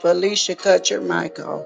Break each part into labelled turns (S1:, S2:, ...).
S1: Felicia, cut your mic off.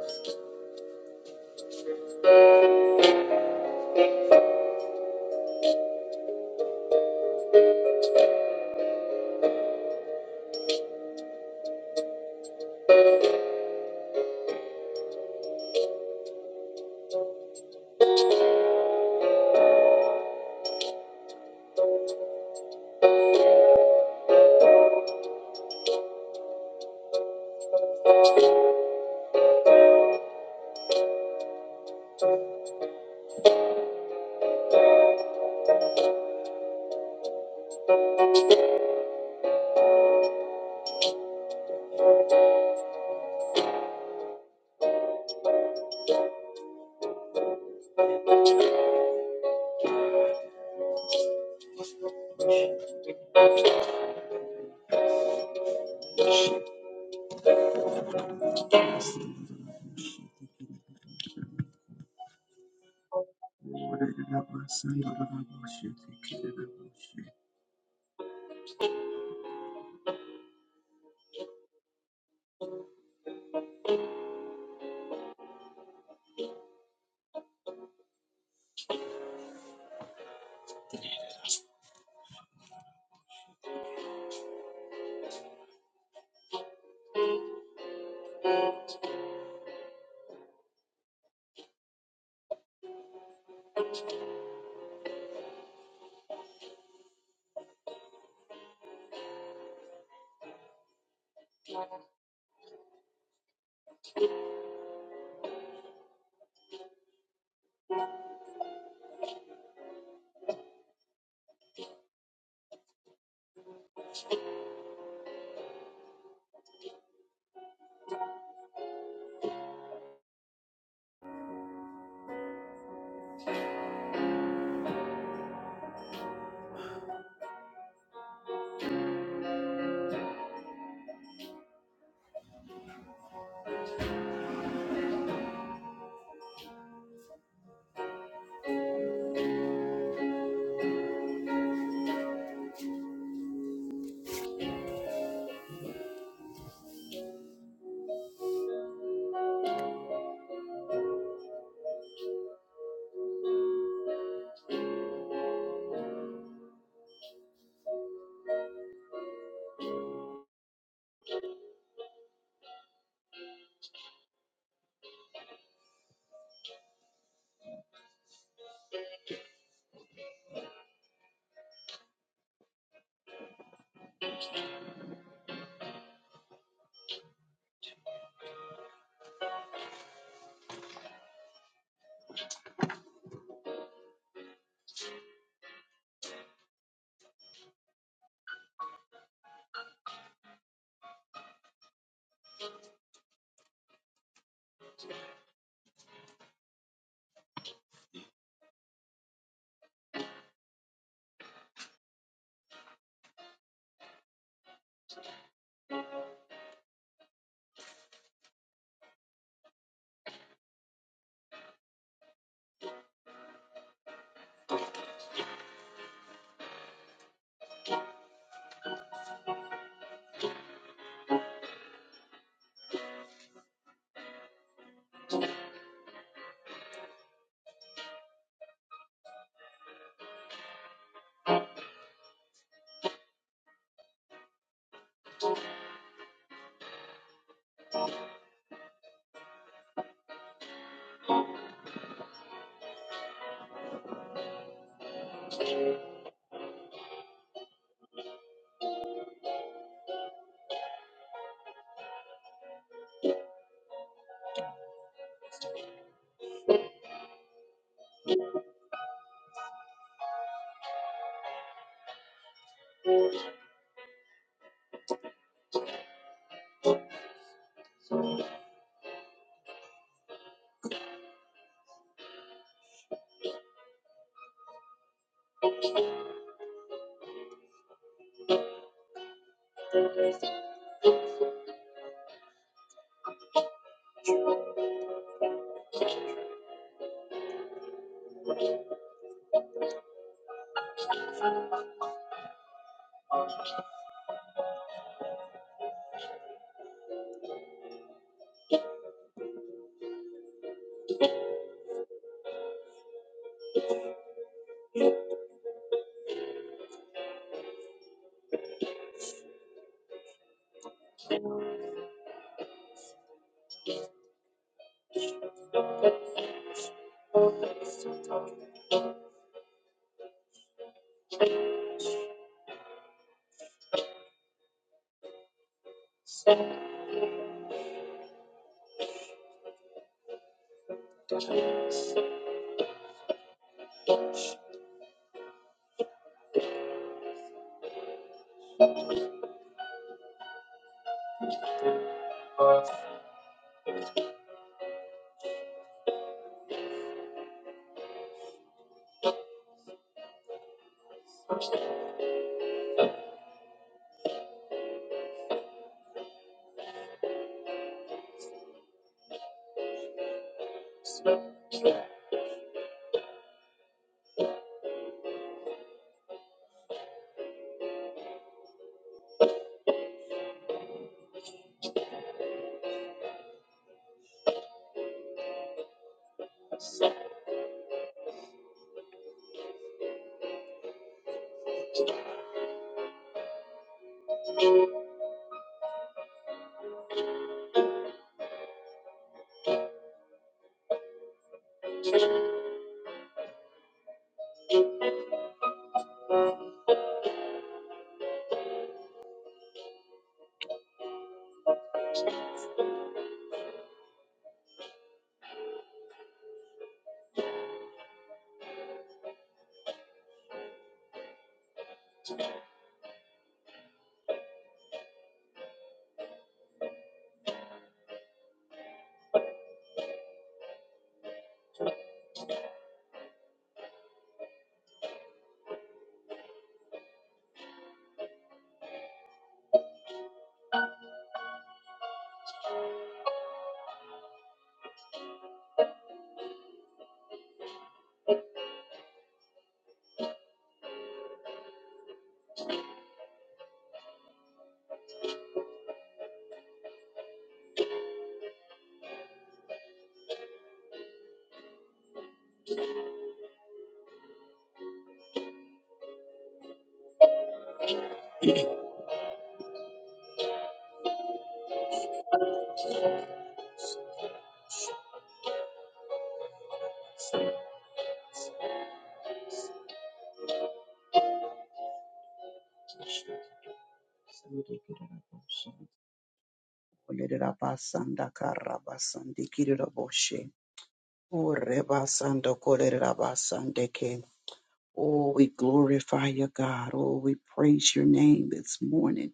S1: Oh, we glorify you, God. Oh, we praise your name this morning.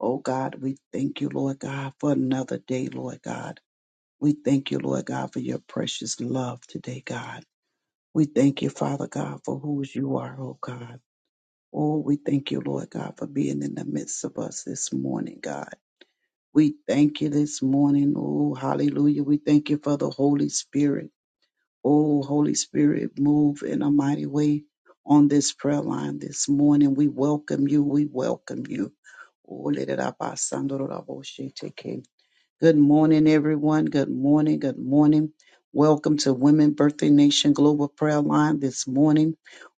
S1: Oh, God, we thank you, Lord God, for another day, Lord God. We thank you, Lord God, for your precious love today, God. We thank you, Father God, for who you are, oh God. Oh, we thank you, Lord God, for being in the midst of us this morning, God. We thank you this morning. Oh, hallelujah. We thank you for the Holy Spirit. Oh, Holy Spirit, move in a mighty way on this prayer line this morning. We welcome you. We welcome you. Oh, let it up, our son, Lord, our boy, she take care. Good morning, everyone. Good morning. Good morning. Welcome to Women Birthday Nation Global Prayer Line this morning.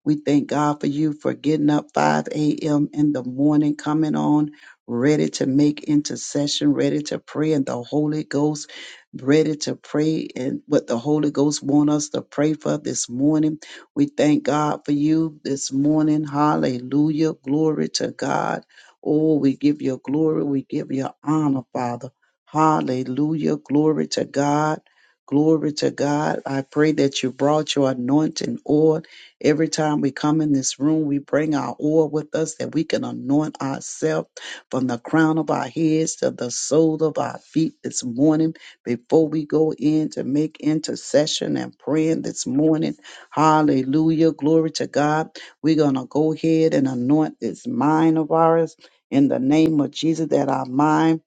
S1: We thank God for you for getting up 5 a.m. in the morning, coming on, ready to make intercession, ready to pray in the Holy Ghost, ready to pray and what the Holy Ghost want us to pray for this morning. We thank God for you this morning. Hallelujah. Glory to God. Oh, we give you glory. We give you honor, Father. Hallelujah. Glory to God. Glory to God. I pray that you brought your anointing oil. Every time we come in this room, we bring our oil with us that we can anoint ourselves from the crown of our heads to the sole of our feet this morning before we go in to make intercession and praying this morning. Hallelujah. Glory to God. We're going to go ahead and anoint this mind of ours in the name of Jesus that our mind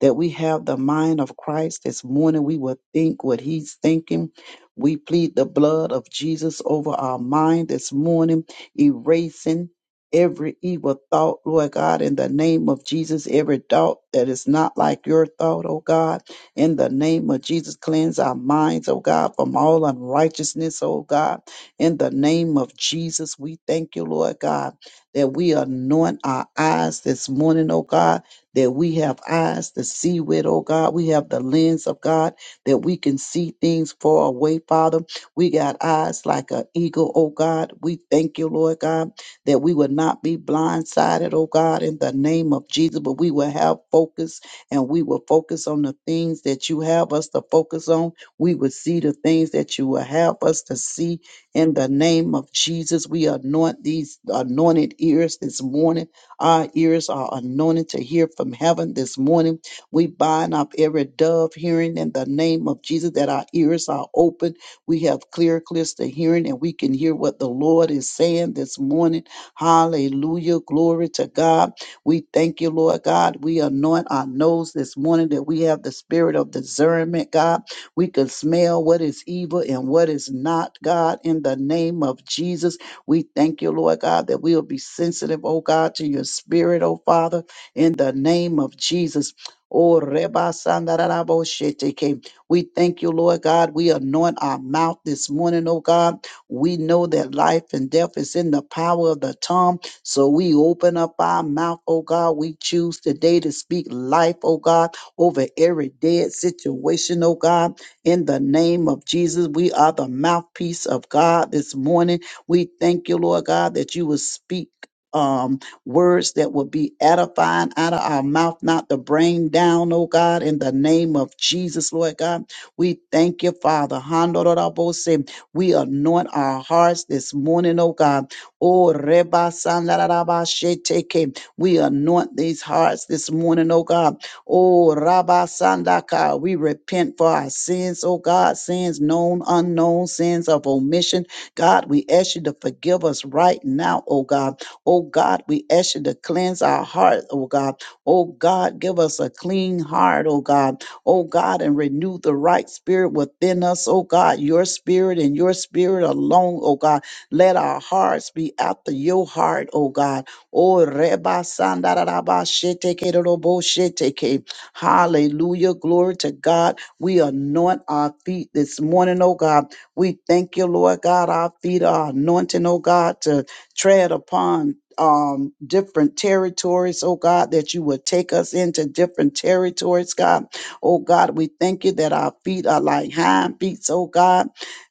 S1: that we have the mind of Christ this morning. We will think what he's thinking. We plead the blood of Jesus over our mind this morning, erasing every evil thought, Lord God, in the name of Jesus, every thought that is not like your thought, oh God, in the name of Jesus, cleanse our minds, oh God, from all unrighteousness, oh God, in the name of Jesus, we thank you, Lord God, that we anoint our eyes this morning, oh God, that we have eyes to see with, oh God. We have the lens of God that we can see things far away, Father. We got eyes like an eagle, oh God. We thank you, Lord God, that we would not be blindsided, oh God, in the name of Jesus, but we will have focus and we will focus on the things that you have us to focus on. We will see the things that you will have us to see in the name of Jesus. We anoint these anointed ears this morning our ears are anointed to hear from heaven this morning. We bind up every dove hearing in the name of Jesus that our ears are open. We have clear, clear the hearing, and we can hear what the Lord is saying this morning. Hallelujah. Glory to God. We thank you, Lord God. We anoint our nose this morning that we have the spirit of discernment, God. We can smell what is evil and what is not, God, in the name of Jesus. We thank you, Lord God, that we'll be sensitive, oh God, to your spirit, oh Father, in the name of Jesus. Oh, Reba Sandarabo Sheteke. We thank you, Lord God. We anoint our mouth this morning, oh God. We know that life and death is in the power of the tongue. So we open up our mouth, oh God. We choose today to speak life, oh God, over every dead situation, oh God. In the name of Jesus, we are the mouthpiece of God this morning. We thank you, Lord God, that you will speak. Um, words that will be edifying out of our mouth, not the brain down, oh God, in the name of Jesus, Lord God. We thank you, Father. Handorabose. We anoint our hearts this morning, oh God. Oh, Reba Sandarabasheteke. We anoint these hearts this morning, oh God. Oh, Rabba Sandaka, we repent for our sins, oh God, sins known, unknown, sins of omission God, we ask you to forgive us right now, oh God. Oh God, we ask you to cleanse our heart, oh God. Oh God, give us a clean heart, oh God. Oh God, and renew the right spirit within us, oh God. Your spirit and your spirit alone, oh God. Let our hearts be after your heart, oh God. Oh Reba Sandaraba Sheteke Robo Sheteke. Hallelujah. Glory to God. We anoint our feet this morning, oh God. We thank you, Lord God. Our feet are anointing, oh God, to tread upon um, different territories, oh God, that you would take us into different territories, God. Oh God, we thank you that our feet are like hind feet, oh God.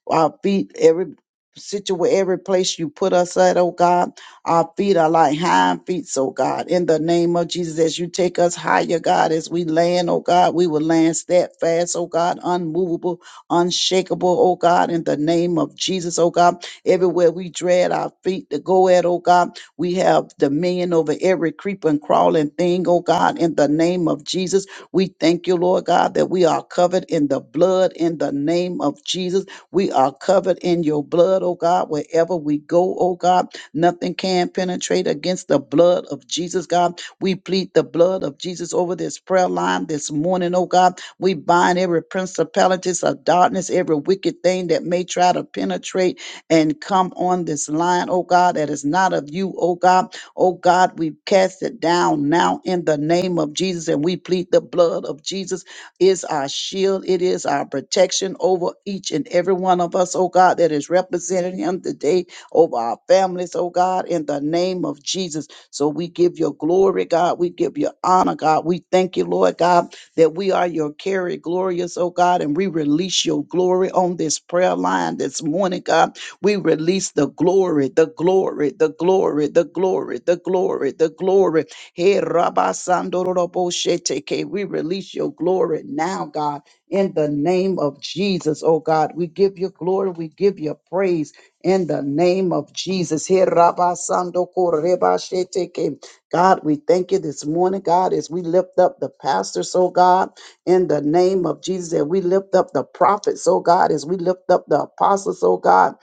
S1: Our feet, every situation, every place you put us at, oh God. Our feet are like hind feet, oh God. In the name of Jesus, as you take us higher, God, as we land, oh God, we will land steadfast, oh God, unmovable, unshakable, oh God, in the name of Jesus, oh God. Everywhere we dread our feet to go at, oh God, we have dominion over every creeping, crawling thing, oh God, in the name of Jesus. We thank you, Lord God, that we are covered in the blood in the name of Jesus. We are covered in your blood, oh God, wherever we go, oh God. Nothing can penetrate against the blood of Jesus, God. We plead the blood of Jesus over this prayer line this morning, oh God we bind every principalities of darkness, every wicked thing that may try to penetrate and come on this line, oh God, that is not of you, oh God. Oh God, we cast it down now in the name of Jesus and we plead the blood of Jesus is our shield. It is our protection over each and every one of us, oh God, that is representing him today over our families, oh God, in the name of Jesus. So we give Your glory, God. We give Your honor, God. We thank you, Lord God that we are your carry glorious, oh God, and we release your glory on this prayer line this morning, God. We release the glory, the glory, the glory, the glory, the glory, the glory. Hey, Rabba Sandorobo Sheteke, we release your glory now, God, in the name of Jesus, oh God. We give you glory, we give you praise in the name of Jesus. Hey, Rabba Sandoko Reba Sheteke. God, we thank you this morning, God, as we lift up the pastors, oh God, in the name of Jesus, and we lift up the prophets, oh God, as we lift up the apostles, oh God,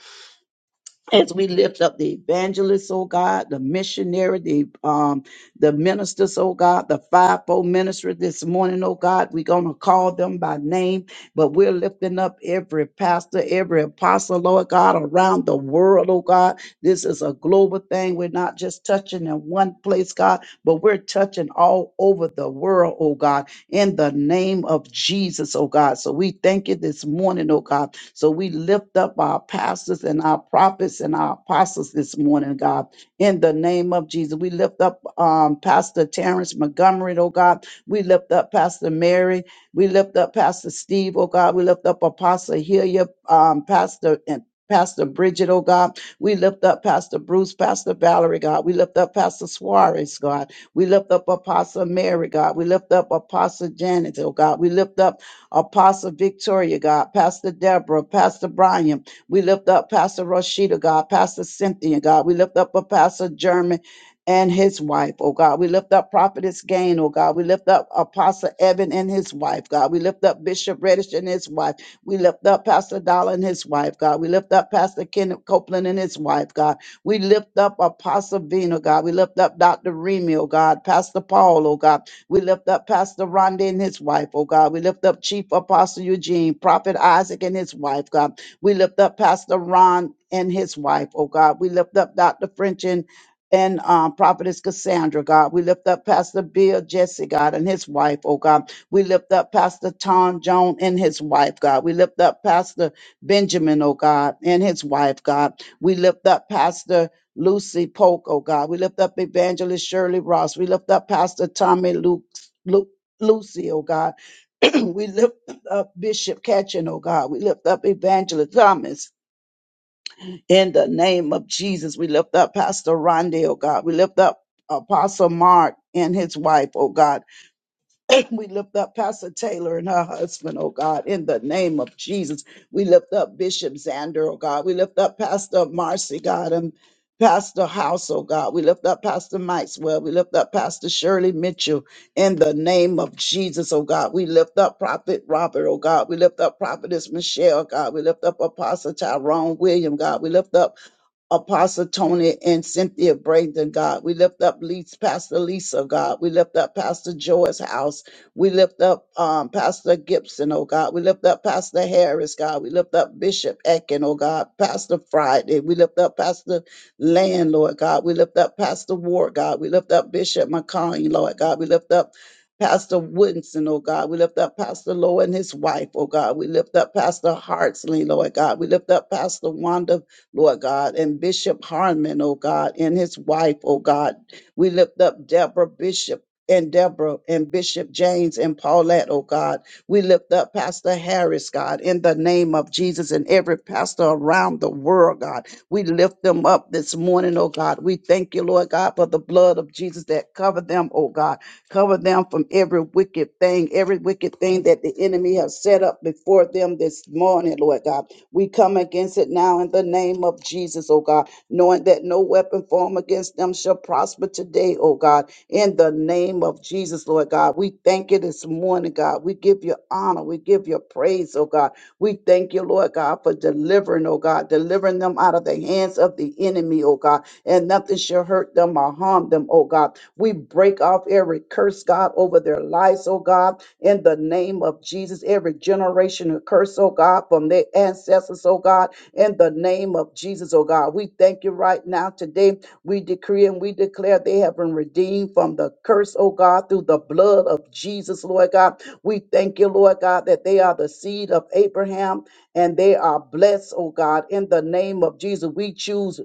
S1: as we lift up the evangelists, oh God, the missionary, the um, the ministers, oh God, the fivefold ministry this morning, oh God, we're gonna call them by name, but we're lifting up every pastor, every apostle, Lord God, around the world, oh God. This is a global thing. We're not just touching in one place, God, but we're touching all over the world, oh God, in the name of Jesus, oh God. So we thank you this morning, oh God so we lift up our pastors and our prophets and our apostles this morning, God, in the name of Jesus. We lift up um, Pastor Terrence Montgomery, oh God. We lift up Pastor Mary. We lift up Pastor Steve, oh God. We lift up Apostle Hilliard, um, Pastor and Pastor Bridget, oh God. We lift up Pastor Bruce, Pastor Valerie, God. We lift up Pastor Suarez, God. We lift up Apostle Mary, God. We lift up Apostle Janet, oh God. We lift up Apostle Victoria, God, Pastor Deborah, Pastor Brian. We lift up Pastor Rashida, God, Pastor Cynthia, God. We lift up Pastor German and his wife, oh God. We lift up Prophetess Gain, oh God. We lift up Apostle Evan and his wife, God. We lift up Bishop Reddish and his wife. We lift up Pastor Dollar and his wife, God. We lift up Pastor Kenneth Copeland and his wife, God. We lift up Apostle Vino, God. We lift up Dr. Remy, oh God. Pastor Paul, oh God. We lift up Pastor Rhonda and his wife, oh God. We lift up Chief Apostle Eugene, Prophet Isaac and his wife, God. We lift up Pastor Ron and his wife, oh God. We lift up Dr. French and and um, prophetess Cassandra, God. We lift up Pastor Bill Jesse, God, and his wife, oh God. We lift up Pastor Tom Joan and his wife, God. We lift up Pastor Benjamin, oh God, and his wife, God. We lift up Pastor Lucy Polk, oh God. We lift up Evangelist Shirley Ross. We lift up Pastor Tommy Luke, Luke Lucy, oh God. we lift up Bishop Ketchin, oh God. We lift up Evangelist Thomas in the name of Jesus. We lift up Pastor Ronde, oh God. We lift up Apostle Mark and his wife, oh God. We lift up Pastor Taylor and her husband, oh God, in the name of Jesus. We lift up Bishop Xander, oh God. We lift up Pastor Marcy, God, and Pastor House, oh God. We lift up Pastor Maxwell. We lift up Pastor Shirley Mitchell in the name of Jesus, oh God. We lift up Prophet Robert, oh God. We lift up Prophetess Michelle, God. We lift up Apostle Tyrone William, God. We lift up Apostle Tony and Cynthia Braden, God. We lift up Lisa, Pastor Lisa, God. We lift up Pastor Joy's house. We lift up um, Pastor Gibson, oh God. We lift up Pastor Harris, God. We lift up Bishop Ecken, oh God. Pastor Friday. We lift up Pastor Land, Lord God. We lift up Pastor Ward, God. We lift up Bishop McCain, Lord God. We lift up Pastor Woodson, oh God. We lift up Pastor Lowe and his wife, oh God. We lift up Pastor Hartsley, Lord God. We lift up Pastor Wanda Lord God, and Bishop Harmon, oh God, and his wife, oh God. We lift up Deborah Bishop. And Deborah and Bishop James and Paulette, oh God. We lift up Pastor Harris, God, in the name of Jesus and every pastor around the world, God. We lift them up this morning, oh God. We thank you, Lord God, for the blood of Jesus that covered them, oh God. Cover them from every wicked thing, every wicked thing that the enemy has set up before them this morning, Lord God. We come against it now in the name of Jesus, oh God, knowing that no weapon formed against them shall prosper today, oh God, in the name of Jesus, Lord God. We thank you this morning, God. We give you honor. We give you praise, oh God. We thank you, Lord God, for delivering, oh God, delivering them out of the hands of the enemy, oh God and nothing shall hurt them or harm them, oh God. We break off every curse, God, over their lives, oh God, in the name of Jesus. Every generation curse, oh God, from their ancestors, oh God, in the name of Jesus, oh God. We thank you right now today. We decree and we declare they have been redeemed from the curse, oh God, through the blood of Jesus, Lord God. We thank you, Lord God, that they are the seed of Abraham and they are blessed, oh God, in the name of Jesus. We choose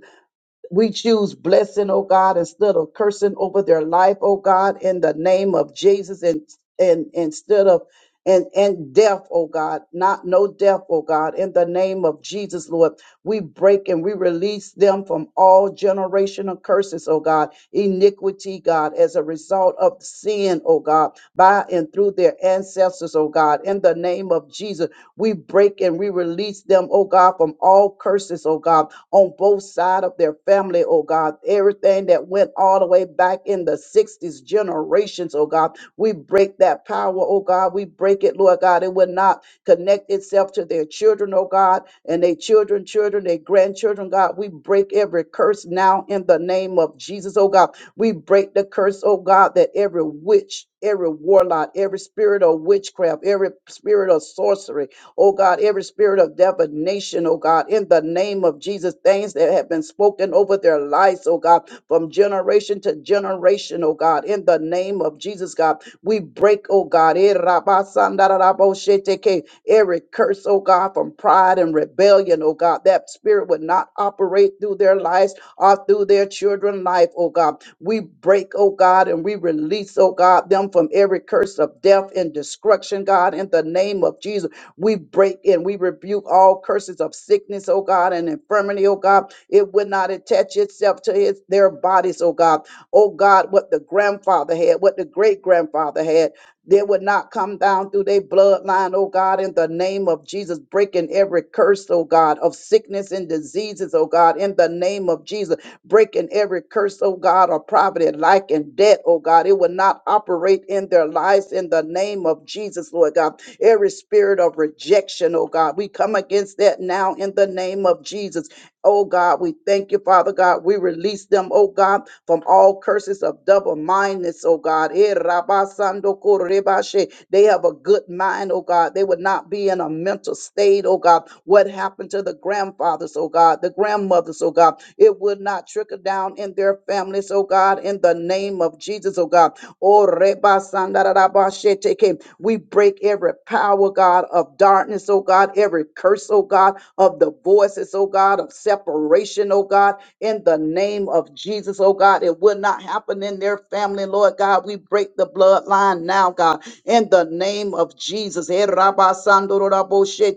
S1: we choose blessing, oh God, instead of cursing over their life, oh God, in the name of Jesus, and and instead of and and death, oh God, not no death, oh God, in the name of Jesus, Lord, we break and we release them from all generational curses, oh God, iniquity, God, as a result of sin, oh God, by and through their ancestors, oh God, in the name of Jesus. We break and we release them, oh God, from all curses, oh God, on both sides of their family, oh God. Everything that went all the way back in the 60s generations, oh God. We break that power, oh God. We break it, Lord God. It will not connect itself to their children, oh God, and their children, children, their grandchildren, God. We break every curse now in the name of Jesus, oh God. We break the curse, oh God, that every witch every warlock, every spirit of witchcraft, every spirit of sorcery, oh God, every spirit of divination, oh God, in the name of Jesus, things that have been spoken over their lives, oh God, from generation to generation, oh God, in the name of Jesus, God, we break, oh God, eh, rabasandarabosheteke, every curse, oh God, from pride and and rebellion, oh God. That spirit would not operate through their lives or through their children's life, oh God. We break, oh God, and we release, oh God, them from every curse of death and destruction, God, in the name of Jesus. We break and we rebuke all curses of sickness, oh God, and infirmity, oh God. It would not attach itself to his, their bodies, oh God. Oh God, what the grandfather had, what the great grandfather had. They would not come down through their bloodline, oh God, in the name of Jesus, breaking every curse, oh God, of sickness and diseases, oh God, in the name of Jesus, breaking every curse, oh God, of poverty, lack, and debt, oh God. It would not operate in their lives in the name of Jesus, Lord God. Every spirit of rejection, oh God, we come against that now in the name of Jesus Oh God, we thank you, Father God. We release them, oh God, from all curses of double mindedness, oh God. Eh, rabasando korebashe. They have a good mind, oh God. They would not be in a mental state, oh God. What happened to the grandfathers, oh God, the grandmothers, oh God. It would not trickle down in their families, oh God, in the name of Jesus, oh God. Oh, rebasandarabashe teke. We break every power, God, God, of darkness, oh God, every curse, oh God, of the voices, oh God, of separation, oh God, in the name of Jesus, oh God. It will not happen in their family, Lord God. We break the bloodline now, God, in the name of Jesus. Eh, rabba sando ro rabo she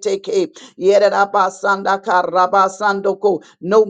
S1: No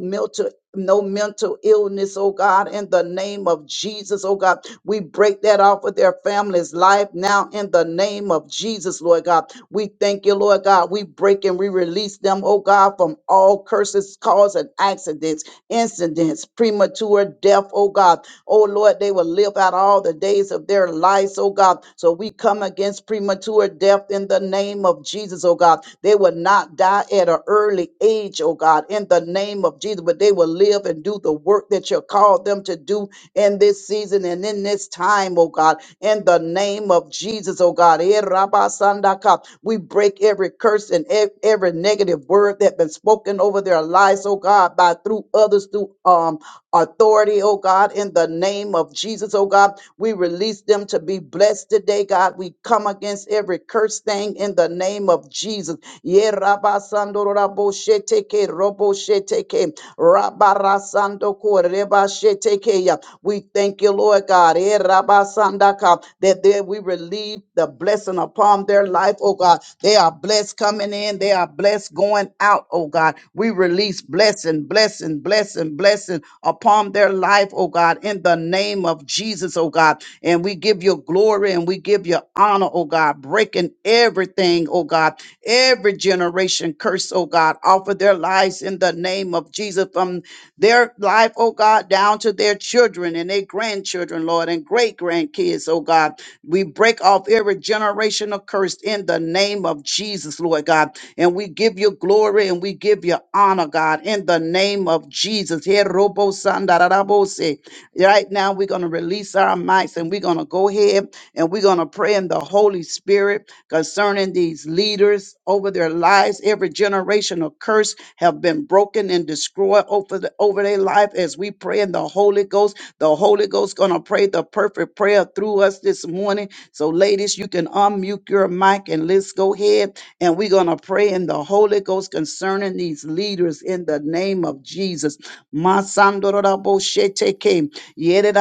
S1: no mental illness, oh God, in the name of Jesus, oh God. We break that off of their family's life now in the name of Jesus, Lord God. We thank you, Lord God. We break and we release them, oh God, from all curses, cause, and accidents, incidents, premature death, oh God. Oh Lord, they will live out all the days of their lives, oh God. So we come against premature death in the name of Jesus, oh God. They will not die at an an early age, oh God, in the name of Jesus. But they will live and do the work that you called them to do in this season and in this time, oh God, in the name of Jesus, oh God. Eh, rabba sanda We break every curse and ev- every negative word that been spoken over their lives, oh God, by through others, through um authority, oh God, in the name of Jesus, oh God. We release them to be blessed today, God. We come against every curse thing in the name of Jesus. Ye raba sando rabo sheteke robo sheteke raba rasando ko reba sheteke ya. We thank you, Lord God. Ye raba sandaka, That there we relieve the blessing upon their life, oh God. They are blessed coming in, they are blessed going out, oh God. We release blessing, blessing, blessing, blessing upon their life, oh God, in the name of Jesus, oh God. And we give you you glory and we give you honor, oh God, breaking everything, oh God, every generation curse, oh God, offer their lives in the name of Jesus from their life, oh God, down to their children and their grandchildren, Lord, and great grandkids, oh God. We break off every generational curse in the name of Jesus, Lord God. And we give you glory and we give you honor, God, in the name of Jesus. Here robo sandarabose. Right now, we're going to release our mics and we're going to go ahead and we're going to pray in the Holy Spirit concerning these leaders over their lives. Every generational curse have been broken and destroyed over, the, over their life as we pray in the Holy Ghost. The Holy Ghost going to pray the perfect prayer through us this morning. So, ladies, you can unmute your mic and let's go ahead and we're going to pray in the Holy Ghost concerning these leaders in the name of Jesus. Masandorora bosheteke.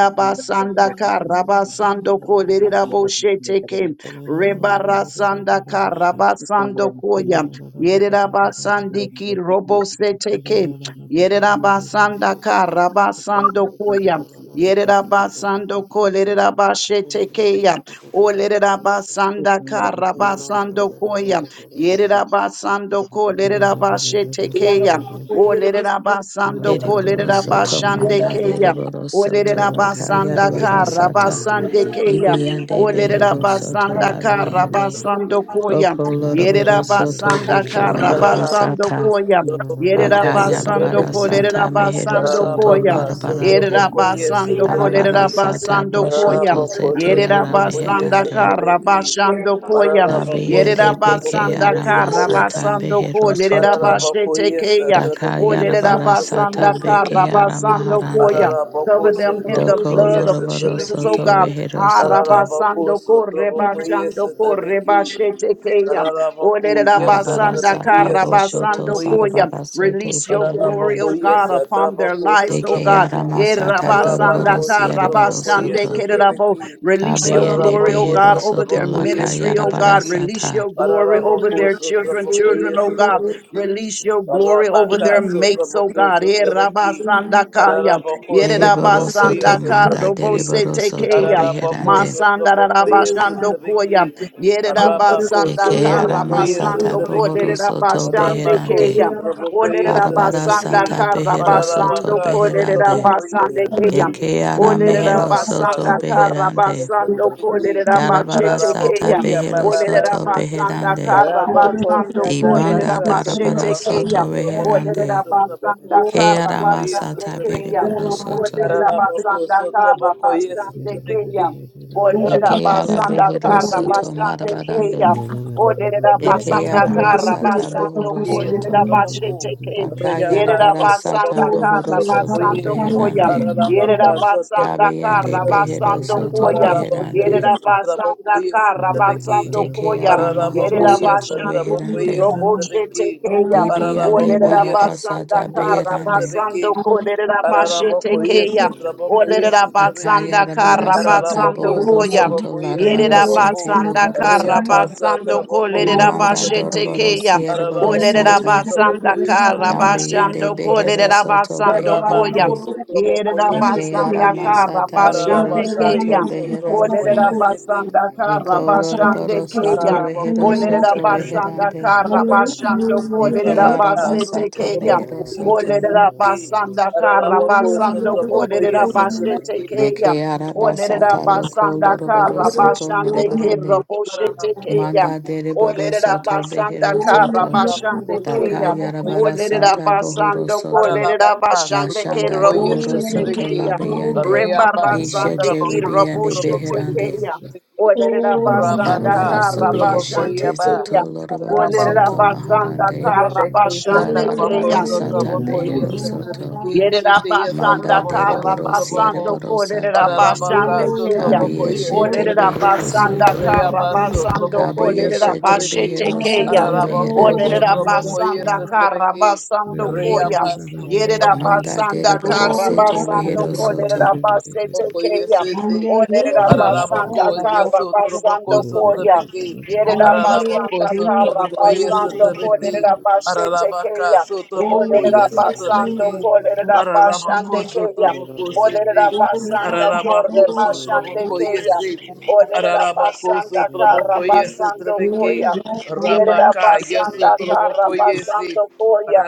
S2: Thank
S3: Russia.
S1: rabasandoko lerabosheteke. Rebarasandaka rabasandokoya. Yerabasandiki roboseteke. Yerabasandaka rabasandokoya. Yerabasandoko lerabashetekeya. O lerabasandaka rabasandokoya. Yerabasandoko
S4: Thank
S1: lerabashetekeya. Olerera basando
S5: Deriboro
S1: kolerera
S5: soto
S1: basande
S5: manda
S1: keya.
S5: deriboro soto
S1: Olerera basanda
S5: rakayarabara
S1: kara
S5: sata
S1: basande keya.
S5: ibiyande
S1: Olerera
S5: behero soto
S1: basanda kara
S5: labriende
S1: basando koya.
S5: oko
S3: Thank
S2: you.
S5: loroboro
S1: Yerera
S5: soto
S1: basanda kara
S5: bekeyaraba
S6: para
S1: basando
S5: sata
S1: koya. Yerera basando
S5: rakayarabara
S6: satrabeki.
S1: kolerera
S5: sata mehero
S1: basando
S5: soto
S1: koya.
S6: Paralabaka
S1: Yerera
S5: larabarande
S6: satrabokoye
S1: basando
S5: arabara
S1: kolerera
S6: satrabeki.
S5: sata
S1: basando koya.
S5: boshoto
S6: Paralabako
S5: zete
S1: Yerera
S5: yara
S6: satrabokoye
S1: basanda
S5: meherande
S1: kara
S6: satrabeki.
S1: basando koya.
S6: Paralabako
S1: Yerera
S5: dabiyende
S1: basanda
S6: satrabokoye
S5: bekeyara
S1: kara
S5: masata
S6: satrabeki.
S1: basando
S5: behero
S1: kolerera
S5: soto
S1: basete
S6: Paralabakoye
S1: keya.
S6: satrabeki
S5: dakayarabara
S6: satraboko
S5: sata
S3: you.
S6: sete.
S5: bekeyara
S1: Olerabasandakarabasandokoya.
S5: maharande
S6: Paralabako
S1: Cover them in the
S5: Doko
S6: satrabokoye
S1: blood of
S5: Loroboro
S1: Jesus, oh
S5: Soto
S6: satrabeki.
S1: God.
S5: Rehero Soto.
S6: Paralabako satrabokoye satrabeki.
S1: Harabasandokorebashandokorebashetekeya.
S6: Ararabaku, yes,
S5: Arabara
S6: Satrabeki,
S5: Sata
S6: yes,
S5: Boshoto
S6: Satrabaku, yes,
S1: Olerabasandakarabasandokoya.
S5: Sarabara Sete
S1: Release your glory,
S5: Feheranda.
S6: Ararabaku,
S1: oh God,
S6: yes,
S1: upon their
S6: Satrabaku,
S1: lives, oh
S5: Deke
S1: God.
S6: Satrabaku,
S5: Aramasata Doroboro
S6: Arabaku,
S5: Sierboro
S6: Satrabaku, yes,
S5: Soto.
S1: Erabasandakarabasandekerabo.
S6: Satrabeki,
S1: Release your
S5: Kabiende
S1: glory, oh
S6: Ararabaku,
S5: Behero
S1: God, over
S5: Soto
S1: their
S6: Satrabaku,
S5: Laka
S6: yes,
S1: ministry, oh
S5: Yarabara
S1: God.
S6: Satrabeki,
S1: Release
S5: Sata.
S1: your glory over
S6: Ararabaku,
S1: their children,
S6: Satrabaku,
S1: children,
S6: yes,
S1: oh God.
S6: Satrabeki,
S1: Release your glory over their
S6: Arabaka,
S1: mates, oh
S6: Satrabaku,
S1: God. Eh,
S6: Satrabeki,
S1: rabasandakaya.
S6: Ararabaku,
S1: Yere
S5: Deriboro
S6: Satrabaku,
S5: Soto
S6: yes,
S1: rabasandaka
S5: Manda
S6: Satrabeki,
S5: Deriboro Soto
S1: robosetekeya.
S5: Beherande.
S6: Arabacoso,
S1: Masanda
S6: Traboco,
S3: Thank
S6: yes,
S4: you.
S1: rabashandokoya.
S6: Trebeki.
S1: Yere
S4: Yana
S6: Arabacoso,
S5: Eke
S1: rabasandaka
S6: Traboco, yes,
S5: Aramasata
S1: rabasandoko.
S5: Bohoro
S1: Yere
S6: Trebeki.
S5: Soto Beherande.
S1: rabashandekeya.
S6: Arabacoso, Traboco,
S1: Olere
S6: yes,
S5: Arabara
S6: Trebeki.
S5: Sata
S1: rabasandaka
S5: Behero Soto
S1: rabasandoko.
S6: Arabacaso,
S1: Yere
S5: Beherande.
S6: Traboco, yes,
S1: rabasandekeya.
S6: Trebeki.
S5: Yeke ara
S1: Olere
S5: mehero soto
S6: Arabacaso,
S1: rabasandaka
S6: yes,
S5: beherande.
S1: rabasandoko. Yere
S5: Darabara sata
S1: rabashetekeya.
S5: behero
S1: Olerera
S5: soto
S6: Bababasu.
S1: basanda
S5: beherande.
S1: kara
S6: Arabako,
S1: basando
S5: Di banda
S1: kolerera
S6: Shatabaka,
S5: darabara
S1: bashete
S6: Satrabako,
S1: keya.
S5: soto
S6: Satrabako, yes,
S5: beherande.
S1: Olerera
S6: Satrabako,
S1: basanda
S5: Ke
S1: kara
S5: ara
S6: Satrabako, yes,
S1: basande
S5: masata
S1: keya.
S6: Satrabaki,
S5: beriboro soto.
S1: Olerera
S6: Arabako,
S1: basanda kara
S6: Satrabako, yes,
S1: basande
S6: Satrabaki,
S1: keya. Olerera
S5: Yeke
S6: Rabako,
S5: ara
S1: basanda
S5: behero
S6: Satrabako,
S1: kara
S6: yes,
S5: soto
S1: basande
S6: Satrabaki,
S1: keya.
S5: marabarande.
S6: Arabako,
S1: Olerera
S5: Yeke
S1: basanda
S5: ara
S6: Satrabako,
S1: kara
S6: yes,
S5: masata
S1: basando
S5: bohoro
S6: Satrabaki, yes,
S1: kolerera
S5: soto.
S6: Satrabako,
S1: bashete keya.
S5: Dakayara
S1: Yerera
S6: Rayabasa,
S5: bara
S3: you.
S5: sata
S1: basanda
S6: Satrabako,
S1: kara
S5: bohoro
S3: Thank
S6: Satrabako,
S3: you.
S5: soto
S6: yes,
S1: basando koya.
S5: beherande.
S6: Arabaka,
S1: Yerera
S6: Satrabako,
S1: basanda
S5: Dabiende
S1: kara
S6: Satrabaki,
S5: behero
S1: basando
S5: soto
S1: koya.
S6: Ararabacoia,
S5: beherande.
S1: Yerera basanda
S6: Satrabacoia,
S1: kara
S6: Satrabaqui.
S1: basando
S5: Deke
S1: koya.
S5: ara mahoro
S1: Yerera
S6: Ararabacoia,
S5: soto
S1: basando ki
S6: Satrabacoia,
S5: beherande.
S1: robo shete
S6: Satrabaqui.
S1: keya. O
S5: Dibiyande
S1: lerera
S6: Ararabacoia,
S5: Bahara
S1: basanda
S5: Sata
S6: Satrabacoia,
S1: kara
S5: Beherande
S6: Satrabaqui.
S1: basando ko lerera bashete
S6: Ararabacoia,
S1: keya. O
S6: Satrabacoia,
S1: lerera
S6: Satrabaqui.
S1: basanda
S5: Akayarabara
S1: kara
S5: Sata
S1: basando
S6: Ararabacoia,
S5: Bohoro
S1: koya.
S5: Soto
S6: Satrabacoia,
S5: Larabara
S1: Yerera
S6: Satrabaco.
S5: Sete
S1: basanda
S5: Lohoro
S1: kara
S5: Soto
S6: Reabassa,
S1: basando ko
S6: Trabacoia,
S1: lerera
S5: Bimanda
S1: bashete
S6: Satrabaqui.
S5: Doroboro
S1: keya. O
S5: Sierboro
S6: Arabako
S1: lerera
S5: Sata
S6: sutrabako
S1: basanda
S6: yesu
S1: kara
S6: trabeki
S5: Dabiyande
S1: basando ko
S5: Behero
S6: sutrabako.
S1: lerera
S5: Soto
S1: basando
S6: Arabako
S1: koya.
S5: Beherande
S6: sutrabako
S1: Yerera
S6: yesu
S5: Ekeyara
S1: basanda
S6: trabeki.
S1: kara
S5: Masata Rehero
S1: basande
S6: Arabaka
S5: Soto
S1: keya.
S6: yesu trabako
S5: Beherande
S1: Olerera
S6: yesu ting.
S1: basanda kara
S5: Iko
S1: basande
S5: Loroboro Soto
S1: keya.
S6: Arabako
S5: Rehero
S6: yesu
S1: Olerera
S5: Soto
S6: trabeki
S1: basanda
S5: Beherande
S1: kara
S6: sutrabako.
S1: basando kolerera
S5: Ekeyara
S6: Arabaka
S1: basete
S5: Basata
S1: keya.
S6: sutrabako
S5: Mehero
S6: yesu
S5: Soto
S1: Olerera
S4: Hallelujah.
S6: trabeki.
S1: basanda kara
S4: Oh,
S6: Arabako
S3: Thank
S1: basando
S6: sutrabako
S1: kolerera
S6: yesu
S1: basete
S6: trabeki.
S5: Beke
S1: keya. Olerera
S5: arabasata loko
S1: basanda
S5: loroboro
S1: kara
S5: soto
S1: basande kero
S5: merebarande.
S6: Arabaka
S1: boshete keya.
S5: Manda
S6: sutrabako yesu
S5: dereboro
S1: Olerera
S5: soto
S6: trabeki.
S1: basanda
S5: behero
S1: kara
S5: soto.
S1: basande
S5: Daka
S1: keya.
S5: yarabara
S1: Olerera
S5: sata bohoro
S1: basando
S5: soto.
S1: kolerera basande
S5: Bashanda
S1: kero
S5: dohoro
S1: boshete
S5: soto
S1: keya.
S5: labiende. Ishete
S1: Rebarasandiki
S5: ribiende beherande.
S1: Raboshetekeya. Olerera basanda
S6: Rabaka,
S5: Darabara
S1: kara
S5: sobi
S6: Sutraboko
S5: yeshete
S6: Yaba,
S1: bashandekeya.
S5: soto loroboro
S1: Olerera
S6: Arabako,
S5: soto
S1: basanda
S5: maharande.
S1: kara
S6: Rebeke Satabako
S1: bashandekeya.
S5: Kalarabara sata
S6: Sotaboko, yes,
S5: behero
S6: a
S5: soto.
S6: Trebeke, Chiti, yes, a
S5: Manda
S1: Yerabasanda
S6: Traboko,
S5: dereboro
S6: Sotraboko,
S1: Karabasando
S5: siereboro sata.
S6: Paralabaka,
S1: Koderabashande Kayam.
S5: Kabi
S6: Sotraboko, yes, a
S5: yeshete
S6: Trebeke,
S5: behero
S1: Olerabasanda
S5: soto.
S6: Reabaso,
S1: Karabasando
S3: you.
S6: Traboko, yes, a
S5: Kabiyeshete
S6: Trebeke,
S1: Koderabashete
S5: behero
S3: Mm.
S1: Kayam.
S5: soto
S6: Aralabako,
S5: beherande.
S6: Sotraboko, yes,
S1: Olerabasanda
S6: a Trebeke,
S1: Karabasando Koyam.
S6: Reabaso, Traboko,
S5: Manda
S6: yes, a
S1: Yerabasanda
S5: deriboro
S6: Trebeke.
S5: sete
S1: Karabasando
S5: behero soto.
S1: Koderabashete
S6: Sotroboko
S1: Kayam.
S6: yesete.
S4: Hallelujah.
S6: Araraboko
S1: Olerabasanda
S6: yesotroboko
S1: Karabasando Koyam.
S6: sotrebeke. Araraboko
S1: Yerabasanda
S6: sotroboko
S1: Karabasando
S6: yesotrebeke.
S1: Koderabashete
S6: Ararabaka
S1: Kayam. Olerera basando kolerera basande keya. Olerera basanda kore basande keya. Olerera basanda kara basando koya. Yerera basanda kara basando koya.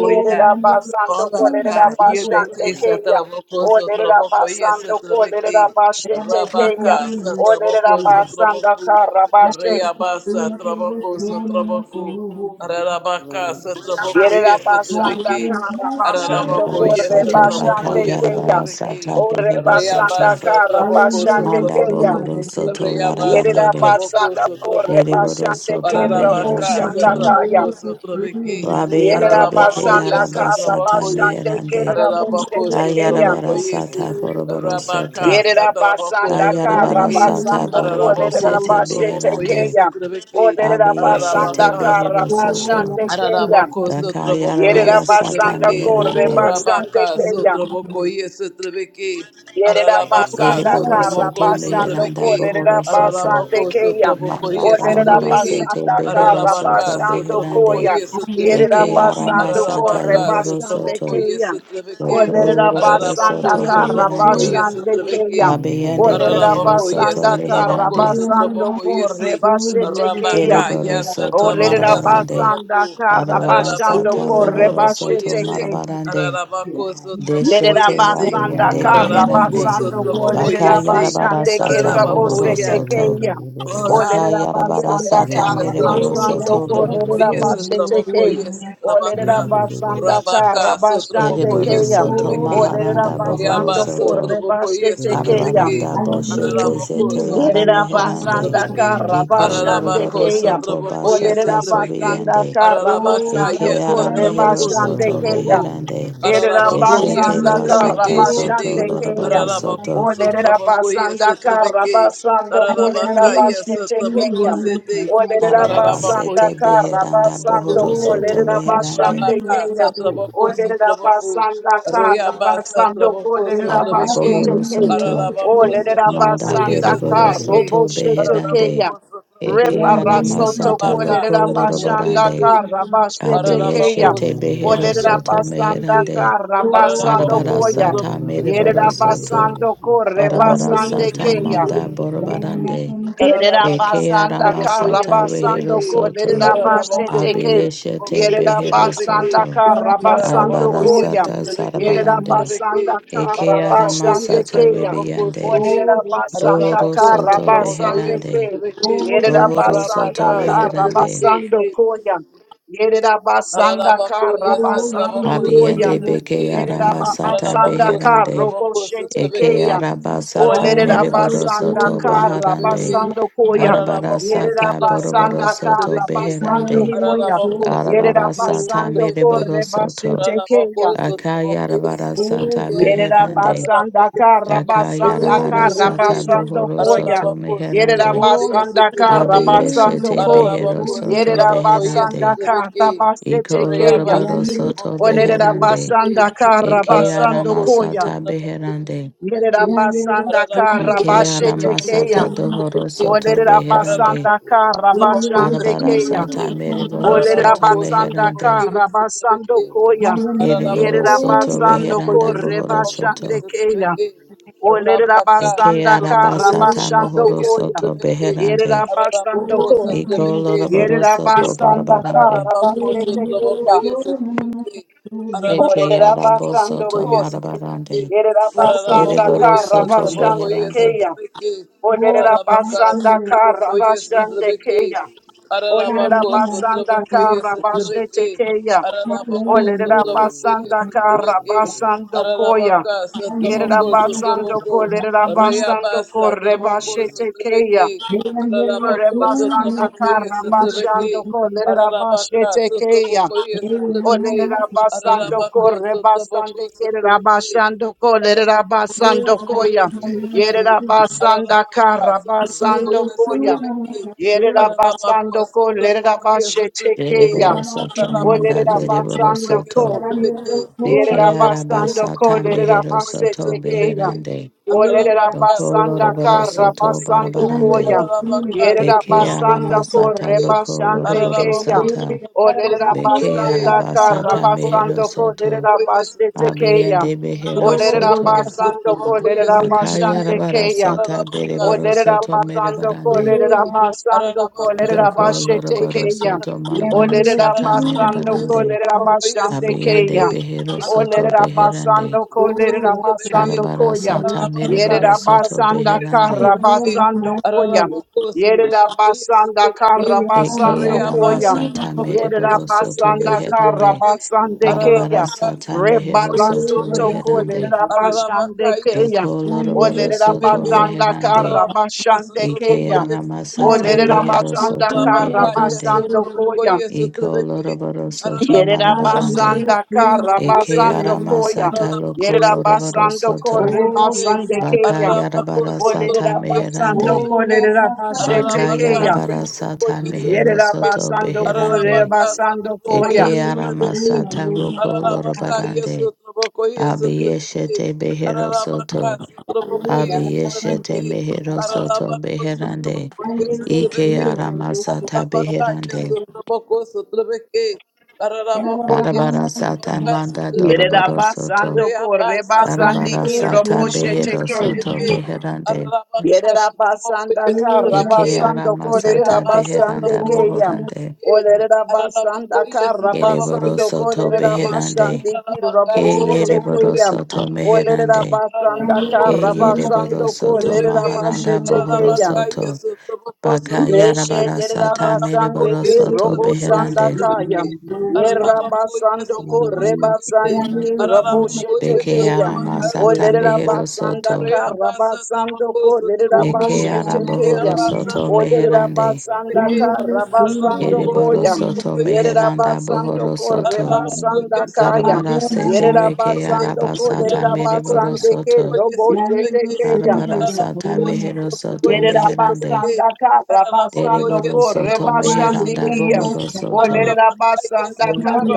S1: Yerera basando
S6: Ola ba
S1: kolerera
S6: yebeke
S1: basande keya.
S6: satraboko
S1: Olerera
S6: sotraboko ye
S1: basando
S6: satrabeke
S1: kolerera basete
S6: rabaka
S1: keya.
S6: satraboko
S1: Olerera basanda
S6: sotraboku
S1: kara bashe.
S6: reyabasa traboko sotraboku ararabaka satraboko ye
S1: Yerera basanda
S6: satrabeke
S1: kara basando
S6: araraboko
S5: Deriboro
S6: ye
S1: korre
S5: soto baka
S6: satraboko
S1: basande
S6: ye
S1: keya.
S5: yarabara
S6: satrabeke
S5: sata
S1: Ore
S5: behero
S3: Thank
S5: satna.
S1: basanda
S6: reyabasa
S1: kara
S4: I know
S6: traboko
S1: basande
S5: Manda
S6: sotraboku
S1: keya.
S4: that's
S5: bohoro soto
S6: Reabasa,
S1: Yerera
S5: larabarande.
S6: Traboco,
S1: basanda korre
S6: Sotraboco,
S5: Deriboro
S1: basande
S5: soto
S1: kerra
S5: behero
S6: Ararabaca,
S1: boshanda
S5: soto.
S1: kaya.
S6: Satraboco, Sotrabeki,
S5: Rabiyande
S1: Yerera
S5: beke
S6: Ararabaco,
S1: basanda
S6: yes,
S5: yaraba
S1: kara
S5: sata
S6: Satraboco, yes,
S1: basande
S5: meherande.
S1: kerra
S6: Ararabaco,
S1: boshete keya.
S6: Sotraboco,
S5: Kayarabara
S6: yes,
S5: sata boroboro
S6: Rabaca,
S5: soto.
S1: Yerera
S6: Satraboco,
S1: basanda kara
S5: Kayarabara
S6: Sotrabeki,
S5: sata
S1: basando korre
S5: boroboro
S6: Ararabaco,
S5: sete
S1: basete
S6: Sotraboco,
S5: beherande.
S6: yes,
S1: keya.
S6: Satrabeki,
S1: Orera
S5: Abiyeshete
S1: basanda
S6: Ararabaca,
S1: kara
S5: behero soto.
S1: basande keya.
S6: Ararabako sotraboko hiye
S1: Yerera
S5: Dakayarabara sata
S1: basanda
S6: sotrabeki.
S1: kore
S5: meherande.
S6: Rabaka
S1: basande keya.
S6: sotraboko hiye
S1: Yerera
S6: Ararabaka
S1: basanda
S5: Eriboro
S1: kara
S6: sotraboko
S5: soto
S1: basando
S5: meheranda
S6: sotrabeki.
S1: korera
S5: bohoro soto.
S6: Ararabako
S1: basande keya.
S6: sotraboko
S5: Manda
S6: hiye
S1: Orera
S5: barabara sete
S1: basanda
S5: behero
S1: kara
S6: Ararabaka
S5: soto
S1: basando
S6: sotraboko
S5: beherande.
S1: koya.
S6: hiye
S4: I
S1: Yerera
S5: Eke
S4: know
S1: basando
S5: aramasata
S1: kore
S6: Ararabaka
S4: that's
S5: lohoro
S1: basande
S6: sotraboko
S5: soto.
S6: hiye
S1: keya.
S5: Doko
S6: sotrabeki.
S4: Oh,
S1: Orera
S5: loroboro
S6: Ararabako
S4: yes,
S1: basanda
S5: soto
S1: kara
S6: sotraboko hiye
S5: beherande.
S1: basande keya.
S5: Abiyende
S1: Orera
S5: behero
S6: Ararabako, yes,
S5: soto
S1: basanda kara
S6: Satrabako,
S5: meherande.
S1: basando
S6: Satrabako, yes,
S1: kore basete
S6: Rabaka,
S1: keya.
S5: Deriboro
S6: yes,
S5: soto
S6: Satrabaka,
S1: Orera
S5: marabarande.
S6: Satrabako,
S1: basanda kara
S5: Arabara
S1: basando
S6: Ararabako,
S5: sata
S1: kore
S5: bohoro
S6: Satrabako,
S5: soto
S1: basete
S6: yes,
S1: keyam.
S5: marabarande.
S6: Arabaco, so Satrabako,
S1: Yerera
S5: Deshete
S6: yes,
S1: basanda
S5: Rabiande
S1: karra
S6: Ararabako,
S5: Beherande
S1: basando
S6: Satrabako,
S3: you.
S1: kolerera
S6: yes,
S5: Bakayarabara
S1: basande
S3: Thank
S5: Sata
S1: kerra bose
S6: Ararabako,
S5: Bohoro
S6: yeah.
S5: Soto
S1: tekeya.
S6: Ora,
S1: Olerera
S5: Bakayarabara
S1: basanda
S6: rebeke
S5: Sata
S1: karra
S5: Miriboro
S6: sotraboko
S1: basando
S5: Soto
S6: sotraboko
S1: kolerera
S6: iye
S5: Beherande
S1: base
S6: sotraboko
S1: tekeya.
S6: iye sotrabaka
S1: Olerera basanda
S6: rabaka
S1: karra
S6: sotraboko
S1: basande
S6: iye
S5: Eriboro
S1: keya.
S5: Soto
S6: sotrabeki
S1: Olerera
S5: Maharanda Bohoro
S6: reyaba
S1: basando
S5: Soto
S1: korre
S6: sotraboko
S1: base
S6: iye
S1: tekeya.
S6: sotrabeki
S5: Arabaranda Boshete
S6: araraboko
S5: Zete Yara
S1: Yerera
S6: sotraboko
S5: Meherande
S1: basanda
S6: sotrabeki
S1: karra
S5: Iko
S1: basande
S6: ararabako
S5: Loroboro
S1: keya.
S5: Soto
S6: sotraboko iye
S5: Bashata
S1: Olerera
S6: sotrabeki
S1: basanda
S5: Sobiande
S1: karra
S6: ararabaka iye
S1: basando
S5: Eke Ara
S1: korre
S6: sotraboko
S5: Mehero
S4: I
S1: basande
S5: Soto
S4: know.
S6: sotraboko
S1: keya.
S5: Beherande
S1: Erera
S4: Oh,
S6: ararabako iye
S5: Eshete
S1: basanda
S4: yes,
S1: karra
S6: sotrabeki
S5: Bashata
S6: shete
S5: Soto
S1: basande keya.
S5: Loroboro
S6: Ararabaku
S5: Soto
S1: Olerera
S6: sutrabaku
S1: basanda karra
S6: yesutrabeki.
S1: basando
S6: Ararabaka
S1: kolerera basete
S6: yesutrabaku
S1: keya.
S6: sete.
S1: Olerera
S5: Arabara
S6: Ararabaku
S1: basanda
S5: sete
S6: yesutrabaku
S5: beheranda
S1: Karabashande
S5: bohoro
S6: sutrabaku.
S5: soto beherande.
S6: Rabaka
S1: Kenya.
S6: sutrabaku sutrabaku.
S1: Olerabasanda
S6: Riyaba
S1: Karabasando Kolerabashete Kenya. basanda Karabasando
S6: sutrabaku
S5: Baka
S6: sutrabeki.
S1: Kolerabashande
S5: bohoro
S1: Kenya.
S5: soto.
S6: Ararabaku sutrabaku
S5: Manda
S1: Olerabasanda Karabasando Kolerabashete basanda Olerabasanda
S5: beriboro
S6: yesutrabeki.
S5: soto
S1: Karoboshete
S5: beherande.
S6: Ararabaku
S1: Kenya.
S6: sutrabaku.
S5: Eke
S1: Rebarasoto
S5: aramasata
S6: Rabaka
S5: loko
S6: Satabiki,
S1: Kolerabashanda
S5: lorobarande.
S1: Karabashete
S6: Ararabako
S5: Abiyeshe
S1: Kenya.
S5: te behero
S1: Olerera
S6: Satabakoya
S5: soto
S3: you.
S1: basanda
S6: Satabiki,
S5: meherande.
S1: kara
S3: Thank
S1: basando
S6: Ararabako
S5: Arabara
S1: koya.
S3: you.
S5: sata
S6: Satabakoya
S1: Yerera
S5: meriboro
S6: Satabiki,
S5: soto.
S1: basando kore
S5: Arabara
S6: Ararabako
S1: basande
S5: sata
S1: keya.
S6: Satabakoya
S5: manda
S6: Satabiki,
S5: borobarande.
S6: Ararabaka
S5: Eke
S1: Yerabasanda
S6: Satabakoya
S5: aramasata rehero
S1: Karabasando
S6: Satabiki,
S1: Ko
S5: soto.
S6: Ararabakoya
S1: Lerabasheteke
S5: Abiyeshe te
S6: Satabakoya
S5: behero
S6: Satabiki,
S1: Yerabasanda
S5: soto.
S1: Karabasando
S5: Arabara
S6: Ararabako, yes,
S1: Koya
S6: at
S5: Arabarasata
S6: the Vicky, at the
S5: Sarabarande.
S6: Vicky.
S1: Yerabasanda
S5: Eke
S6: Ararabako,
S1: Karabasande
S6: yes,
S5: Aramasata
S6: at
S1: Keya
S6: Rabako
S5: Ribiande.
S6: City.
S4: oh,
S1: Oderabasanda
S5: Bohoro
S6: Ararabako, so
S5: Soto
S6: Trabako,
S1: Karabasande
S6: yes, at
S5: Beherande.
S6: the
S1: Ke
S4: yes,
S6: Vicky.
S4: oh, yes,
S5: Bohoro
S1: Yerabasanda
S5: Soto
S6: Rabaka,
S4: Oh,
S6: at the
S5: Beherande.
S1: Karabasando
S6: Vicky.
S1: Koya Yerabasanda
S6: Ararabako,
S4: I
S6: yes, at
S4: know
S1: Karabasando
S6: Lavako,
S4: you look
S6: yes, at
S1: Koya
S5: Abiende Beke
S6: Leviki.
S4: around.
S5: Aramasata
S6: Ararabako,
S1: Yerabasanda
S5: Beherande.
S6: Sotlavako,
S5: Eke
S6: Sotleviki.
S1: Karobosheteke
S4: I
S5: Arabasata
S4: am
S1: Olerera
S6: Ararabaka,
S4: the
S5: Meriboro
S1: basanda
S5: Soto
S6: Sotlavako,
S4: chosen
S1: kara
S4: one. I
S5: Baharande.
S6: Sotleviki.
S1: basando koya.
S5: Arabara
S6: Ararabako,
S1: Yerera
S5: sata
S6: Sotlavako,
S5: Boroboro
S6: yes,
S1: basanda
S6: at
S5: Soto
S1: kara
S6: Leviki.
S4: am
S1: basando
S5: Beherande.
S4: the
S1: koya.
S6: Ararabako,
S4: chosen one.
S1: Yerera
S6: Sotlavako,
S5: Arabarasata
S1: basando
S6: Sotleviki.
S5: Meriboro
S1: korre
S5: Soto.
S1: basete
S6: Ararabako,
S1: keya.
S6: Sotlavako, yes,
S5: Akayarabara
S4: Oh,
S5: sata
S4: you're just
S1: Yerera
S4: so
S5: Beherande.
S4: good.
S6: Araraba
S1: basanda kara
S4: Oh,
S1: basanda
S5: Dakayarabara
S4: you're
S1: kara
S4: just
S5: sata
S1: basando
S5: bohoro
S1: koya.
S5: soto
S1: Yerera
S5: meherande.
S1: basanda
S5: Abe
S1: kara
S4: so
S1: basando
S5: yeshete
S1: ko.
S5: behero
S4: good.
S5: soto
S1: Yerera basanda
S5: beherande.
S1: kara basete
S5: Iko
S4: Oh, I
S1: keya.
S4: I
S5: lorobaro soto
S1: Olerera
S5: beherande.
S4: I
S1: basanda kara
S5: Eke
S1: basando koya.
S5: aramasata beherande.
S4: I
S1: Yerera basanda kara
S5: Ike
S1: basete keya.
S5: aramasata dohoro soto
S1: Olerera
S5: beherande.
S1: basanda kara
S4: am am am
S1: basande
S5: Arabara
S1: keya.
S6: yes,
S5: sata meriboro
S1: Olerera
S5: soto
S6: Arabacos,
S1: basanda
S5: meherande.
S6: Trabocoyes,
S1: kara basando
S6: Trabeki,
S1: koya.
S4: the
S5: Ereboro
S1: Yerera
S6: Arabacos,
S5: soto
S1: basando
S5: beheranda
S1: kore
S5: bohoro
S1: basande
S5: soto.
S1: keya.
S4: the
S1: Olerera
S5: Eke
S1: basanda
S3: Thank
S1: kara
S4: the Thank you.
S5: arabasata
S1: basando
S5: mohoro
S1: koya.
S5: soto
S1: Yerera
S5: beherande.
S1: basando
S4: Oh,
S1: ko.
S5: Iko
S4: Kasani, Sandi.
S1: Yerera
S5: Ikolorobarosoto
S1: basanda
S5: barabarande.
S1: kara
S4: oh,
S1: basete keya.
S4: Yandu, so Nanasa, so Nanasa.
S1: Olerera basando
S5: Ekeyarabosoto
S1: ko.
S6: Trabocoyes, Trabeki,
S5: marabarande.
S1: Yerera
S4: Oh,
S1: basanda
S6: Ararabakoye
S1: kara
S5: Ereborosoto
S4: Yakasani.
S1: basande
S6: satrabakoye
S5: beherande.
S1: keya.
S6: satrabeke.
S1: Olerera
S4: oh,
S6: Ararabaka
S1: basanda
S4: Banasani.
S1: kara
S6: satrabakoye
S1: basande
S6: satrabeke.
S1: keya. Olerera
S6: Ararabako
S4: Kalena,
S1: basanda
S6: satrabakoye
S4: Sandi,
S1: kara
S4: Sandi.
S6: satrabeke.
S1: bashete keya.
S6: Ararabako
S4: Kalena, no,
S1: Olerera
S6: satrabakoye
S1: basanda kara
S6: satrabeke.
S1: basando koya.
S6: Ararabaka
S1: Yerera
S6: satrabako
S4: Kalena, no, so.
S1: basando
S6: satrabako.
S1: kolerera basando
S6: Reyabasa
S1: kore
S6: trabako
S1: bashete keya.
S6: satrabeke.
S4: Yandu,
S1: Ore
S6: Ararabako
S4: so
S1: basanda
S4: Nanasa,
S6: satrabakoye
S1: kara
S6: satrabeke.
S1: basando kolerera
S6: Ararabaka
S1: bashete keya.
S6: satrabakoye
S1: Olerera
S6: satrabeke.
S4: so
S1: basando
S6: Ararabako
S1: corre
S6: sotabako
S1: basande kerera
S6: sotabeki.
S1: basando kolerera
S6: Ararabako
S1: basando
S6: sotabako
S1: koya.
S6: ye sotabeki.
S1: Yerera
S4: Nanasa. Oh,
S1: basanda
S6: Ararabaka
S1: kara
S6: sotabako
S1: basando
S6: ye
S1: koya.
S6: sotabeki.
S1: Yerera
S6: Ararabako
S1: basando kolerera
S6: sotabako ye
S1: bashe
S6: sotabeki.
S1: tekeya.
S5: Ereborosoto
S6: Ararabako
S5: manda
S1: Olerera
S6: sotabako ye
S5: dereborosoto.
S1: basando
S6: sotabeki.
S1: Yerera
S6: Ararabako
S1: basando
S6: ye
S5: Ekeyarabasata
S1: kolerera
S6: sotabako ye
S5: meherosoto
S1: basete
S6: sotabeki.
S1: keya.
S5: beherande.
S4: Thank
S1: Olerera
S4: you.
S6: Ararabaka
S1: basanda
S6: sotabako
S1: karra
S5: Okoloroborosoto
S6: sotabeki.
S1: basando
S4: Thank
S1: koya.
S5: barabarande.
S6: Ararabaka,
S1: Yerera
S6: Sotraboko,
S1: basanda
S5: Dekeyaramasata
S1: korre
S6: Sotrabeke,
S1: basande keya.
S6: Ararabako,
S5: lokoloroborosata.
S6: Sotraboko,
S1: Olerera
S6: Sotrabeke,
S1: basanda karra
S5: Bekeyarabasata
S6: Ararabako,
S1: basando
S5: meherosoto.
S1: kolerera
S6: Sotraboko, yes,
S1: basete
S6: Sotrabeke,
S1: keya.
S5: Abiyende
S1: Olerera
S6: Ararabako,
S5: beherosoto.
S6: yes,
S1: basando
S6: Sotraboko, yes,
S1: kolerera
S6: Sotrabeke,
S1: basande
S5: Akayarabara
S1: keya.
S5: sata
S6: Ararabaka,
S1: Oh,
S5: bereboro
S1: let it up,
S5: soto
S1: my
S6: Sotraboko, yes,
S1: son, do go,
S5: merebarande.
S1: let it
S6: Sotrabeke,
S1: up, my son, do go,
S6: Ararabaka,
S1: let it up, my
S5: Doko
S1: shit,
S6: Sotraboko,
S1: take
S6: yes,
S5: loroboro
S1: care.
S5: soto
S6: Sotrabeke,
S1: Oh,
S5: marabara
S1: let it up,
S5: sata
S1: my son, do go,
S5: merebarande.
S1: let it up, my son, take
S5: Abiyende
S1: care.
S5: behero
S1: Oh, let
S5: soto
S1: it
S6: Ararabaka,
S1: up, my
S5: beherande.
S1: go, let it up, my son, do
S5: Karabara
S1: yeah.
S5: sata
S1: it
S5: mereboro
S1: up, my
S5: soto
S1: son, da
S5: beherande.
S1: carra, my yeah. it up, my son, da carra, my
S5: Eke arama
S1: yeah.
S5: sata
S1: it up,
S5: mereboro
S1: my
S5: soto
S1: son, da carra,
S5: beherande. Arabara sata
S1: Reba,
S5: mehero
S1: basoto
S5: soto
S1: son, do go, let it
S5: beherande.
S1: up, my son,
S5: Doko loroboro soto
S1: Olerabasanda
S5: meherande.
S1: karabashande
S5: Ike
S6: Sotraboko,
S1: keya.
S6: yes,
S5: arama sata
S6: Trebeke,
S5: behero
S1: Olerabasanda
S5: soto
S6: Orabakaya
S5: beherande.
S1: karabasando
S4: you.
S1: koya.
S6: Sotrobokoye
S5: Iko
S6: Sotrabeke,
S5: loroboro soto
S6: Arabaka
S5: marabarande.
S4: Hallelujah,
S1: Yerabasanda
S6: Sotrobokoye
S4: hallelujah,
S5: Eke
S6: Sotrabeke,
S1: karabasando
S4: hallelujah.
S5: arama
S1: koya.
S5: sata
S6: Arabako
S5: loko loroboro
S1: Yerabasando
S6: Sotrobokoye
S5: soto.
S4: Oh,
S6: Sotrabeke,
S4: yes,
S1: korebasande
S4: I,
S5: Baka
S1: keya.
S6: Arabako
S5: yarabara sata
S6: Sotrobokoye
S1: Olerabasando
S5: meherande.
S4: oh,
S6: Sotrabeke,
S4: yes, I thank
S1: kolerabashete
S5: Baka
S4: you,
S6: Arabaka
S1: keya.
S4: yes, I
S5: yarabara sata
S6: Sotrobokoye
S4: do.
S1: Yere
S5: mehero
S6: Sotrabeke,
S5: soto
S1: rabasando kore
S5: beherande.
S6: Ararabaka,
S1: basando
S6: Sotraboko,
S1: koya.
S5: Eke
S6: yes,
S4: Hallelujah,
S5: arama
S6: Trebeke,
S5: sata
S4: hallelujah,
S5: roko
S4: hallelujah,
S6: Ararabaka, yes,
S5: lorobarande.
S6: Sotraboko, yes, Trebeke,
S5: Abiyeshete behero
S6: Ararabaka,
S5: soto.
S6: Sotraboko, yes,
S5: Abiyeshete
S6: Trebeke,
S4: hallelujah.
S5: mehero soto
S6: Ararabako,
S5: beherande.
S6: Sotraboko, yes,
S4: Hallelujah, King of Grace,
S5: Ike
S6: Trebeke,
S5: arama
S4: hallelujah.
S5: sata
S6: Ararabaka, yes,
S5: beherande.
S6: Sotraboko, Sotrebeke, Ararabako, yes,
S4: Yarabahana,
S5: Yarabara sata
S6: Trebaka,
S4: yes,
S5: manda
S6: Sotrebeke,
S5: doroboro soto.
S1: Yerabasando
S6: Reabasa,
S3: you.
S5: Darabara
S6: Trabako,
S1: korebasandiki
S4: hallelujah,
S5: sata
S4: King of
S6: Sotraboko,
S1: roboshete
S6: yes,
S4: Grace,
S5: behero soto
S6: Trebeke,
S5: beherande.
S6: Ararabaka, Sotraboko,
S4: hallelujah. Oh,
S1: Yerabasanda
S6: yes,
S4: yes, I,
S5: Eke
S6: Trebeke,
S5: ara
S1: Karabasando
S5: masata
S6: Reabasa
S1: Koderabasande
S5: beheranda
S4: oh,
S6: trabajo
S4: yes, oh, yes, hallelujah,
S6: se
S1: Kaya.
S5: bohorande.
S6: trabeque. Ararabaco
S1: Olerabasanda
S6: trabajo
S5: Yereboro
S6: y
S1: Karabasando
S6: ese
S5: soto
S6: trabeque.
S5: beherande.
S1: Koderabashandi
S5: Ke
S6: Ararabaca se
S1: Kiraboshe
S4: hallelujah.
S6: trabajo y
S5: yereboro
S1: Tekaya.
S6: ese
S5: soto
S6: trabeque.
S5: meherande.
S3: Yeah.
S1: Olerabasanda
S4: King of
S6: Ararabaco
S5: Ke
S6: se trabajo
S5: yereboro
S6: y
S1: Karabasando
S6: ese
S5: soto
S1: bashe
S5: maharanda bohoro
S1: Tekaya.
S5: soto.
S7: Thank you.
S5: Baka yarabara sata mereboro
S6: Aranabakoye
S1: Meshederabasandeke
S5: soto
S6: Satrabakoye
S5: beherande.
S1: robosandakaya.
S6: Satrabeke, Aranabakoye
S1: Yerabasandoko
S6: Satrabakoye Se,
S1: rebasandiki
S6: Aranabakoye
S4: Grace,
S5: Beke
S1: roboshetekeya.
S5: ara
S6: Satrabaka
S4: hallelujah.
S5: masata
S6: Satrabako,
S5: behero soto.
S1: Olerabasandaka
S6: Reabasa Trabako
S1: rabasandoko
S4: Thank
S6: Satrabako,
S5: Eke ara
S1: lerabashetekeya.
S5: bohoro
S6: Reabasa
S5: soto
S6: Trabakoye
S5: meherande.
S6: Satrabeke,
S1: Olerabasandaka
S6: Aranabako
S5: Yereboro
S1: rabasandokoya.
S5: soto
S6: Satrabakoye
S5: meheranda
S6: Satrabeke,
S5: bohoro
S1: Yerabasandoko
S5: soto.
S6: Aranabakoye
S1: rebasandakaya.
S5: Darabara
S6: Satrabaka
S5: sete
S6: Satrabako
S5: reke
S6: Se,
S1: Yerabasandoko
S5: arabasata
S6: Aranabakoye
S5: mereboro
S1: lerabasandeke
S5: soto.
S6: Satrabakoye
S1: roboshetekeya.
S5: Darabara sata mehero soto meherande.
S1: Yerabasanda Karabasando
S5: Dereboro
S1: ko
S5: soto meheranda
S1: Rebasandikia.
S5: bohoro
S1: O
S5: soto.
S1: Lerabasanda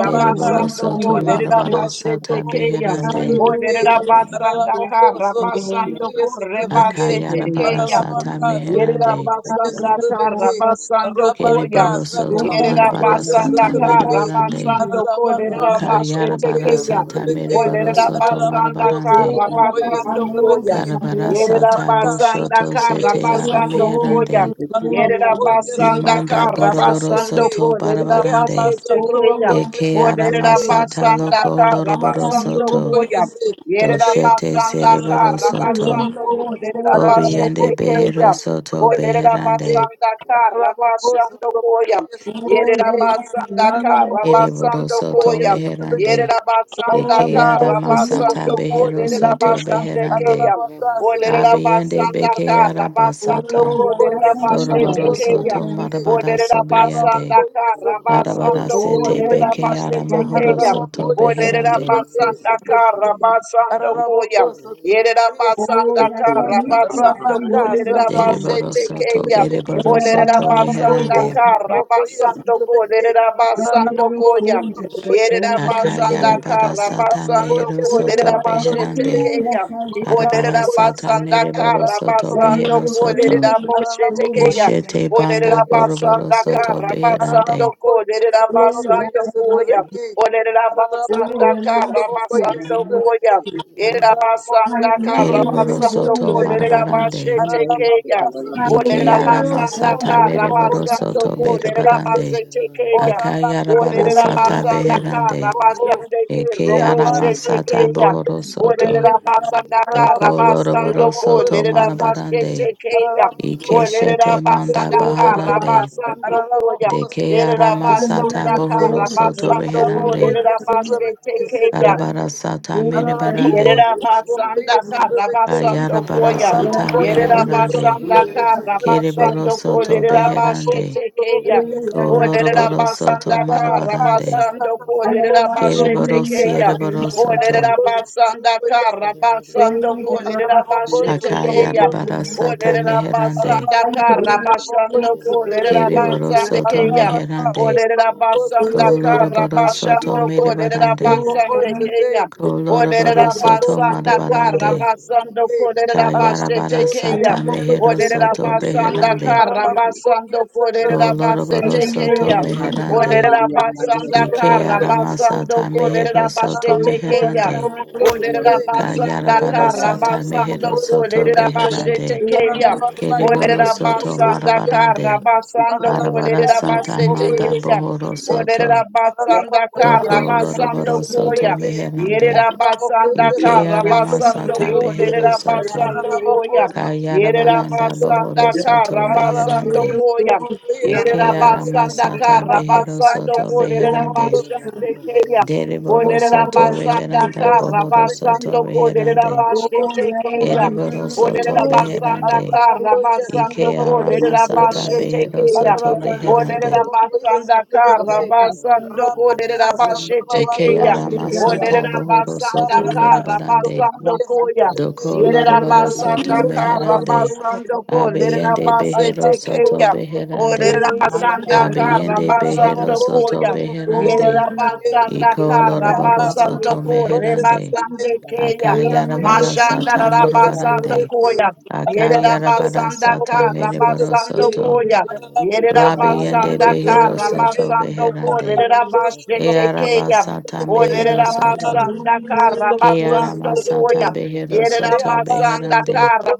S5: Dereboro soto
S1: ko
S5: marabara
S1: Lerabashete
S5: sata
S1: Kaya.
S5: beherande.
S1: O Lerabasanda Karabasando ko Rebasete
S5: Akayarabara
S1: kia.
S5: sata
S1: Yerera
S5: meherande.
S1: basanda kara basando koya.
S6: Yes,
S5: Kereboro soto
S1: Yerera
S5: marabara
S1: basanda
S5: sata
S1: kara
S5: mereborande.
S1: basando ko lerera basete
S5: Kayarabara
S1: keya.
S5: sata
S1: O
S5: mereboro
S1: lerera
S5: soto
S1: basanda
S5: marabarande.
S1: kara
S7: Thank
S1: basando koya.
S5: Karabara
S1: Yerera
S5: sata
S1: basanda
S5: boshoto
S1: kara
S5: sete ara
S1: basando koya.
S5: meherande.
S1: Yerera
S4: you.
S1: basanda
S5: Imanda
S1: kara
S5: boroboro
S1: basando
S5: soto
S1: ko lerera
S5: barabarande.
S1: basete
S4: Oh,
S1: keya.
S4: yes,
S5: Eke
S4: yes,
S1: O
S4: yes.
S1: lerera
S5: aramasata
S1: basanda
S5: loko
S1: kara
S5: loroboro
S4: Asa
S1: basando
S5: soto.
S4: niño se
S1: koya. Yerera
S5: Doshete
S1: basanda
S5: cereboro
S1: kara
S5: soto.
S1: basando
S4: Mayendo
S1: ko
S4: los
S1: lerera
S4: voy a ver.
S1: basete
S5: Kobiende behero
S1: keya.
S5: soto
S1: Oderera
S5: beherande.
S1: basanga kara basando koya.
S4: Oh,
S1: Yerera
S4: ya vas a
S1: basanga
S4: niña.
S1: kara
S5: Ereboro
S1: basando
S5: soto
S1: koya.
S5: meherande.
S1: Yerera basanga
S4: Oh,
S5: Eke
S4: ya
S1: kara
S4: vas a
S5: aramasata
S1: basando
S4: niña. Vas a
S5: behero
S1: koderera
S4: niña.
S5: soto
S1: basande
S4: Vas a
S5: beherande.
S1: keya. Oderera
S5: Abiende
S1: basanga
S5: beke
S1: kara basando
S5: arabasata.
S4: Oh, ya
S1: koderera
S4: vas a niña.
S1: basete
S5: Doroboro
S4: Los voy
S1: keya.
S5: soto
S4: a ver.
S5: marabara
S1: Oderera
S5: sobiende.
S1: basanga kara
S5: Arabara
S1: basando
S4: Oh,
S5: sete
S4: ya no
S1: koderera
S5: beke
S4: vas
S1: basete
S4: a niña.
S5: aramohoro
S1: keya.
S4: Oh,
S5: soto
S1: Oderera
S5: beherande.
S1: basanga kara basando koya. Yerera basanda
S4: ya se
S1: kara
S4: niña. Se
S1: basando
S6: Rabaka,
S4: niña.
S1: kolerera
S4: Se
S6: Satraboko,
S5: Dereboro
S4: niña.
S1: basete
S6: yes,
S5: soto
S1: keya.
S5: bereboro
S4: Ella va a
S1: Olerera
S5: soto
S6: Ararabacos,
S4: dar los
S1: basanda
S4: voy
S5: reherande.
S4: a ver.
S1: kara
S6: Trabocoia,
S1: basando kolerera
S4: Ya me
S1: basando
S4: los
S1: koya. Yerera
S4: voy a
S1: basanda
S5: Akayara
S4: ver.
S5: bara
S1: kara
S5: sata
S1: basando
S5: mehero soto
S1: kolerera basete
S5: beherande.
S1: keya.
S5: Arabara
S1: Olerera
S5: sata
S1: basanda
S5: mereboro
S1: kara
S5: soto
S1: basando
S5: behero soto.
S1: kolerera basete keya.
S5: Eshete banda
S1: Olerera
S5: boroboro
S1: basanda
S3: Thank
S5: soto
S1: kara basando
S5: beherande.
S1: kolerera basando koya. Olerera basanda kara basando koya. Yerabasandaka
S5: Kereboro soto
S1: Rabasandoko
S6: Trabequei,
S5: marabarande.
S1: Lerabashetekeya. O
S5: Ike arama sata
S1: Lerabasandaka
S5: mereboro
S4: Hallelujah.
S5: soto
S1: Rabasandoko
S5: berebarande.
S1: Lerabashetekeya.
S5: Akayara
S1: O
S5: bara sata
S1: Lerabasandaka
S5: beherande.
S1: Rabasandeke
S5: Eke arama sata
S1: Roboshetekeya.
S5: bohoro
S1: O
S5: soto.
S1: Lerabasandaka
S5: Doko loroboro
S1: Rabasandoko
S5: soto marabarande.
S1: Lerabashetekeya. O
S5: Ikeshete manda
S1: Lerabasandaka
S5: baharande.
S1: Rabasandokoya.
S5: Deke arama sata
S1: Yerabasandaka
S5: bohoro soto
S1: Rabasandoko
S5: reherande.
S1: Lerabashetekeya.
S5: Arabara sata merebarande.
S1: Yerera basanda kara basando
S5: Ayarabara
S1: koya.
S3: you.
S5: sata
S4: Thank
S1: Yerera
S5: merebarande.
S3: Thank
S7: you.
S1: basanda kara
S5: Kereboro
S1: basando ko
S5: soto
S1: lerera
S5: beherande.
S1: bashete keya.
S5: Ko
S1: O lerera
S5: loroboro soto
S1: basanda kara
S5: marabarande.
S1: basando ko lerera bashete
S5: Kereboro
S1: keya.
S5: siereboro
S1: O
S5: soto.
S1: lerera basanda kara basando ko lerera bashete keya.
S5: Akayarabara
S1: O
S5: sata
S1: lerera
S5: meherande.
S1: basanda
S7: Thank
S1: kara basando ko lerera
S5: Kereboro
S1: basande
S5: soto
S1: keya. O
S5: meherande.
S6: Ararabaka,
S1: lerera basanda kara
S5: Colorobarosoto
S1: basando ko lerera
S5: merebarande.
S1: basande keya. Olerera
S5: Colorobarosoto
S1: basanda kara
S5: marabarande.
S1: basando kolerera basete
S5: Kayarabarasata
S1: tekeya. Olerera
S5: meherosoto
S1: basanda
S5: beherande.
S1: kara
S6: Rabaka,
S1: basando kolerera basete
S5: Colorobarosoto
S1: tekeya.
S3: you.
S5: meherande.
S1: Olerera
S6: yes, the
S1: basanda
S3: Thank
S1: kara basando
S5: Ikearamasata
S1: kolerera
S5: meherosoto
S1: basete tekeya.
S5: meherande.
S1: Olerera basanda kara
S5: Kayarabarasata
S1: basando
S5: meherosoto
S1: kolerera basete
S5: beherande.
S1: tekeya. Olerera
S5: Kereborosoto
S1: basanda kara
S5: marabarande.
S1: basando
S6: Ararabacá,
S1: kolerera
S6: se
S5: Arabarasata
S6: eu
S1: basete
S5: manda
S6: conheço,
S1: tekeya.
S6: eu também.
S1: Olerera
S5: bohorosoto.
S1: basanda
S6: Ararabacô, se eu
S5: Doko
S1: kara
S6: não
S1: basando
S6: conheço, eu
S5: loroborosoto
S1: koya.
S6: também.
S5: meherande.
S1: Yerera
S6: Ararabacô,
S1: basanda
S6: se eu
S1: kara
S5: Ikeara
S6: não conheço,
S1: basando
S5: masata
S6: eu
S1: ko
S5: behero
S6: também.
S1: derera
S5: soto.
S1: basando
S6: Ararabacô,
S1: koya.
S6: se eu
S5: Kayara
S1: Yerera
S6: conheço,
S5: baranda bohoro
S1: basanda
S6: também.
S5: soto
S1: kara
S5: beherande.
S1: basando
S6: Ararabacô, se eu
S1: koya.
S6: conheço,
S4: you.
S1: Yerera
S5: Ikeara
S6: também.
S1: basanda
S5: masata
S1: kara
S5: behero
S1: basando
S6: Rabacá,
S5: soto
S6: se
S1: ko
S6: eu
S1: derera
S5: beherande.
S4: Oh
S6: conheço, eu
S4: yes,
S1: basande
S6: também.
S1: keya.
S6: quem.
S1: O
S5: Deriboro
S6: Rabaka,
S1: derera
S4: oh
S5: soto
S4: yes,
S1: basanda
S5: beheranda
S1: kara
S5: bohoro soto
S1: basando ko derera
S5: beherande.
S3: you.
S4: oh
S1: basete
S4: yeah, yeah,
S1: keya.
S3: Thank you.
S5: Eriboro
S4: little
S1: O
S5: soto
S1: derera
S4: school,
S1: basanda
S5: beherande.
S1: kara basando ko
S5: Ikeara
S1: derera
S5: masata
S1: basete
S5: behero
S1: keya.
S4: yeah,
S5: soto
S4: yeah, yeah,
S1: O
S5: beherande.
S1: derera basanda kara basando ko derera
S7: you.
S1: basete keya.
S5: Ikeara
S4: just
S1: Olerera
S5: masata bohoro soto
S1: basanda kara
S5: merebarande.
S1: basando koya.
S5: Doko
S4: yeah,
S1: Yerera
S5: loroboro
S4: little
S5: soto
S1: basanda
S4: school, yeah,
S6: Ararabacos,
S1: kara
S5: meherande.
S1: basando ko. Lerera
S5: Abiyende Behero
S1: basete
S5: Soto
S1: keya.
S5: Beherande.
S1: Olerera basanda
S4: just
S1: kara
S5: Abiyende Behero
S1: basando
S5: Soto
S1: koya.
S6: outro
S4: oh yeah,
S5: Beherande.
S1: Yerera
S4: no,
S1: basanda
S5: Iko
S1: kara
S5: Loroboro
S1: basando
S5: Soto
S1: ko.
S5: Meherande.
S1: Rebasande keya.
S4: yeah, little
S5: Akayarabara
S4: school,
S1: Mashanda
S5: Sata
S1: rara
S4: yeah,
S1: basando
S5: Morobarande.
S4: just
S1: koya. Yerera
S7: Thank
S5: Akayarabara
S1: basanda
S5: Sata
S1: kara
S5: Mereboro
S1: basando
S5: Soto.
S1: koya. Yerera
S5: Labiyende
S1: basanda
S5: Behero
S4: oh
S1: kara
S4: yes,
S5: Soto
S1: basando ko.
S5: Beherande.
S1: Lerera
S3: Thank
S6: Arabacos,
S1: basete
S5: Earaba
S1: keya.
S6: Trabocoyes,
S5: Sata Mehero
S4: yeah,
S1: Olerera
S4: last
S5: Soto.
S1: basanda kara
S4: little school,
S5: Kearama
S1: basando
S5: Sata
S1: koya.
S6: Trabeque,
S5: Behero
S1: Yerera
S5: Soto
S6: Rayabas,
S1: basanda
S5: Beherande.
S1: kara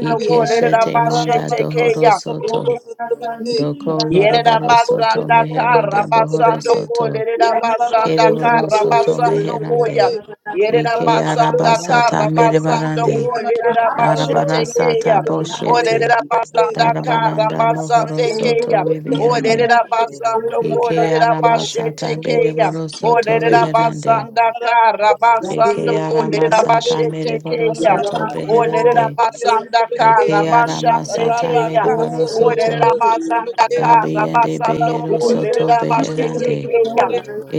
S4: now you're
S1: kolerera
S4: the
S5: Ikeshete
S4: last
S1: bashe
S5: Manda Dohoro
S4: oh
S5: Soto.
S6: Trabocoyes,
S4: last time,
S6: Trabeque,
S5: Doko
S1: Yerera
S5: loroboro
S4: yes,
S5: soto
S1: basanda kara
S5: meheranda bohoro
S1: basando ko
S5: soto.
S1: lerera basanda
S5: Kereboro
S1: kara
S5: soto
S4: yeah,
S1: basando koya.
S5: meherande.
S4: little school,
S1: Yerera
S5: Ike
S1: basanda
S5: arabasata
S1: kara
S3: you.
S1: basando
S4: Thank
S5: merebarande.
S1: ko lerera basete
S5: Arabarasata
S1: keya. O
S5: boshete.
S1: lerera basanda kara
S5: Darabaranda mohoro
S1: basande
S5: soto
S1: keya. O
S5: ribiande.
S1: lerera basando ko
S6: Rabaka,
S5: Ike
S1: lerera
S5: aramasata
S1: basete keya.
S5: bereboro
S1: O
S5: soto
S1: lerera
S5: reherande.
S1: basanda kara
S5: Ike
S1: basando ko lerera
S5: aramasata
S1: basete
S5: mereboro
S1: keya.
S5: soto
S1: O lerera
S5: beherande.
S1: basanda kara
S5: Ike
S1: basande
S5: aramasata
S1: keya.
S5: mereboro
S1: Olerera
S5: soto.
S1: basanda kara
S5: Dabiende
S1: basando
S5: behero soto
S1: kolerera basete
S5: beherande.
S1: keya.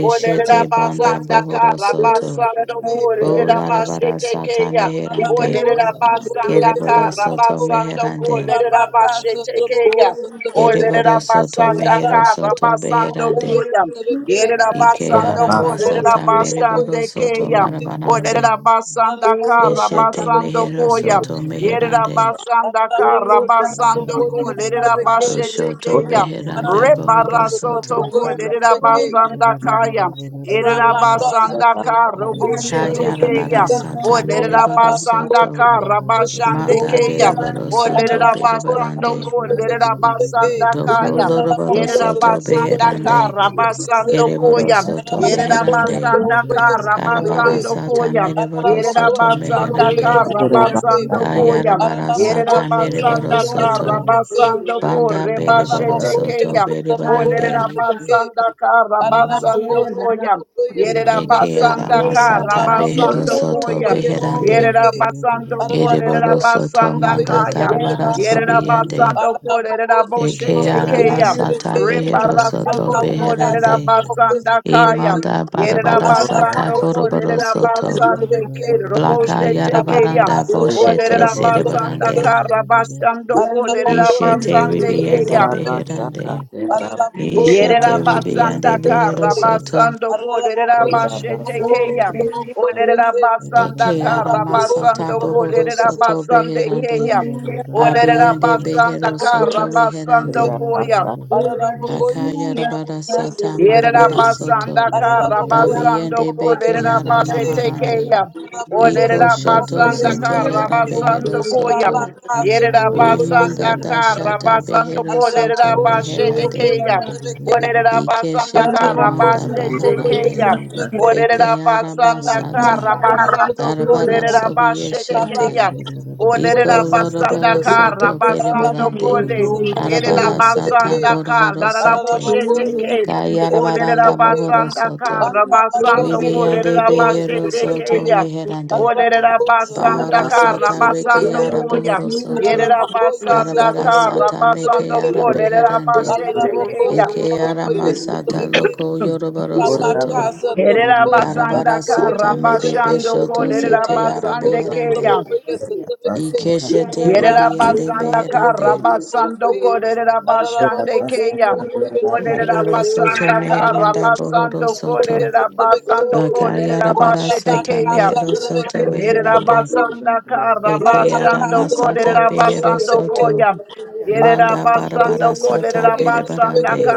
S1: Olerera
S5: banda
S1: basanda
S5: bohoro
S1: kara
S5: soto.
S1: basando kolerera
S5: Bolarabara
S1: basete
S5: sata
S1: keya.
S5: meherande.
S6: Ararabako,
S1: Olerera
S6: Sotraboko,
S1: basanda
S6: yes,
S5: Kereboro
S1: kara
S5: soto
S6: Sotraboko.
S1: basando
S5: meherande.
S1: kolerera
S6: Rabaka,
S1: basete
S6: Sotraboko,
S1: keya.
S6: Sotrabeke.
S1: Olerera
S5: Kereboro soto
S1: basanda
S5: mehero
S6: Ararabako,
S1: kara
S5: soto
S1: basando
S6: Sotraboko,
S5: beherande.
S6: yes,
S1: koya.
S6: Sotrabeke.
S1: Yerera
S5: Ike
S1: basando
S6: Ararabako,
S8: Rabasa
S1: kolerera
S5: aramasata
S6: Sotraboko,
S5: mereboro
S1: basande
S6: yes,
S5: soto
S1: keya.
S6: Sotrabeke.
S5: marabarande.
S1: Olerera basanda
S6: Ararabako,
S1: kara
S5: Eshete
S4: you.
S6: Sotraboko,
S1: basando
S5: mehero
S6: yes,
S1: koya.
S5: soto
S6: Sotrabeke.
S1: Yerera
S5: meherande.
S1: basanda
S4: Higher,
S6: Ararabako,
S1: kara
S6: Sotraboko,
S1: basando ko
S6: yes,
S1: lerera
S6: Sotrabeke.
S1: bashete
S7: you.
S5: Doshoto
S8: Soto
S1: keya.
S5: beheranda
S6: Ararabako,
S5: bohoro
S1: Rebara soto
S5: soto.
S6: Sotraboko,
S1: ko
S7: Makalia
S1: lerera
S7: kutuma
S6: Sotrabeke.
S1: basanda kaya.
S7: ikiwa
S1: Yerera
S3: Yeah,
S6: Rabaka
S7: raka
S1: basanda
S8: Rabasa
S1: kara
S3: Thank
S6: sotrobokoye
S7: yelekana
S1: boshete
S6: sotrobokoye
S7: yakiwa
S5: Kayarabara
S1: keya.
S6: se.
S1: O
S5: sata
S1: lerera
S7: yeria
S5: mereboro
S6: Araraboko
S1: basanda
S5: soto.
S3: you.
S1: kara
S6: sotrobokoye
S1: bashande
S5: Manda
S6: sotrobeke.
S1: keya.
S5: bereboro
S1: O
S5: soto
S1: lerera
S6: Araraboko
S1: basando
S5: berebarande.
S1: ko
S6: sotrobokoye
S1: lerera
S6: sotrobeke.
S1: basanda
S5: Doko
S1: kaya.
S5: loroboro
S6: Araraboko
S1: Yerera
S5: soto
S1: basanda
S6: sotrobokoye
S5: beherande,
S1: kara
S6: sotrobokoye se.
S1: basando
S5: ereboro
S1: koya.
S5: soto
S8: Rabasa
S1: Yerera
S6: Araraboko
S5: meherande,
S8: Rabasa
S1: basanda
S6: sotrobokoye
S1: kara
S5: karabara
S6: sotrobeke.
S1: basando
S5: sata
S1: koya.
S5: mereboro
S1: Yerera
S6: Araraboko
S5: soto
S1: basanda
S6: sotrobokoye
S5: meherande,
S1: kara
S6: sotrobeke.
S8: Rabasa
S1: basando koya.
S5: kayarabara
S6: Araraboko
S5: sata
S1: Yerera
S5: mereboro
S1: basanda
S6: sotrobokoye
S1: kara
S5: soto,
S6: sotrobeke.
S1: basando ko
S5: banda bereboro
S1: rebashete
S6: Ararabakoye
S5: soto
S1: keya.
S6: sotraboko
S5: bereborande,
S1: Olerera
S6: sotrabeke.
S1: basanda kara
S6: Ararabako
S1: basando koya.
S6: sotrabokoye
S1: Yerera
S5: eke
S6: sotrabeke.
S1: basanda kara
S5: aramasata
S6: Ararabako
S5: behero
S1: basando
S8: Rabasa
S5: soto
S1: koya.
S6: sotrabokoye
S5: beherande,
S1: Yerera
S6: sotrabeke.
S1: basando ko lerera
S6: Ararabako
S5: ereboro soto
S1: basanda
S6: sotrabokoye
S5: manda
S1: kaya.
S5: darabara
S6: sotrabeke.
S4: Thank
S1: Yerera
S5: sobiende,
S1: basando ko
S6: Araraboko
S1: lerera
S3: Yeah,
S5: eke
S6: sotraboko
S1: boshete keya.
S5: aramasata
S6: yesotrabeke.
S5: behero soto
S1: Rebarasoto ko
S6: Ararabaka
S5: beherande,
S1: lerera
S6: sotraboko
S1: basanda kaya.
S6: sotrabeke.
S5: Imanda barabara
S8: Ekoto
S5: sata
S1: Yerabasando
S6: Araraboko
S8: Rabasa
S1: ko
S5: boroboro
S6: sotraboko
S5: soto.
S1: lerabasande
S6: yesotrabeke.
S1: ke
S5: Blaka
S1: roboshe tekeya.
S6: Rabaka
S5: yarabaranda
S1: O
S8: Aya
S6: sotraboko
S5: boshete
S8: Robo
S6: sotraboko
S1: lerabasanda
S5: zerebarande.
S6: yese.
S1: karabasando ko
S6: Araraboko
S5: Ishete
S1: lerabasande
S6: sotraboko
S5: ribiande
S1: keya.
S6: yesotrabeke.
S8: Itarabasa
S5: beherande.
S8: Kande Rabasa
S6: Araraboko
S5: Ishete
S6: sotraboko
S5: ribiande
S1: Yerabasanda
S6: yesotrabeke.
S5: behero soto.
S1: karabasando ko
S6: Araraboko
S8: Rabasa
S1: lerabashe
S8: Rabasa
S6: sotraboko
S8: Rabasa
S1: tekeya. O
S6: sotraboko
S8: Rabasa
S6: yese.
S1: lerabasanda
S5: Eke
S6: Araraboko
S5: aramasata
S1: karabasando ko
S6: sotraboko
S5: bohoro soto
S6: yesotrabeke.
S1: lerabasande
S5: beherande.
S1: keya. O
S5: Abiende
S6: Araraboko,
S1: lerabasanda
S5: behero
S6: Sotrabokoi,
S5: soto
S1: karabasando
S6: Sotrabeke,
S5: beherande.
S8: Rabasa
S1: koya.
S6: Ararabokoi,
S5: Aka yarabara
S6: Sotrabokoi,
S5: sata
S1: Yerera
S6: Sotrabeke,
S5: marabara
S3: Yeah,
S5: soto.
S1: basanda kara
S6: Araraboko,
S1: basando
S5: Dabiende
S6: Sotrabokoi,
S5: beke
S1: kolerera bashe
S6: Sotrabeke,
S5: yaramaharande.
S1: tekeya.
S6: Araraboko,
S5: Iko
S1: Olerera
S5: shoto
S6: Sotrabokoi,
S1: basanda
S5: zete
S1: kara
S5: yara
S6: Sotrabeke,
S5: behero
S1: basando koya.
S5: soto.
S6: Rabaka,
S1: Yerera
S6: Sotrabokoi,
S5: Rimanda
S1: basanda
S6: Sotrabeke,
S1: kara
S5: dashata
S1: basando
S5: behero
S1: kolerera
S5: soto
S6: Araraboko,
S1: bashe
S6: Sotrabokoi,
S5: beherande.
S1: tekeya.
S6: Sotrabeke,
S1: Olerera
S5: Ike
S1: basanda
S5: shete
S1: kara
S6: Araraboko,
S5: manda
S1: bashe
S6: Sotrabokoi,
S5: baharande.
S1: tekeya.
S4: you.
S6: Sotrabeke,
S5: Eke
S1: Olerera
S5: yara
S6: Rabaka,
S1: basanda
S4: Thank
S5: basata.
S1: kara
S4: you.
S1: basando
S5: Arabara
S1: kolerera
S5: sobi
S1: bashe
S5: yeshete.
S1: tekeya.
S6: Ararabako,
S5: Iko
S1: Olerera
S6: yes,
S1: basanda
S5: lorobaro
S1: kara
S5: soto
S1: basando
S5: berebarande.
S1: kole. Yerera
S5: Arabara sata
S1: basanda kara
S5: borobaro
S1: la
S5: sete.
S1: la Olerera
S5: Kayarabaranda mohoro
S1: basanda
S5: soto.
S1: kara basando
S5: Ribiande
S1: kolerera
S5: behero
S1: basete
S5: soto
S1: keya.
S5: meherande.
S3: Thank
S1: Olerera basanda
S5: Bahara
S1: kara
S5: Sata Reke
S1: basando koya.
S5: Araboro Soto
S1: Yerera basanda
S5: Arabara
S6: Trabako,
S1: kara
S5: Sata Meke
S1: basando
S6: Sutlebeke,
S1: kolerera
S5: Arabeherande
S1: basete
S6: Araraboko
S1: keya.
S5: Eke
S6: sotraboko
S5: Aramasata
S6: yesotrabeke.
S5: Loko Yoroboro
S6: Rabaka
S5: Soto
S1: Yerera
S6: sotraboko
S5: Karabara
S1: basanda
S8: Rabasa
S6: sotraboko
S1: kara
S5: Sata
S6: yesotrabeke.
S5: Mebebe
S1: basando
S5: Shoto
S1: kolerera
S5: Zete
S6: Araraboko
S1: basande
S5: Arabeherande
S1: keya.
S6: sotraboko
S8: Thank
S6: yesotrabeke.
S5: Ikeshete
S1: Yerera
S6: Rabaka
S5: Ribiande
S1: basanda
S6: sotraboko
S1: kara
S5: Beherande
S6: sotraboko
S1: basando
S6: ye.
S1: korera
S6: Araraboko
S1: basande keya
S6: sotraboko yesotrabeke.
S5: Reboro Soto
S1: Yerabasanda
S5: Meheranda
S6: Araraboko
S5: Bohoro
S1: Karabasando Korabashande Kayam. Olerabasanda Karabasando
S6: sotraboko
S5: Soto
S6: yesotrabeke.
S1: Korabasando
S4: Oh, yes, I
S5: Bakayarabara
S1: Korabashete
S5: Sata
S6: Orabaka
S1: keya.
S5: Mehero
S6: sotrabeke
S5: Soto
S1: Dere
S5: Reherande
S6: sotraboko.
S1: Rabasanda
S5: Eke
S6: Rabaka
S1: Yerabasanda Karabashando
S5: Aramasata
S6: sotraboko
S5: Behero
S1: Korabasando
S6: sotrabeke.
S5: Soto
S1: Koya.
S5: Manda
S6: Ararabacô, sou
S5: barabara
S1: Yerabasando
S6: trabocô,
S5: sata
S6: esse
S1: Korabasanda
S5: berebarande.
S6: trabequei.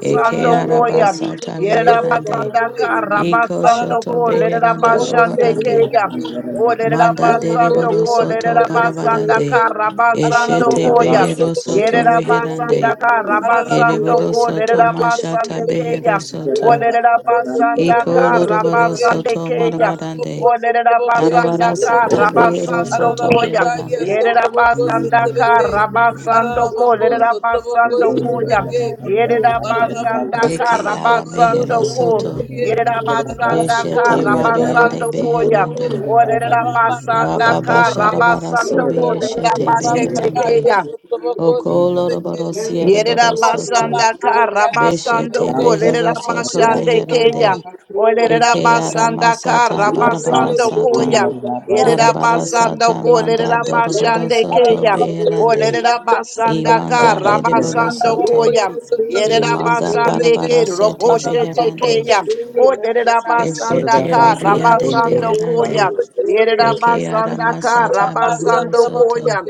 S5: Eke araba
S6: Ararabacô,
S1: Koya.
S6: sou
S5: sata
S6: trabocô, esse
S5: meherande.
S1: Yerabasanda
S6: trabequei.
S5: Iko
S1: Karabasando
S5: shoto
S6: Ararabacô,
S3: you.
S6: sou
S5: beheranda
S6: trabocô,
S1: Korabashande
S6: esse
S3: Yeah.
S5: bohorande.
S1: Kaya.
S6: trabequei.
S5: Manda
S6: Ararabacô,
S1: Orabasando
S6: sou
S5: deriboro soto
S6: trabocô, esse
S1: Korabasanda
S5: barabarande.
S6: trabequei.
S1: Karabasando
S5: Eshete
S6: Ararabacô, sou
S1: Koya.
S5: behero
S6: trabocô,
S5: soto
S6: esse
S1: Yerabasanda
S6: trabequei.
S5: reherande.
S1: Karabasando
S6: Ararabacô,
S5: Ereboro
S6: sou
S5: soto
S6: trabocô, esse
S1: Korabasande
S5: mashata
S6: trabequei.
S1: Kaya.
S5: behero soto.
S6: Ararabacô, sou
S1: Orabasanda
S6: trabocô,
S5: Iko
S6: esse
S5: loroboro
S6: trabequei.
S1: Karabasande
S5: soto
S1: Kaya.
S5: marabarande.
S6: Ararabacô, sou
S1: Olerera
S6: trabocô, esse
S1: basanda
S5: Arabara
S1: ka
S5: sata
S6: trabequei.
S5: behero
S1: rabasando
S5: soto
S1: koya.
S6: Ararabacá, yes,
S5: beherande.
S6: sou
S1: Yerera
S6: trabocô, esse
S1: basanda ka
S6: trabequei.
S1: rabasando ko
S6: Ararabacos,
S1: lerera
S6: Trabacos,
S1: basando koya.
S6: Trabequei,
S1: Yerera basanda ka
S6: Ararabacoias,
S5: Deke ara
S6: Trabacos,
S5: mehero
S1: rabasando ko.
S5: soto.
S6: Trabacoie,
S1: Yerera basanda
S6: Ararabacos,
S1: ka
S5: Beshete Rabiande
S1: rabasando
S6: Trabacoias,
S1: koya.
S6: Trabequei,
S5: Beherande.
S1: Olerera
S6: Rabacas,
S1: basanda
S4: Thank you.
S5: Rababa
S1: ka
S6: Trabequei,
S5: Sharabara
S4: Thank
S1: rabasando
S5: Sobi
S1: ko
S6: Trabacô,
S1: lerera
S5: Yeshete
S1: basete
S5: Beherande.
S1: keya.
S6: Rabacaias, Trabacos,
S5: Okoloroboro
S6: Trabequei,
S1: Yerera
S5: Sierboro Soto.
S1: basanda
S6: Rabaka,
S1: kara
S6: yes, at the
S1: basando
S5: Beshete
S1: ko
S6: case, at
S1: lerera
S5: Behero Soto
S8: you.
S6: yes, at
S1: basande
S3: Thank
S6: the
S1: keya.
S5: Beherande.
S6: case,
S1: Olerera
S6: Rabaka, at
S5: Ekeara
S6: the
S1: basanda
S5: Masata
S1: kara
S8: Orga
S5: Barabara
S1: basando
S5: Sata.
S1: koya.
S6: Rabaka,
S8: basso
S1: Yerera
S6: yes, at
S5: Darabara
S6: the
S1: basando
S5: Sata
S6: Boko, at
S1: ko
S6: the
S5: Manda
S1: lerera
S6: case,
S5: Doroboro
S1: basande
S5: Soto
S1: keya.
S6: Arabako, at
S5: Beherande.
S1: Olerera
S6: yes, at
S1: basanda
S6: the
S5: Imanda
S6: case,
S1: kara
S5: Bereboro
S1: basando
S6: Arabako,
S5: Soto.
S1: koya.
S6: yes, at the
S1: Yerera
S6: case, at
S5: Imanda
S1: basande
S5: Barabara
S1: ke
S5: Sete
S1: roboste
S6: Arabako,
S5: Beherande.
S1: tekeya.
S6: yes, at the case,
S1: Olerera
S6: at the case,
S1: basanda
S5: Eshete
S1: kara
S5: Ribiande
S6: Arabako, at
S1: basando
S6: the
S5: Beherande.
S1: koya.
S6: yes, at the
S1: Yerera
S6: case,
S5: Eke ara
S1: basanda kara
S5: masata
S6: Reabasa, at
S5: bohoro
S1: basando
S5: soto.
S1: koya.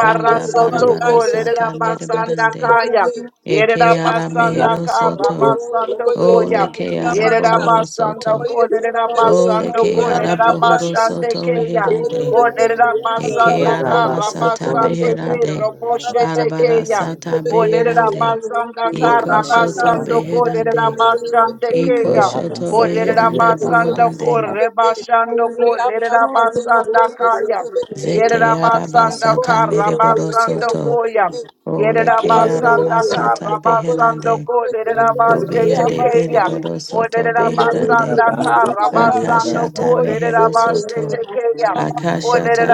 S5: Banda
S4: you.
S5: barabara
S6: the
S5: sata
S6: Boko, yes, Rabaka,
S5: merebarande.
S1: Lerabasandakaya.
S5: Eke ara mehero
S1: Yerabasandaka
S5: soto. Ole
S1: Rabasandokoya.
S5: ke ara bohoro soto.
S1: Yerabasandoko
S5: Ole ke
S1: Lerabasandoko
S5: ara
S6: Rabaka,
S5: bohoro soto
S1: Lerabashandekeya.
S5: reherande.
S1: O
S5: Eke ara
S1: Lerabasandaka
S5: masata
S1: Rabasandeke
S5: beherande. Arabara
S1: Roboshetekeya.
S5: sata
S1: O
S5: beherande.
S1: Lerabasandaka
S5: Iko shoto
S1: Rabasandoko
S5: beherande. Iko
S1: Lerabashandekeya.
S5: shoto
S1: O
S5: beherande bohorande.
S1: Lerabasandoko Rebashandoko
S6: Arabacas, otro poco y ese
S1: Lerabasandakaya.
S6: trabeque.
S5: Zete
S1: Yerabasanda
S5: arabasata
S6: Arabacos, otro
S5: mereboro
S1: Karabasando
S5: soto.
S1: Koyam.
S5: Ole ke ara
S1: Yerabasanda
S5: masata
S1: Karabasando
S5: beherande.
S1: Ko Lerabaste
S5: Dobiande
S1: Tekeyam.
S5: beriboro
S1: O
S5: soto beherande.
S1: Lerabasanda Karabasando
S5: Akashata
S1: Ko
S5: mehero
S3: you.
S1: Lerabaste
S5: soto.
S1: Tekeyam.
S3: Get it
S1: O
S3: out
S6: poco
S5: Akashata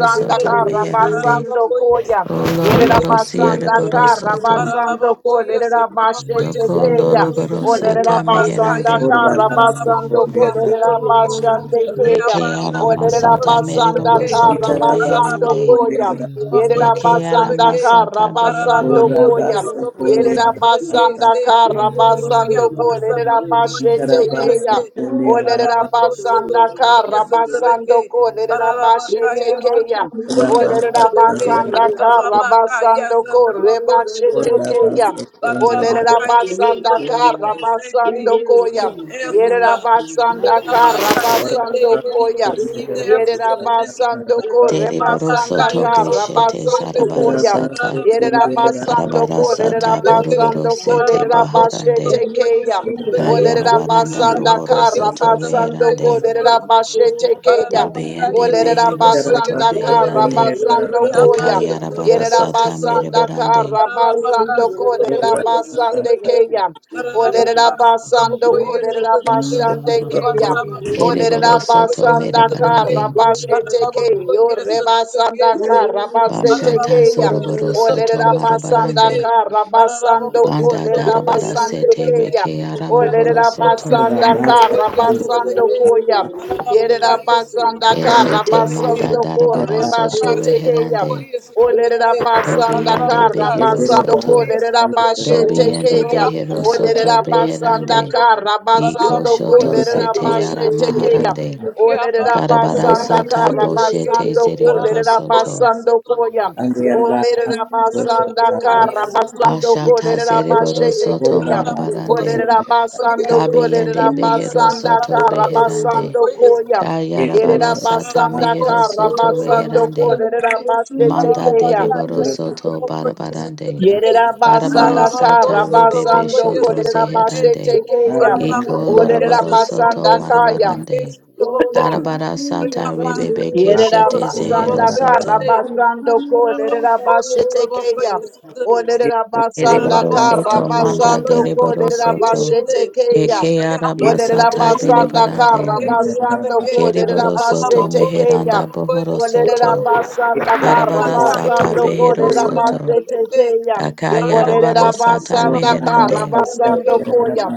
S6: y ese
S5: soto meherande.
S4: Oh,
S1: Karabasando Koyam.
S5: O loroboro
S4: Thank
S1: Yerabasanda
S5: siereboro soto.
S1: Karabasando Ko Lerabaste
S5: Doko
S1: Tekeyam.
S5: loroboro
S1: O
S5: sata
S1: Lerabasanda
S5: meherande.
S1: Karabasando Ko Lerabashande Keyam.
S5: Deke ara
S1: Olerera
S5: masata
S1: basanda
S5: meriboro
S1: kara
S5: soto
S8: Itarabas,
S1: basando
S5: beherande.
S1: koya.
S8: Omerabas,
S1: Yerera
S5: Eke ara
S1: basanda
S5: masata
S1: kara basando
S5: beherande.
S1: koya.
S8: Urabaso kondia
S1: Yerera basanda
S8: rabasata.
S6: Rabaka,
S1: kara
S6: Correia
S1: basando
S6: passa
S1: kolerera
S6: todo conheço
S1: bashete
S6: também
S8: Ikarabaso
S1: keya.
S6: que
S8: kondia
S1: Olerera
S8: rabasata.
S6: Ararabacoso
S1: basanda
S6: todo
S1: kara
S6: conheço também
S1: basando
S6: que
S1: kolerera bashete
S6: Ararabacaia se
S1: keya.
S6: todo conheço
S1: Olerera
S8: Urabaso
S6: também
S8: kondia
S6: que
S1: basanda kara
S6: Arabacaia
S1: basando
S6: se todo
S1: kore
S6: conheço
S1: bashete
S6: também
S1: keya.
S6: que
S1: Olerera
S8: rabasata.
S6: Ararabacaia se
S1: basanda
S6: todo
S1: kara
S6: conheço believe
S1: basando
S6: we receive
S1: koya.
S6: your answers
S1: Yerera
S6: God
S1: basanda
S3: of
S1: kara
S6: Rabaka, say
S1: basando
S6: they believe
S8: Urabaso
S6: we
S1: koya.
S3: Thank you.
S6: receive
S8: kondia
S6: the answers to the mysteries
S1: Yerabasando
S6: God
S1: ko
S8: rabasata.
S5: Deriboro
S1: rebasanda
S6: Rabaka
S5: soto
S1: ka
S6: yes, otro
S5: geshete
S6: poco
S1: rabasando ko
S5: zarabara
S6: ese.
S1: yam.
S5: sata.
S8: Ikarabaso
S6: Ararabaka,
S8: kondia rabasata. Urabaso kondia
S6: yes,
S1: Yerabasando
S5: Arabara
S1: ko
S6: Otroboko,
S8: rabasata.
S5: sata
S6: Sotrebeke,
S5: boroboro
S1: lerabasando ko
S4: you.
S5: sete
S6: Ararabako,
S4: Thank
S1: lerabashete
S5: baharande.
S6: Sotroboko,
S1: ke
S6: yes,
S1: yam. O
S6: Otrebeke,
S5: Kayarabaranda
S1: lerabasanda
S6: Ararabako,
S5: buhoro
S1: ka
S6: yes,
S5: soto
S6: Otrabaka,
S1: rabasando ko
S6: yes,
S5: reherande.
S6: Otroboko,
S1: lerabashete ke yam.
S6: Ararabaka,
S1: O
S5: Dabiende
S6: yes,
S5: behero
S6: Otroboko,
S5: soto
S6: yes,
S1: lerabasanda
S8: Ikarabaso
S1: ka
S6: Otrebeke,
S5: beherande.
S8: kondia
S1: rabasando ko
S8: rabasata.
S6: Reabas,
S1: yam.
S5: Dakayarabara
S6: Otroboko,
S8: Orabaso
S5: sata
S6: Sotroboko,
S1: Yerabasanda ka
S5: merebarande.
S6: Ararabaka,
S1: rabasando ko
S8: Pondia
S6: Sotroboko, yes,
S8: Rabasata,
S1: lerabasande
S6: Otrebeke,
S1: ke yam. O
S6: Ararabaka, Sotroboko,
S1: lerabasando ko
S6: yes, Otrebeke,
S1: lerabashande
S6: Arabaka,
S1: Orera
S5: Ereboro
S6: Sotraboko,
S5: soto
S6: yes,
S1: basanda
S6: Sotrabeke,
S1: kara
S5: merebarande.
S1: basete ke yore basanda kara basete
S5: Bashata
S1: ke ya
S5: zoroboro soto
S1: orera basanda
S5: marabarande.
S1: kara basando
S5: Banda
S1: orera
S5: darabara
S1: basande
S5: sete
S1: ke ya
S5: reke ara mohoro
S1: orera
S3: Thank
S5: soto.
S1: basanda kara
S8: rabasa,
S1: basando ko ya yerera basanda
S8: Urabasata.
S1: kara
S5: Eshete manda
S1: basando ko
S8: Thank
S5: darabara soto
S1: rebasete ke ya
S5: reherande.
S1: orera basanda
S5: Dobiende
S1: kara
S5: behero
S1: basando ko
S5: soto.
S4: you.
S1: orera
S4: Yes,
S5: Dobiende
S1: basete
S6: Arabako,
S5: behero soto
S1: Olerera basanda
S5: beherande.
S1: kara
S5: Iko
S1: basando
S5: shoto
S1: kolerera
S5: zete
S1: bashe
S5: yara
S1: tekeya.
S5: maharande.
S1: Olerera
S5: Karabara
S1: basanda
S6: Sotraboko, yes,
S5: sata
S1: kara
S5: boshete
S1: basando
S5: zereboro
S1: kolerera
S5: soto.
S1: basando koya. Olerera basanda kara basando
S5: Bashata
S1: kolerera bashe
S5: zereboro soto
S1: tekeya.
S5: marabarande.
S1: Olerera basando
S5: Kabiende
S1: kolerera
S5: behero
S1: basanda
S5: soto
S1: kara
S5: beherande.
S1: basando koya.
S6: Sotrabeke.
S5: Kayarabara
S1: Yerera
S5: sata
S1: basanda
S5: mehero
S6: Reabasa,
S1: kara
S5: soto
S1: basando
S5: beherande.
S1: kolerera bashe
S5: Manda
S1: tekeya.
S5: dereboro soto barabarande.
S1: Yerera
S5: Arabara
S1: basanda kara
S5: sata
S6: trabocoso,
S5: rebebe
S1: basando
S5: shoto
S1: kolerera basete
S5: zeherande.
S1: keya.
S5: Iko
S1: Olerera
S5: loroboro soto
S1: basanda kaya.
S5: marabarande.
S4: Oh, yes, I'm
S5: Arabara
S4: free,
S5: sata
S4: yes, I'm free.
S5: rebebe
S1: Yerera
S5: keshete zehero
S1: basanda
S3: you.
S1: kara
S5: soto.
S6: trabocoyese.
S4: I'm
S1: basando
S3: Thank
S1: ko
S4: coming,
S3: you.
S4: yes,
S1: lerera
S4: I'm
S1: basete
S4: free,
S1: keya.
S4: yes, I'm
S1: O
S4: free.
S1: lerera
S4: Oh,
S1: basanda
S5: Ereboro
S4: yes,
S1: kara
S4: I'm
S5: soto
S4: free.
S5: manda
S1: basando
S8: you.
S1: ko
S5: dereboro
S1: lerera
S4: Let me
S5: soto.
S4: walk
S1: basete
S4: in
S1: keya.
S4: yes,
S5: Eke
S4: I
S5: ara
S4: see.
S1: O
S8: Thank
S1: lerera
S4: I
S5: masata
S4: believe,
S1: basanda
S4: yes,
S5: berebarande.
S1: kara
S4: I'm free, yes, I'm
S1: basando
S4: free,
S1: ko
S4: yes,
S1: lerera
S4: I'm
S5: Kereboro
S4: free,
S5: soto
S4: yes,
S1: basete
S4: I'm free.
S5: meheranda
S1: keya. O
S5: bohoro
S1: lerera
S5: soto.
S4: Oh, yes, I'm
S1: basanda
S4: free, yes,
S1: kara
S5: Arabara
S4: I'm
S5: sata
S1: basando
S4: free,
S1: ko
S5: behero
S1: lerera
S4: yes,
S5: soto.
S4: I'm free.
S1: basete keya. O
S4: Hey, that's
S5: Akayarabara
S1: lerera
S4: what-
S5: sata
S1: basanda kara
S5: meherande.
S4: let me-
S1: basando koya.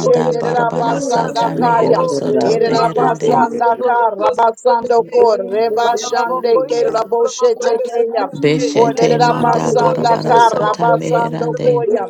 S4: let me look
S1: lerera
S5: barabara
S4: through, let me
S6: yes,
S5: sata
S4: look through.
S1: basanda
S5: mehero
S6: Sotraboko,
S5: soto
S4: Oh, yes,
S5: beherande.
S6: Rabaka
S4: I'm
S1: Erabasanda
S4: free.
S1: ka
S6: Sotraboko
S1: rabasando
S7: Rara
S6: Sotrabeke,
S1: ko rebashande
S6: Arabako,
S1: ke
S6: yes,
S1: raboshe
S6: Sotraboko, yes,
S1: tekeya.
S6: Sotrabeke,
S5: Beshete manda
S6: Arabako,
S1: Olerabasanda
S6: yes,
S5: barabara
S1: ka
S5: sata
S6: Sotraboko, yes,
S1: rabasando
S5: meherande.
S6: Sotrabeke,
S1: koya.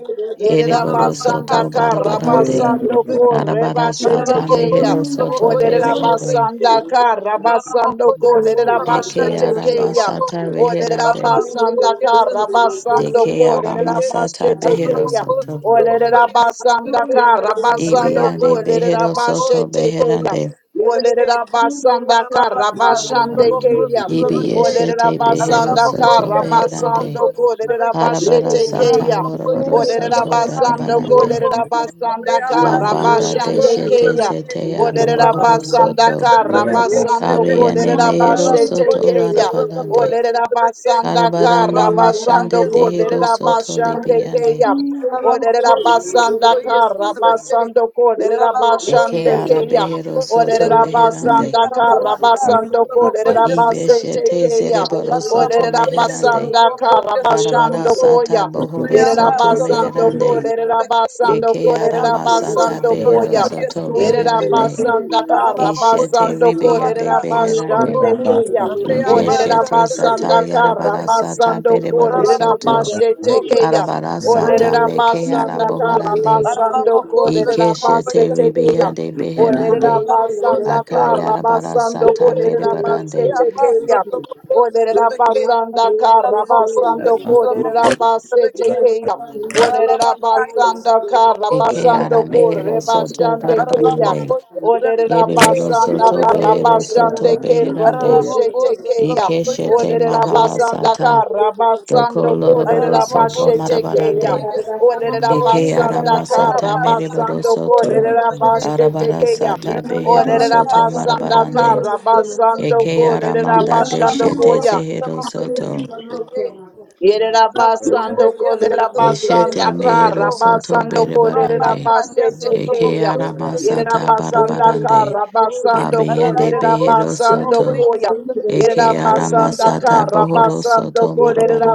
S5: Ereboro
S1: Yerabasanda
S5: soto
S6: Arabaka
S1: ka
S6: Sotraboko, yes,
S5: barabarande.
S1: rabasando ko
S6: Sotrabeke,
S5: Arabara
S1: rebashe
S5: sata
S6: Arabako
S1: tekeya.
S5: mehero soto
S6: Sotraboko, yes,
S5: beherande.
S6: Sotrabeke,
S1: Olerabasanda ka rabasando
S6: Ararabocoia,
S1: ko lerabashe
S5: Eke
S6: Satrabacaia,
S5: araba
S1: tekeya.
S6: Satrabaco.
S5: sata beherande.
S1: Olerabasanda
S6: Ararabocoia,
S1: ka
S6: Satrabacá,
S1: rabasando
S5: Deke
S1: ko
S5: arama
S6: Satrabacoia.
S5: sata
S1: lerabashe
S5: behero
S1: tekeya.
S6: Ararabocô,
S5: soto.
S1: Olerera
S6: Satrabacoia,
S1: basanda
S6: Satrabaquei.
S1: kara
S3: Thank you.
S1: basando
S6: Reabá,
S5: Ibiyande
S1: kolerera
S5: behero
S6: Satrabocô,
S5: soto
S1: bashete keya.
S6: Satrabacoia,
S5: beherande.
S1: Olele
S6: Satrabaquei.
S1: Rabasanda kara
S6: Ararabacá,
S1: bashande
S6: Satrabocô,
S1: keya.
S6: Satrabaquei.
S1: Olerera
S5: Ibiyeshete behero
S1: basanda
S5: soto
S1: kara
S5: meherande.
S1: basando kolerera
S5: Arabara
S1: bashete
S5: sata
S1: keya.
S5: moroboro
S1: Olerera
S5: soto
S1: basando
S5: barabarande.
S1: kolerera Rabasanda
S5: La
S1: kara
S5: banda de
S1: bashande
S5: shete
S1: keya.
S5: zete
S1: Olerera
S5: aramohoro
S1: basanda
S5: soto.
S1: kara basando
S5: Kabiyane
S1: kolerera
S5: mehero
S1: bashete
S5: soto
S1: keya.
S5: larabarande.
S1: Olerera basanda
S5: Karabarana
S1: kara
S6: Rabaka,
S1: basando
S5: mashande
S6: yes,
S5: dehero
S1: kolerera
S5: soto
S1: bashande
S6: Reabaça, trabocou, se
S5: libiande.
S1: keya. Olerera basanda
S6: trabequei.
S1: kara basando kolerera
S6: Ararabocou,
S5: Eke
S1: basande keya.
S5: arabehero soto
S1: Olerera
S5: meherande.
S1: basanda kara basando kolerera basete
S5: Ibeshete
S1: keya.
S5: zereboro soto
S1: Olerera
S6: se
S5: meherande.
S1: basanda
S6: trabocou,
S1: kara
S6: ia
S5: Arabara
S1: basando
S5: sata
S1: koya.
S5: bohoro
S1: Yerera
S5: soto
S1: basando
S5: meherande.
S1: kolerera basando
S5: Eke
S3: Thank
S1: kolerera
S5: aramasata
S1: basando
S5: behero
S1: koya.
S6: se
S5: soto
S1: Yerera
S6: trabequei.
S5: beherande.
S8: you.
S1: basanda kara
S6: Paranabacoia,
S5: Ishete
S1: basando
S5: ribiande
S1: kolerera
S6: Setrabacá,
S8: Ora
S5: beherande.
S1: basande
S6: Setrabacô,
S1: keya. Olerera
S6: Reabassa,
S5: Ikeshete zata
S1: basanda
S6: Trebequê,
S1: kara
S5: yarabara
S6: Setrebequê,
S5: sata
S1: basando
S5: bereboro
S1: kolerera
S6: Paranabacô,
S5: soto.
S1: basete
S6: Setrabacoia,
S1: keya.
S5: Arabara
S6: Setrebequê,
S5: sata
S1: Olerera
S5: meke
S1: basanda kara
S5: araboharande.
S1: basando
S6: Paranabacô,
S1: kolerera
S5: Ikeshete
S6: Setrabacoia,
S1: basetekeya.
S5: ribiande
S6: Setrebequê,
S1: Olerera
S5: beherande.
S6: Paranabacô,
S1: basanda kara
S5: Akayara
S6: Setrabacoia,
S5: bara
S1: basando
S5: sata
S6: Setrebequê,
S5: mere
S1: kolerera
S5: barande.
S6: Reabassa,
S1: basetekeya.
S6: Trabacô,
S1: Olerera
S6: Setrebequê,
S1: basanda kara
S6: Paranabacoia,
S1: basando kolerera
S6: Setrabacô, Setrebequê,
S1: basetekeya.
S4: Thank you.
S1: Olerera
S6: Paranabacá,
S1: basanda kara
S6: Setrabacô,
S5: Eke
S1: basando
S5: ara
S6: Setrebequê,
S5: mehero
S1: kore
S5: soto
S1: basandekeya.
S5: barabarande.
S6: Ararabocoia,
S1: Olerera
S5: Yereboro
S6: Satrabeque,
S1: basanda
S5: soto
S1: kara
S6: Satrabeque.
S5: behero soto
S1: basande kero
S5: beherande.
S6: Ararabocô,
S1: boshetekeya.
S6: Satrabocoia,
S5: Ikeshete
S1: Olerera
S5: mahara
S6: Satrabeque.
S1: basanda
S5: sata.
S1: kara
S5: Doko
S1: basando
S5: loroboro
S1: kolerera
S5: soto
S6: Ararabocô,
S4: Yara yara
S1: bashetekeya.
S4: yara
S5: marabarande.
S6: Satrabocoia,
S4: yara sari
S1: Olerera
S4: yara hu
S6: Satrabocô.
S5: Eke
S4: yara
S5: ara
S4: yara
S1: basanda
S4: hala ko tu
S5: masata
S1: kara
S6: Reabassa,
S5: mere boro
S1: basando
S6: Satrabocô,
S4: yara
S5: soto.
S4: ko tu
S1: kolerera
S4: se
S6: Satrabeque.
S4: sami
S5: Arabara
S1: bashetekeya.
S4: yara
S5: sata
S4: mo mo mo
S5: behero
S1: Olerera
S4: yara
S6: Ararabacá,
S5: soto
S4: la ko tu
S1: basanda
S6: Satrabocoia,
S4: yara
S5: marabarande.
S1: kara
S4: da ko
S6: Satrabeque.
S1: basando
S5: Eke ara
S1: kolerera
S4: yara la
S5: manda
S4: hala ko
S1: basando
S5: deshete
S6: Ararabocô,
S1: koya.
S5: zehero
S4: tu
S6: Satrabocoia,
S4: si
S5: soto.
S4: la no ko
S6: Satrabeque.
S4: na ko ko yara la
S1: Yerabasando
S6: Ararabocoia,
S4: ko tu yara da ko yara la ko yara la ko yara la ko yara la ko tu
S6: Satrabeque,
S5: Deshete
S1: Kolerabasanda
S5: mehero
S6: Satrabocô.
S5: soto
S1: Karabasando
S5: berebarande.
S6: Rabacaia,
S3: you.
S5: Eke
S1: Kolerabasetekeya.
S6: Satrabocô,
S5: aramasata
S6: Satrabeque.
S1: Yerabasanda
S5: barabarande.
S1: Karabasando
S5: Abiyende
S6: Ararabocô,
S5: behero
S1: Kolerabasando
S5: soto.
S6: Satrabocoia,
S1: Koya.
S6: Satrabeque.
S5: Eke
S1: Yerabasanda
S4: yara
S5: aramasata bohoro
S1: Karabasando
S5: soto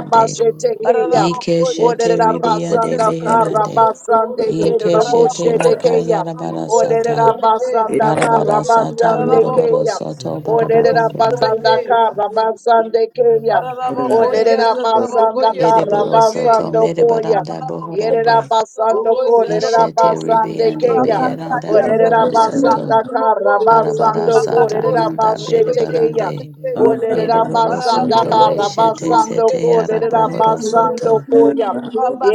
S4: la ko
S3: Thank
S5: Ike
S6: Ararabocoia,
S4: tu
S5: shete ribiyande
S6: Satrabocoia,
S1: Olerabasanda
S3: you.
S5: beherande.
S6: Satrabequei.
S1: Karabasande
S5: Ike
S4: Thank
S5: shete
S6: Ararabocoia,
S5: laka
S1: Keraboshetekeya.
S6: Satrabocoia,
S5: yarabarasata.
S6: Satrabequei.
S1: Olerabasanda
S5: Arabarasata
S1: Karabasande
S5: morobaro
S1: Keya.
S6: Ararabocoia,
S5: soto
S6: Satrabocoia,
S5: barabarande.
S1: Olerabasanda
S6: Satrabequei.
S1: Karabasande Keya.
S6: Ararabocoia,
S1: Olerera basanda
S6: Satrabocoia,
S1: kara
S4: you.
S5: Ereboro
S6: Satrabequei.
S5: soto
S1: basando koya.
S5: merebaranda
S6: Ararabocoia,
S1: Yerera
S5: bohorande.
S1: basando
S6: Satrabocoia,
S4: Oh, yes.
S1: kolerera
S5: Ishete
S6: Satrabocó.
S1: basande
S5: ribiyande
S1: keya.
S5: beheranda
S4: Yeah,
S6: Rabacaia,
S4: you're
S1: Olerera
S5: bohoro
S4: the
S6: Satrabocó,
S4: queen
S5: soto.
S1: basanda
S4: of my
S1: kara
S6: Satrabocó.
S5: Arabara
S4: the
S1: basando
S4: holy one,
S5: sata
S6: Rabacó,
S1: kolerera
S5: manda
S4: I'm
S5: bere
S6: Satrabocoia,
S1: basete
S4: worshiping you.
S1: keya.
S5: barande.
S6: Satrabequei.
S4: Yeah,
S1: Olerera
S5: Ereboro
S1: basanda
S5: soto
S6: Ararabocoia,
S1: kara
S5: beshete
S1: basando
S6: Satrabocoia,
S5: zete
S1: kolerera
S6: Satrabequei.
S5: araboro
S4: the
S1: basando
S5: soto.
S4: queen of
S1: koya.
S4: the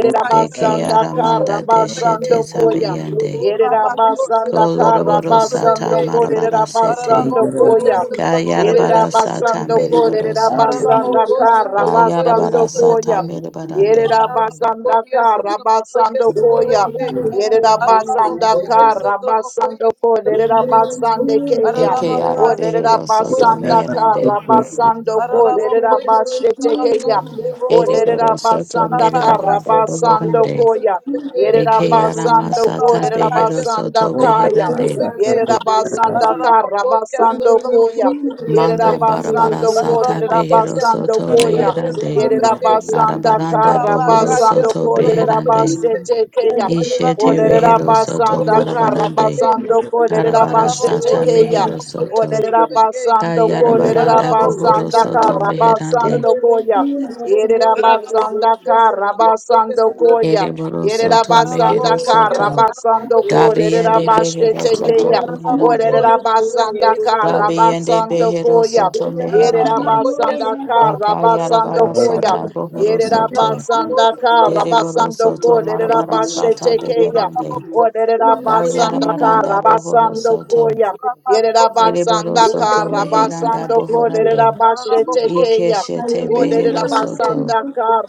S4: the
S5: Deke
S1: basanda
S6: Sotroboko
S1: kara
S5: aramanda
S6: Sotrobeke,
S5: deshete
S1: basando koya.
S5: sabiyande.
S4: world, I'm
S1: Yerera
S6: Rabako
S1: basanda
S6: Sotroboko
S1: kara
S5: Koloroboro sata
S1: basando
S6: Sotrobeke,
S5: marabara
S1: kolerera
S5: sete.
S1: basando
S6: Ararabokoya
S1: koya.
S4: Oh, yes, oh, yeah,
S6: Sotrobokoya
S1: Yerera
S5: Kayarabara sata
S1: basando
S6: Sotrobeke,
S1: ko,
S5: mereboro
S1: yerera
S5: soto.
S1: basanda
S6: Araraboko
S1: ka,
S4: yeah, yeah,
S6: Sotrobokoya
S5: Kayarabara
S1: rabasando
S5: sata
S1: koya.
S6: Sotrobeke,
S5: merebarande.
S1: Yerera basanda
S6: Ararabokoya
S1: ka,
S6: Sotrobokoya
S1: rabasando
S3: Thank
S1: koya.
S6: Sotrobeke,
S1: Yerera
S4: yeah,
S1: basanda
S4: yeah,
S6: Ararabokoya
S4: yeah.
S1: ka, rabasando
S6: Sotrobokoya
S1: ko,
S4: Yeah,
S1: yerera
S6: Sotrobeke,
S4: the
S1: basande
S4: queen of the
S1: keya.
S5: Eke
S1: O
S6: Ararabaka
S1: yerera
S5: arabehero
S6: Sotroboko
S5: soto
S1: basanda ka,
S5: meherande.
S6: Sotrobeke,
S1: rabasando ko,
S4: oh, yeah, you're
S6: Araraboko
S1: yerera
S6: yesu
S4: the
S1: basete
S4: queen
S6: trabako
S4: of the
S1: keya.
S4: world,
S1: O
S6: sutraboko.
S4: I'm-
S1: yerera
S5: Ereboro soto
S1: basanda ka,
S6: Rabaka
S5: merebaranda
S6: sutraboko
S1: rabasando
S5: bohorande.
S6: yesu
S1: koya.
S6: trabeke.
S1: Yerera
S5: Eke
S1: basando ko,
S5: aramasata
S1: yerera
S6: Ararabakaya
S5: behero
S1: basanda
S5: soto
S6: sotraboko
S1: kaya.
S5: beherande.
S6: sotrabeke.
S1: Yerera basanda ka,
S6: Ararabakoya
S1: rabasando
S6: sotraboko
S1: koya.
S6: sotrabeke.
S5: Manda barabara
S1: Yerabasando ko,
S5: sata behero
S6: Ararabakoya
S1: Yerabasando
S5: soto
S1: koya.
S6: sotrabakoya
S5: beherande.
S6: sotrabeke.
S1: Yerabasanda
S5: Arabaranda
S1: kara,
S5: bohoro
S6: Rabakaya
S1: basando
S5: soto
S1: ko,
S6: sotrabakoya
S5: beherande.
S6: se.
S1: Yerabasete keya.
S5: Ishete
S6: Ararabako
S5: rehero soto
S1: Oderabasanda
S6: sotrabakoya
S1: kara,
S5: marabarande.
S6: sotrabeke.
S1: basando ko,
S5: Arabara
S6: Ararabako
S1: Yerabasete
S5: sata
S4: oh, yeah,
S1: keya.
S4: yeah.
S5: mehero
S8: Thank
S6: sotrabakoya
S5: soto.
S6: sotrabeke.
S1: Oderabasando
S4: When you
S1: ko,
S5: Kayarabaranda
S6: Ararabako
S5: bohoro
S1: Yerabasanda
S5: soto
S1: kara,
S6: sotrabakoya
S5: meherande.
S1: basando
S6: sotrabeke.
S3: you.
S1: koya.
S6: Ararabako
S1: Yerabasanda kara,
S6: sotrabakoya
S1: basando koya.
S6: sotrabeke
S5: Ereboro
S3: Thank
S5: soto
S3: you.
S6: para la
S1: Yerabasanda
S5: mehero
S6: bocoya
S1: kara,
S6: se
S5: soto.
S1: basando
S6: trabocoya
S1: ko,
S6: se
S5: Dabiende
S6: trabeque,
S5: behero
S1: Yerabasete
S5: soto
S1: keya.
S6: para la
S1: Orere
S5: beherande.
S6: bocoya se
S1: rabasanda
S6: trabeque, se
S1: ka
S6: trabeque,
S5: Dabiende
S1: rabasando
S5: behero
S1: koya.
S5: soto
S6: para
S1: Yere
S6: la
S5: meherande.
S6: bocoya
S1: rabasanda
S6: se
S1: ka
S6: trabocoya se
S1: rabasando
S5: Dakayarabara
S6: trabeque,
S1: koya.
S5: sata bohoro
S1: Yere
S6: para la
S5: soto.
S1: rabasanda
S6: bocoya se
S1: ka
S6: trabocoya
S5: Deriboro
S6: se
S1: rabasando
S5: soto
S1: ko. Lere
S6: trabeque,
S5: marabara sata
S1: rabashete
S6: para
S1: keya.
S6: la
S5: beherande.
S6: bocoya se
S1: Orere
S6: trabocoya se
S1: rabasanda ka
S5: Kayarabaranda
S6: trabeque,
S5: bohoro
S1: rabasando
S5: soto.
S1: koya. Yere
S6: rabaco se
S5: Eriboro
S1: rabasanda
S6: trabocoya
S1: ka
S5: soto
S6: se
S5: meheranda
S1: rabasando
S6: trabeque,
S1: ko. Lere
S5: bohorande.
S6: para la
S1: rabashete
S6: bocoya se
S1: keya.
S5: Ikeshete
S6: trabocoya se
S1: Orere
S5: behero
S6: trabeque,
S5: soto.
S1: rabasanda ka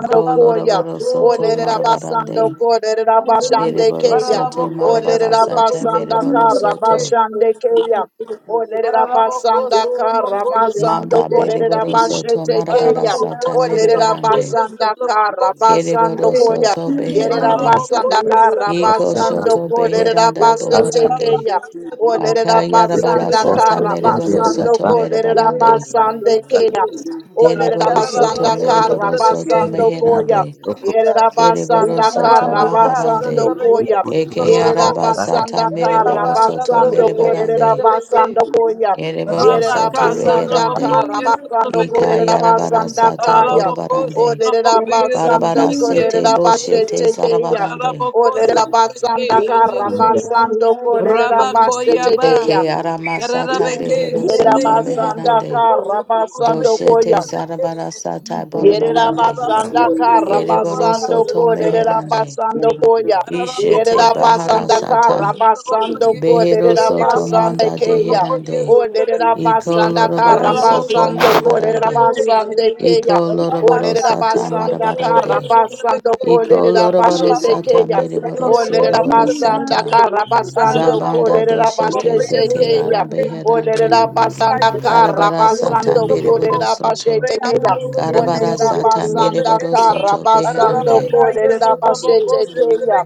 S6: para la
S1: koya.
S5: loroboro
S6: bocoya se
S5: soto
S1: Orere
S6: trabocoya se
S1: rabasando
S5: marabarande.
S1: ko.
S6: trabeque,
S1: Lere rabashande
S5: Eriboro
S6: para
S1: keya.
S6: la
S5: soto
S6: bocoya
S5: marabara
S6: se
S1: Olerera
S5: sata
S6: trabocoya
S1: basanda
S6: se
S5: meriboro
S1: kara
S5: soto.
S6: trabeque,
S1: keya. Olerera
S6: Ararabocô,
S1: basanda
S6: sou
S1: kara
S6: trabocô, sou
S1: basando
S5: Manda
S6: trabequei.
S1: kolerera
S5: beriboro soto
S1: basete
S5: marabara
S1: keya.
S5: sata
S6: Ararabocô, sou
S1: Olerera
S6: trabocô,
S5: meribarande.
S6: yes, sou
S1: basanda kara
S6: trabocô, sou
S1: basando
S5: Keriboro
S6: trabequei.
S1: koya.
S5: soto
S1: Yerera
S5: beherande.
S1: basanda
S6: Ararabocô, yes, sou
S1: kara
S5: Iko
S6: trabocô, sou
S1: basando
S5: shoto
S6: trabequei.
S1: kolerera
S5: beheranda
S1: basete
S5: bohorande.
S1: keya.
S6: Ararabacá, sou trabocô,
S1: Olerera
S6: yes, sou
S3: Yeah.
S5: Akayarabara
S1: basanda
S6: trabequei.
S5: sata
S1: kara
S6: Believe we
S5: mereboro
S6: receive
S1: basando
S5: soto
S6: your answers
S1: kolerera
S6: now.
S5: merebarande.
S1: basande
S6: To the
S1: keya.
S6: mystery, God.
S1: Olerera
S5: Deriboro soto
S1: basanda
S6: Ararabocô, sou
S4: Hallelujah.
S1: kara
S5: mereboro soto
S6: trabequei.
S1: basando
S6: Believe we
S1: koya.
S5: meherande.
S6: receive,
S8: you.
S1: Yerera
S6: God.
S4: Yes,
S5: Ereboro
S1: basanda
S5: soto
S1: kara
S6: Rabacá, sou
S5: maharande.
S1: koya.
S6: trabequei,
S8: Ora
S6: sou
S1: Yerera
S6: trabocô.
S5: Ekeyaraba sata
S1: basanda kara
S5: mereboro
S6: Reabassa,
S5: soto
S1: basando
S6: trabequei, sou
S1: korera
S5: merebarande.
S6: trabequei.
S1: basando koya.
S5: Ereboro
S1: Yerera
S6: Rabaka
S5: soto
S1: basanda
S5: reherande.
S1: kara
S6: Satrabokoye
S1: basando
S6: Satrabeke,
S1: korera
S5: Ikayarabara
S1: basanda
S5: sata
S1: kaya.
S6: Arabako
S5: borobarande.
S1: Olerera
S6: Satrabokoye
S1: basando
S5: Barabara
S6: Satrabeke,
S5: sete
S1: korera
S5: boshete
S1: basete keya.
S5: zarabarande.
S6: Arabako
S1: Olerera
S6: Satrabeke
S1: basanda
S6: Shete,
S1: kara basando korera basete
S6: Rabakoyaba,
S1: keya.
S5: Ekeyarama sata
S6: Yarabeke,
S5: behero
S1: Yerera
S6: Sete
S5: soto
S1: basanda
S5: meherande.
S6: Yasatraboko
S1: kara basando
S6: Satrabokoye
S1: koya.
S5: Doshete
S6: Satrabeke
S5: zarabara
S6: Shete.
S5: sata
S1: Yerera
S5: borobarande.
S3: Thank
S6: Rabaka,
S3: you.
S1: basanda kara
S5: Ereboro
S1: basando
S5: soto
S1: ko lerera
S5: meherande.
S1: basando koya.
S5: Ishete
S1: Yerera
S5: bahara
S1: basanda
S5: sata.
S1: kara basando ko
S5: Behero
S1: lerera
S5: soto
S1: basande
S5: manda
S1: keya.
S5: deherande.
S1: O lerera
S5: Iko
S1: basanda kara
S5: loroboro
S4: Thank
S5: soto
S1: basando ko lerera
S5: marabarande.
S1: basande keya.
S5: Iko
S1: O
S5: loroboro
S1: lerera
S5: sata
S1: basanda kara
S5: marabarande.
S1: basando ko
S5: Iko
S1: lerera
S5: loroboro
S1: basete
S5: sata
S1: keya. O
S5: mereboro
S1: lerera
S6: yes,
S5: siereboro
S1: basanda
S5: sata.
S1: kara basando
S6: Ararabacá,
S1: ko
S5: Zabanda
S6: yes,
S1: lerera
S6: outra boca,
S5: doshete
S1: basete
S5: zete
S1: keya.
S5: ara
S1: O
S5: beherande.
S1: lerera basanda kara
S5: Karabara sata
S1: basando
S6: outra
S1: ko
S5: mereboro
S6: boca.
S1: lerera
S5: soto.
S1: basete
S6: Moreia
S1: keya.
S5: Karabara
S1: Olerera
S5: sata
S1: basanda
S5: mereboro
S1: kara
S5: soto
S1: basando
S5: beherande.
S1: kolerera basete keya.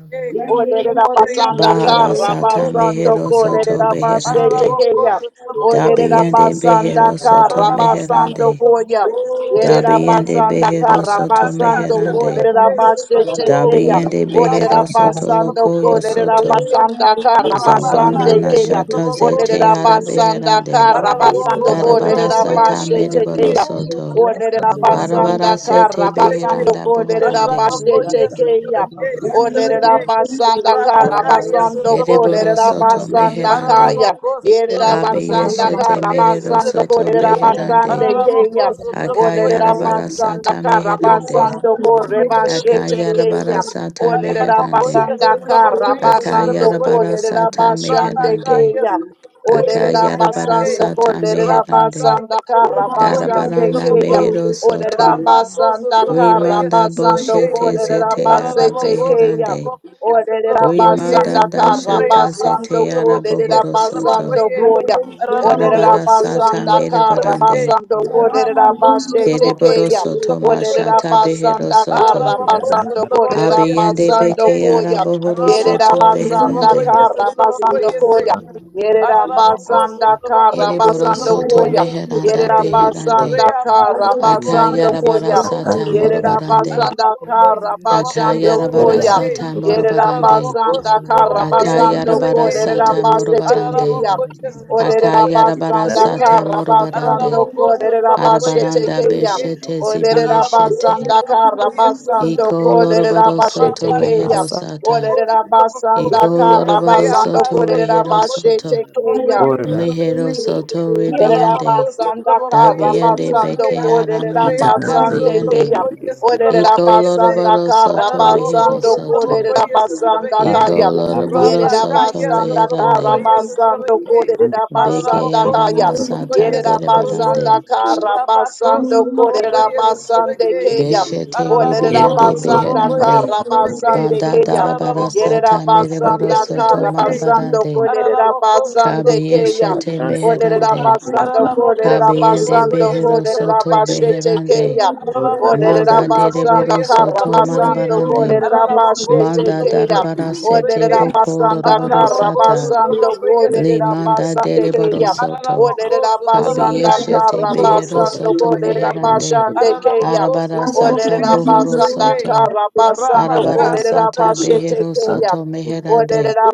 S1: Olerera basanda
S6: passa,
S5: Bahara
S6: outra
S1: kara
S6: boca,
S5: Sata
S6: outra
S1: basando
S5: Mehero
S6: boca.
S3: Thank
S5: Soto
S1: kolerera basete
S5: Beherande.
S1: keya.
S6: Aralabocoso, trabocoso,
S1: Olerera
S5: Dabiende
S6: trabeque.
S1: basanda
S5: Behero Soto
S1: kara
S4: you.
S6: Aralabacaso,
S1: basando
S5: Meherande.
S1: koya.
S4: Thank
S6: trabocoyeso,
S1: Yerera
S6: trabeque.
S5: Dabiende
S1: basanda
S5: Behero
S1: kara
S5: Soto
S1: basando
S6: Orabacaso,
S5: Meherande.
S1: kolerera
S6: trabequeso,
S1: basete
S6: traboco.
S1: keya.
S5: Dabiende
S1: Olerera
S5: Behero
S6: Rabacoso,
S5: Soto
S1: basando
S5: Lokoyo
S6: trabocoso,
S1: kolerera
S5: Soto.
S6: trabeque.
S1: basanda kara
S5: Zabana
S1: basande
S6: Rabacayeso,
S1: keya.
S5: Nashata
S6: trabocoso,
S5: Zete
S1: Olerera
S5: Ara
S1: basanda
S5: Beherande.
S1: kara basando
S5: Arabara
S1: kolerera
S5: Sata
S1: basete
S5: Mereboro
S1: keya.
S5: Soto.
S1: Olerera
S5: Arabara
S1: basanda
S5: Sete
S1: kara basando
S5: Beheranda
S1: kolerera
S5: Boharande.
S6: Arabakoye
S1: basete keya.
S6: Satrabeke,
S1: Olerera
S6: Satrabeke,
S1: basanda kara
S6: Rabakaya
S1: basando
S5: Ereboro
S6: Satrabakose,
S1: kolerera
S5: Soto
S1: basanda
S5: Meherande.
S1: kaya.
S6: Ararabako
S7: Thank
S1: Yerera
S6: Satrabakoye
S1: basanda
S5: Abiyeshete
S1: kara
S6: Satrabeke,
S5: Mehero
S1: basando
S6: Satrabeke,
S5: Soto
S1: kolerera
S3: you.
S5: Beherande.
S1: basande
S6: Ararabako
S1: keya.
S6: Satrabakoye
S1: Olerera
S6: Satrabeke,
S1: basanda
S5: Akayarabarasata
S1: kara
S6: Ararabako
S5: meherande.
S1: basando kore
S6: Satrabakoye
S1: basete
S6: Satrabeke,
S1: keya.
S5: Akayarabarasata
S1: Olerera
S5: meherande.
S6: Rabakoye
S1: basanda kara
S6: Satrabakoye
S1: basando
S6: Satrabakoye
S4: you.
S1: kolerera
S5: Akayarabarasata
S1: basande
S5: meherande.
S6: Rabakaye
S1: keya.
S6: Satrabakoye
S1: Olerera
S6: Satrabake
S1: basanda
S5: Akayarabarasata
S1: kolerera
S5: meherande.
S6: Rabakaye
S1: basanda kara
S6: Satrabakoye
S1: basande
S5: Karabaranda
S6: Satrabako
S1: keya.
S5: mehero
S1: Olerera
S5: soto.
S6: Rabako
S1: basanda
S3: Thank
S1: kara
S6: Satrabakoye
S5: Rimanda
S1: basando
S6: Satrabake
S5: boshete
S1: kolerera
S5: zete ara
S1: basete
S6: Ararabako
S1: keya.
S5: beherande.
S6: Satrabakoye
S1: Olerera
S6: Satrabakoye
S1: basanda
S5: Rimanda
S1: kara
S5: dashata
S6: Rayaba
S1: basando
S5: zete ara
S6: Satrabakoye
S1: kolerera
S5: bohoro soto.
S1: basando
S6: Satrabakoye
S1: koya.
S6: Ararabako
S1: Olerera
S5: Karabarasata
S6: Satrabako
S1: basanda kara
S6: Satrabake
S5: merebarande.
S1: basando kolerera
S6: Rabako
S1: basete
S6: Satrabakoye
S5: Kereboro
S1: keya.
S5: soto
S1: Olerera
S6: Satrabakoye
S5: mashata behero
S1: basanda
S5: soto.
S1: kara
S6: Ararabako
S1: basando
S6: sotrabako
S1: kolerera
S5: Abiyande
S1: basando
S6: yesotrabeke.
S5: beke
S1: koya.
S5: araboro
S1: Yerera
S6: Ararabako
S5: soto
S1: basanda
S6: sotrabako
S5: beherande.
S1: kara
S6: yesotrabako
S1: basando
S6: yese.
S1: koya. Yerera
S6: Ararabako
S3: you.
S1: basanda
S6: sotrabako
S1: kara
S5: Ereboro
S3: It
S1: basando
S6: yesotrabako
S5: soto
S1: koya.
S3: is
S5: meheranda
S6: yesotrabeke.
S1: Yerera
S5: beherande.
S1: basanda
S6: Reyaba
S1: kara
S6: sotrabako
S1: basando
S5: Akayarabara
S1: koya.
S6: yesotrabako
S5: sata
S6: yese.
S1: Yerera
S5: morobarande.
S1: basanda
S6: Ararabako
S1: kara
S6: sotrabako
S1: basando
S5: Akayarabara
S1: koya.
S6: yesotrabeke.
S5: sata
S1: Yerera
S5: morobarande.
S6: Ararabako
S1: basanda kara
S6: sotrabako
S1: basando
S5: Akayarabara
S1: koya.
S6: yesotrabeke.
S1: Yerera
S5: sata
S1: basete
S5: morobarande.
S1: keya.
S7: you.
S6: Ararabokoye
S1: Olerera
S6: sotlabokoye
S5: Akayarabara
S1: basanda
S6: sotlabeke.
S5: sata
S1: kara
S5: morobarande.
S1: basando
S6: Araraboko
S1: koya. Yerera
S6: sotlabokoye
S1: basete
S5: Arabaranda
S1: keya.
S6: sotlabeke.
S5: beshete
S1: Olerera
S6: Araraboko
S5: zibiyeshete.
S1: basanda kara
S6: sotlabokoye
S1: basando
S6: sotlabeke.
S5: Iko
S1: koya. Yerera
S5: loroboro
S1: basete
S6: Rabaka
S5: soto
S1: keya.
S5: rehero
S6: sotlaboko
S5: sata.
S1: Olerera
S6: sotlaboko.
S1: basanda
S5: Iko
S1: kara
S5: loroboro
S1: basando
S6: Reaba
S5: soto
S1: kolerera
S5: rehero
S1: bashe
S6: sotlabokoye
S5: soto.
S1: tekeya.
S6: sotlabokoye sotlabeke.
S5: Mejero soto ribiande,
S6: Ararabacos, the
S1: Yerabasanda
S6: Trabocoyes,
S5: dabiande
S1: Karabasando
S6: Trabeque,
S5: beke aramanda
S6: Reabasa,
S1: Kolerabasande
S5: kabiande,
S1: Kaya.
S6: Trabocoyes, the
S3: a
S5: iko
S6: Trabocoyes,
S1: Olerabasanda
S5: loroboro soto
S3: Thank
S5: rehero
S6: Ararabacos, the
S1: Karabasando
S5: soto,
S6: Trabocoyes,
S1: Kolerabasanda
S5: iko
S6: Trabeque,
S1: Kaya.
S5: loroboro
S1: Yerera
S5: soto
S6: Rabacayas, the
S1: basanda
S5: reherande,
S6: Trabocoyes,
S1: Karabasando
S6: Trabeque,
S5: beke
S1: Kolerabasanda
S6: Ararabacos, the
S1: Kaya.
S5: aramasata
S6: Trabocoyes, the Trabocoyes,
S1: Yerabasanda
S5: berebarande,
S6: Rabacos, the
S1: Karabasando
S6: Trabocoyes,
S1: Kolerabasande
S6: Trabeque,
S1: Kaya.
S5: beshete
S8: Ye
S6: Ararabacos,
S5: ribiande
S6: the
S8: kotora
S1: Olerabasanda
S6: Trabocoyes,
S5: beherande,
S8: basande
S6: Trabeque,
S1: Karabasande
S5: banda
S1: Kaya.
S5: darabara
S8: raba
S6: Ararabacos, the
S5: sata mereboro
S6: Trabocoyes,
S1: Yerabasanda
S5: soto
S6: Trabeque,
S1: Karabasando
S5: marabarande,
S6: Ararabacos, the
S1: Kolerabasande Kaya.
S6: Trabocoyes,
S8: basakita
S5: kabiyeshete
S6: Trabeque,
S1: Olerera
S5: meherande,
S8: basukotera
S1: basando kolerera
S6: Aralabocoso,
S5: kabiyende
S1: basando
S6: trabocoye, se
S5: behero
S1: kolerera
S5: soto
S6: trabocoye, se.
S1: bashete
S5: beherande,
S1: keya.
S8: raba
S1: Olerera
S6: Aralabocoso,
S5: Manda
S8: basande bakora
S1: basando
S5: dereboro
S6: trabocoye, se
S1: kara
S5: soto
S8: bakora
S6: trabocoye.
S1: basando
S8: bakora bakora raba
S5: marabarande.
S1: kolerera bashete
S6: Aralabocoso,
S5: Manda
S1: keya.
S6: trabocoye,
S5: darabara
S6: se
S5: sete
S1: Olerera
S6: trabeque.
S5: boko
S1: basando
S5: loroboro
S1: kara
S5: sata.
S6: Aralabocoso,
S8: bakora
S1: basando
S6: trabocoye, se
S5: Le
S1: kolerera
S6: trabeque.
S5: manda
S1: basande
S5: dereboro
S1: keya.
S5: soto.
S1: Olerera
S6: Aralabocoso,
S1: basando
S6: trabacaye, se
S5: Kabiyeshete
S1: kara
S5: behero
S6: trabocoso,
S1: basando
S5: soto
S1: kolerera
S6: trabeque.
S5: meherande.
S1: bashande keya.
S6: Aralabocoso,
S5: Arabara sata
S1: Olerera
S6: trabocoye, se
S5: bohoro
S1: basando
S6: trabeque.
S5: soto.
S1: kara basando
S5: Arabara
S6: Rabacasa,
S1: kolerera
S5: sata
S6: trabeque,
S1: bashete
S5: behero
S6: shete.
S1: keya.
S5: soto meherande.
S1: Olerera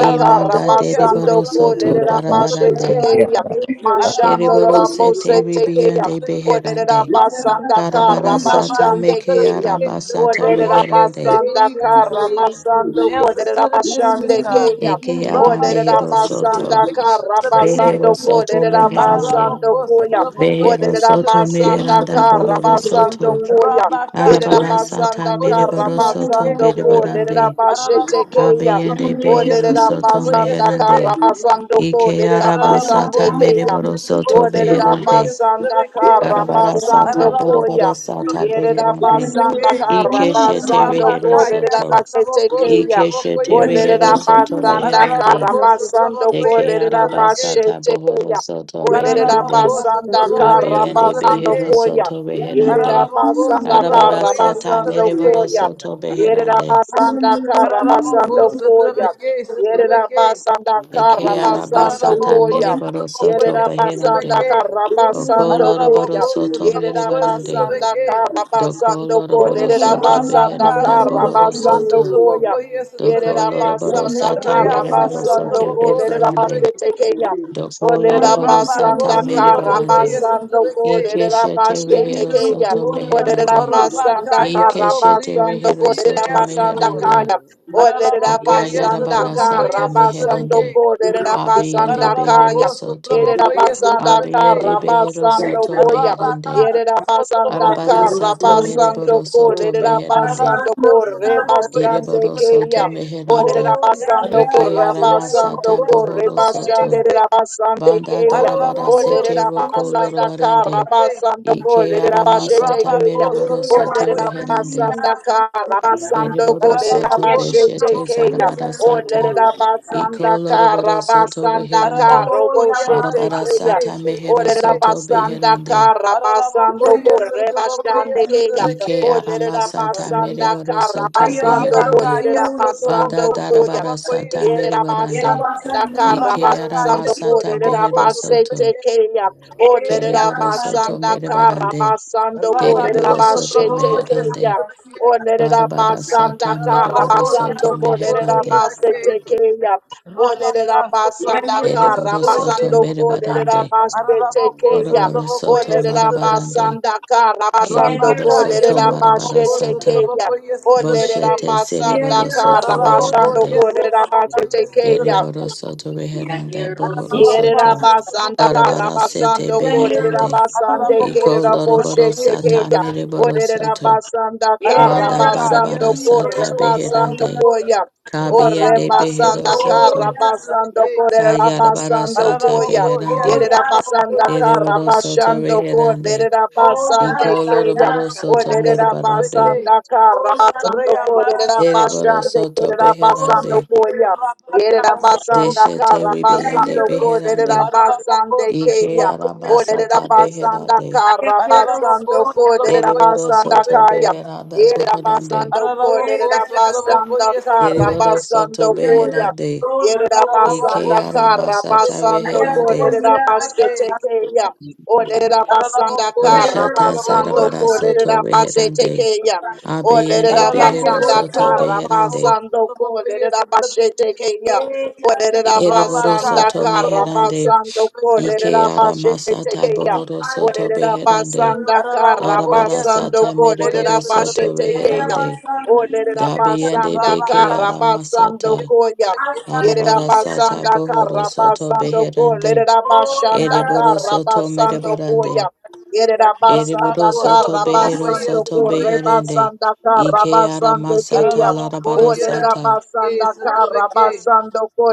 S3: you.
S1: kara
S5: manda
S3: Thank
S6: se
S1: basando
S5: dereboro soto
S6: trabocoye,
S1: kolerera
S6: se
S1: bashe
S5: barabarande.
S6: trabeque.
S8: basukotera
S1: tekeya.
S8: bakora
S1: Mashando
S6: Ararabocô,
S5: Kereboro sete
S1: rabose
S6: Sotomocô,
S1: tekeya.
S5: ribiyande
S6: Sotobequê,
S1: Olerera
S5: beherande.
S6: Sotomacá,
S1: basanda
S5: Karabara
S1: kara
S5: sata
S6: Reabassa,
S1: basande
S5: meke
S1: keya.
S6: Sotobequê,
S5: arabasata
S6: Sotomocô,
S1: Olerera
S6: yes,
S5: reherande.
S6: they
S1: basanda
S6: believe we
S1: kara
S6: receive the
S1: basando
S6: answers
S1: kolerera
S6: to the mysteries,
S1: basande
S6: God.
S1: keya.
S5: Eke ara
S1: Olerera
S6: Rabacô,
S5: mehero
S6: Sotomocô,
S1: basanda
S5: soto.
S6: yes,
S1: kara
S6: Sotobequê,
S5: Behero
S1: basando
S5: soto
S1: kolerera
S5: meherande.
S1: basando
S6: Ararabocô,
S1: koya.
S6: Sotomocô,
S5: Behero
S6: yes,
S1: Olerera
S5: soto
S6: Sotobequê,
S1: basanda
S5: meheranda
S1: kara
S5: bohoro
S1: basando
S5: soto.
S1: koya.
S6: Rabacá,
S8: bakora
S6: yes,
S5: Arabara sata
S1: Yerabasanda
S6: Sotomocô, yes,
S5: mereboro soto
S6: Sotobequê,
S1: Karabasando Ko
S5: berebarande.
S1: Lerabashete
S6: Ararabocô,
S1: Kaya.
S5: Abeyende
S6: Sotomocô,
S1: O
S6: yes,
S5: behero soto
S6: Sotomocô, yes,
S1: Lerabasanda
S6: they.
S5: meherande.
S1: Karabasando Ko
S5: Ike araba
S6: Ararabocô,
S1: Lerabasande
S5: sata
S6: yes,
S1: Kaya.
S5: mereboro
S6: Sotomocô,
S5: soto
S1: O
S6: Sotomocô,
S5: beherande.
S6: yes,
S1: Lerabasanda
S6: Sotobequê,
S5: Arabara
S1: Karabasando
S5: sata
S6: Araraboko
S5: boroboro
S1: Koya.
S5: sata
S6: sotraboko
S3: you.
S6: yese
S5: beherande.
S1: Yerabasanda
S6: trebeke.
S3: Thank
S5: Ike shete
S1: Karabasando
S5: rehero
S1: Ko
S6: Rabaka yese
S5: soto.
S1: Lerabashete
S6: traboko
S1: Kaya.
S5: Ike
S6: sotraboko
S1: O
S5: shete
S6: yese.
S5: rehero soto
S1: Lerabasanda
S5: meherande.
S6: Araraboko
S1: Karabasando
S5: De
S6: sotraboko
S1: Ko
S5: que
S6: yese trebeke.
S5: arabasata
S1: Lerabashete
S5: bohoro
S1: Kaya.
S5: soto
S1: O
S5: meherande.
S6: Araraboko
S1: Lerabasanda
S6: sotraboko yese
S5: Abiende
S1: Karabasando
S5: behero
S6: trebeke.
S1: Koya.
S5: soto beherande.
S1: Yerera
S6: Araraboko
S1: basanda
S6: sotraboko
S1: kara
S6: yese
S5: Arabarasata
S1: basando
S5: mereboro
S6: trebeke.
S1: koya.
S5: soto
S1: Yerera
S5: beherande.
S1: basanda kara
S6: Araraboko
S1: basando koya.
S6: sotrabeke yese
S1: Yerera
S6: trebeke.
S1: basanda
S5: Eke
S1: kara basando
S5: arabasata
S6: Araraboko
S1: koya.
S5: mereboro
S6: sotraboko
S5: soto
S1: Yerera
S6: yese
S5: beherande.
S1: basanda
S6: trebeke.
S1: kara
S5: Oko
S1: basando
S5: loroboro
S1: koya.
S6: Araraboko
S5: soto
S1: Yerera
S6: sotraboko yese
S5: merebarande.
S1: basanda
S6: trebeke.
S1: kara basando
S5: Doko
S1: koya.
S5: loroboro
S1: Yerera
S5: soto
S1: basanda
S6: Rabaka
S5: beheranda
S1: kara
S5: bohoro
S6: Sotraboko
S5: soto.
S1: basando koya.
S6: Sotraboko yes
S5: Doko
S1: Yerera
S6: Sotrabeke
S5: loroboro
S1: basanda
S5: sata
S1: kara
S6: Reaba
S5: mereboro soto
S1: basando koya.
S6: Sotraboko
S1: Yerera
S5: beherande.
S6: Sotrabeke
S1: basete
S5: Doko
S1: Olera
S5: loroboro sata
S6: Rabako
S1: basanda kara
S6: Sotraboko
S5: merebarande.
S6: yes
S1: basando
S6: Sotrabeke
S1: kolera
S5: Ikeshete
S3: you.
S1: bashe
S5: rehero
S1: tekeya.
S5: soto
S1: Olera
S5: meherande.
S4: Hallelujah.
S3: Thank
S1: basanda
S6: Rabaka yes
S1: kara
S6: so
S5: Ikeshete
S6: believe we
S1: basando
S5: rehero
S6: receive the
S4: Oh yeah yeah yeah yeah yeah yeah yeah yeah.
S1: kolera
S5: soto
S6: answers
S1: basanda
S6: Lord
S5: meherande.
S1: kaya. Olera
S6: Ararabako yes
S1: basanda
S5: Akayarabara
S6: Sotraboko
S5: sata
S1: kara
S6: yes
S1: basando
S5: meherande.
S6: Sotrabeke
S1: kolera
S5: Abiyende
S1: basanda
S5: behero
S1: kaya.
S6: Ararabako
S5: soto.
S1: Olera
S6: Sotraboko yes
S1: basanda
S6: Sotrabeke
S5: Abiyende
S1: kara
S5: behero
S1: basando
S5: soto
S1: koya.
S6: Rabaka
S5: meherande.
S1: Yerera
S6: yes Sotraboko
S1: basanda
S5: Arabara
S6: yes
S1: kara
S5: sata
S6: Sotrabeke
S1: basando
S5: mereboro soto
S1: kolera
S5: meherande.
S1: basando
S6: Ararabako
S1: kore
S6: Sotraboko yes
S1: basande
S5: Ereboro
S1: keya.
S5: soto
S6: Sotrabeke
S1: Olerera
S5: meherande.
S4: Oh yeah
S1: basando
S6: Rabaka,
S4: yeah yeah
S1: corra
S5: Ekeyara
S6: yes,
S1: basando
S5: masata
S1: corre
S5: bohoro
S4: yeah.
S5: soto.
S1: bashanderera basande
S5: Banda
S1: keya.
S5: darabara sete
S1: Olerera
S5: roko
S1: basanda karra
S5: lorobarande.
S1: basando
S5: Ike
S1: kolerera bashete
S5: aramasata
S1: keya.
S5: meriboro
S4: Oh, yeah,
S5: soto
S1: Olerera
S4: what's funny?
S5: reherande.
S1: basanda
S4: I'm so
S1: karra
S4: sorry, I'm not.
S1: basando
S5: Eriboro
S1: kolerera
S4: Oh,
S5: soto
S4: yes, I
S1: bashete
S5: beshete
S4: do.
S1: keya.
S4: Yes,
S5: zarabara sata.
S1: Olerera
S4: I
S5: Iko
S1: basanda
S5: loroboro
S1: karra
S5: soto
S1: basanda
S5: reherande.
S1: karro boshete
S5: Arabara
S1: keya.
S5: sata
S4: do.
S5: mehero
S1: Olerera
S5: soto
S1: basanda
S5: beherande.
S1: karra basando corre bashande keya.
S5: Ike
S1: Olerera
S5: aramasata
S1: basanda
S5: meriboro soto
S1: karabasando
S5: beherande.
S1: kolerera
S5: Banda
S1: basando koya.
S5: darabara sata
S1: Yerera
S5: meriborande.
S1: basanda
S5: Ike
S6: Rabaka,
S1: karabasando
S6: yes,
S5: aramasata
S1: kolerera
S5: behero
S6: Rabaka,
S5: soto.
S1: basete
S6: yes,
S1: keya. Olerera
S5: Keriboro soto
S1: basanda
S3: you.
S5: meriborande.
S1: karabasando
S3: Thank
S1: kolerera
S5: Deriboro
S6: Rabaco,
S5: soto
S1: basete
S6: Sotrobopoia,
S5: meherande.
S1: keya.
S6: Sotrobeque,
S1: Olerera
S5: Barabara sata
S1: basanda
S5: mereboro
S6: Rabaco,
S5: soto
S1: karabasando
S6: Sotrobopo,
S1: kolerera
S5: meherande.
S6: Sotrobeque,
S1: basete keya. Olerera
S6: Rabaca,
S4: Yeah,
S1: basanda
S4: you
S6: Sotrobopoia,
S4: don't
S5: Dereboro
S4: fall
S5: soto
S4: in
S6: Sotrobeque,
S1: karabasando
S4: the
S1: kolerera
S5: merebarande.
S4: fire.
S1: basete
S6: Arabaco,
S1: keya.
S5: Doroboro soto
S6: Sotrobopoia,
S1: Olerera
S6: Sotrobeque,
S5: marabarande.
S1: basanda kara
S4: Oh yes,
S1: basando
S4: yes,
S5: Kereboro
S6: Rabaca,
S5: soto
S6: yes,
S1: kolerera
S4: oh
S5: marabara
S1: bashe
S6: Sotrobopo,
S4: yes,
S5: sata.
S1: tekeya.
S6: Sotrobopoia,
S4: yes,
S1: Olerera
S6: Sotrobeque,
S5: Boshete
S4: yes. Oh yes,
S1: basanda
S4: yes,
S5: sereboro
S1: kara
S5: soto
S6: Arabaco,
S1: basando
S5: reherande.
S6: yes,
S1: kolerera bashe
S6: Sotrobopoia,
S1: tekeya.
S5: Dereboro
S6: Sotrobeque,
S5: soto reherande. Bohoro
S1: Yerera
S6: Arabaca,
S5: soto.
S1: basanda
S6: Sotrobopoia,
S1: kara
S5: Barabara sete
S6: Sotrobeque,
S1: basando korera
S5: beherande.
S1: basande
S6: Arabaco,
S5: Iko
S1: kerera
S5: loroboro
S1: boshe
S6: Sotrobopoia,
S5: sata
S1: tekeya.
S6: Sotrobeque,
S5: mereboro
S1: Orera
S5: soto.
S1: basanda kara
S5: Manda
S6: Ararabaka,
S1: basando
S5: barabara
S6: yes,
S1: korre
S5: sata
S6: Traboko,
S1: basando
S5: beherande.
S6: Traboko,
S1: koya.
S6: Rabaka,
S1: Orre
S5: Kabiende behero
S1: basanda
S6: Traboko,
S5: soto.
S1: kara
S6: yes,
S1: basando
S6: Trabeke,
S3: you.
S1: korera
S5: Kayarabara
S3: Thank
S1: basando
S5: sata
S1: koya.
S6: Ararabako, yes,
S5: beherande,
S1: Yerera
S6: Traboko,
S1: basanda
S6: yes,
S1: kara
S5: deriboro
S6: Traboko,
S5: soto
S1: basando
S5: beherande,
S1: korera basande
S6: Ararabako,
S1: keya.
S5: ikoloroboro
S6: Traboko,
S5: soto
S6: yes,
S1: Orera
S4: yes.
S5: meribarande,
S6: Trabeke,
S1: basanda kara
S4: Oh
S1: basando
S4: yes,
S6: Reabasa,
S4: yes,
S1: korera
S4: yes.
S5: deriboro
S6: Traboko,
S1: basande
S5: soto
S1: kerera
S6: Trabeke,
S4: Oh,
S1: basando
S4: yeah,
S5: beherande,
S4: you're
S1: koya.
S4: a sweet
S6: Rabaka,
S4: love.
S6: Traboko,
S1: Yerabasanda
S5: deshete
S6: yes,
S4: Yeah,
S6: Trabeke,
S5: ribiande
S1: Karabasando
S4: you're a sweet
S5: beherande,
S4: love.
S6: Ararabako,
S1: Koderabasande
S4: Yeah,
S1: Kaya.
S6: Sotraboko,
S4: yeah,
S6: yes,
S4: yeah.
S5: ikearabasata
S6: Trebeke.
S1: Oderabasanda
S5: beherande,
S4: I am your
S1: Karabasando
S6: Ararabako,
S4: soul. Yeah,
S6: Sotraboko,
S5: deriboro
S6: yes,
S1: Koderabasanda
S5: soto
S1: Kaya.
S6: Trebeke.
S5: beheranda boherande,
S1: Yerabasando
S4: yeah,
S6: Ararabako
S4: just a
S6: sotrabako
S1: Koderabasanda
S4: little
S6: yesotrabeke.
S5: deriboro soto
S1: Karabasando
S4: Yeah, you
S1: Koya.
S5: beherande,
S4: soul, no, no, no,
S6: Ararabako
S1: Yerabasanda
S4: no.
S6: sotrabako
S5: ikearamasata
S4: I
S1: Karabasando
S4: am
S6: sotrabako
S5: beherande,
S4: one here, just
S1: Koderabasete
S6: yesotrabeke.
S4: a
S1: Kaya. Oderabasanda
S6: Ararabako
S4: Yeah, you
S5: bashata
S6: yesotrabako
S1: Karabasando
S4: soul, no,
S5: zarabara
S6: yese.
S4: no,
S5: soto
S1: Koderabasete
S5: beherande,
S1: Kaya.
S4: no.
S5: abiyende
S1: Olerera
S4: Yeah, you
S5: behero
S6: Ararabako
S1: basanda
S5: soto
S4: soul,
S1: kara
S4: no, no.
S6: yesotrabako
S5: beherande,
S1: basando
S6: sotrabako
S1: kolerera bashete
S6: yesotrabeke.
S1: keya.
S4: Yeah, yeah, just
S1: Olerera
S4: a
S5: Ereboro
S1: basanda
S6: Rabaka
S5: soto
S1: kara
S6: sotrabako
S5: meherande,
S1: basando
S6: yesotrabeke.
S5: ike
S1: kolerera
S5: ara
S1: bashete
S5: masata
S1: keya.
S5: bohoro
S4: I
S5: soto
S4: just
S1: Olerera
S4: need
S5: beherande,
S4: you.
S1: basanda kara
S6: Ararabako
S5: arabara
S1: basando
S5: sata
S6: yesotrabako
S5: mereboro
S1: kolerera
S5: soto
S1: bashete
S6: yesotrabeke.
S1: keya.
S5: beherande,
S4: to
S1: Olerera
S4: me, yes,
S5: dabiende
S1: basanda
S5: beke
S4: yes.
S6: Rabaka
S1: kara
S5: ara
S6: sotrabako
S1: basando
S5: masata,
S1: koya.
S4: I
S6: yesotrabeke.
S4: stand in
S1: Yerera
S5: arabara
S4: yes,
S5: sata
S1: basanda
S4: and
S5: bohoro
S1: kara
S4: yes.
S5: soto
S1: basando
S5: beherande,
S1: kolerera
S4: Oh, that
S1: bashanda
S4: I
S5: ereboro
S1: kara
S5: soto
S1: basando
S4: yes.
S1: koya.
S4: Oh,
S5: mereborande,
S4: that
S5: ereboro
S6: Rabako
S1: Yerabasandaka
S5: soto
S4: I
S6: sotrabako
S5: behero
S4: stand
S1: Rabasando
S5: soto
S4: in yes, yes,
S6: yesotrabeke.
S5: beherande,
S1: Rebasandaka
S4: yes.
S5: ike ara
S1: Rabasando
S5: masata
S1: Kaya.
S6: Araraba
S1: O
S4: Oh,
S5: larabara
S4: yeah,
S6: koye
S4: that's
S5: sata,
S4: a-
S6: satrabeke
S4: that's
S1: Lerabasandaka
S4: a- that's
S6: satrabeke.
S4: a-
S1: Rabasando Ko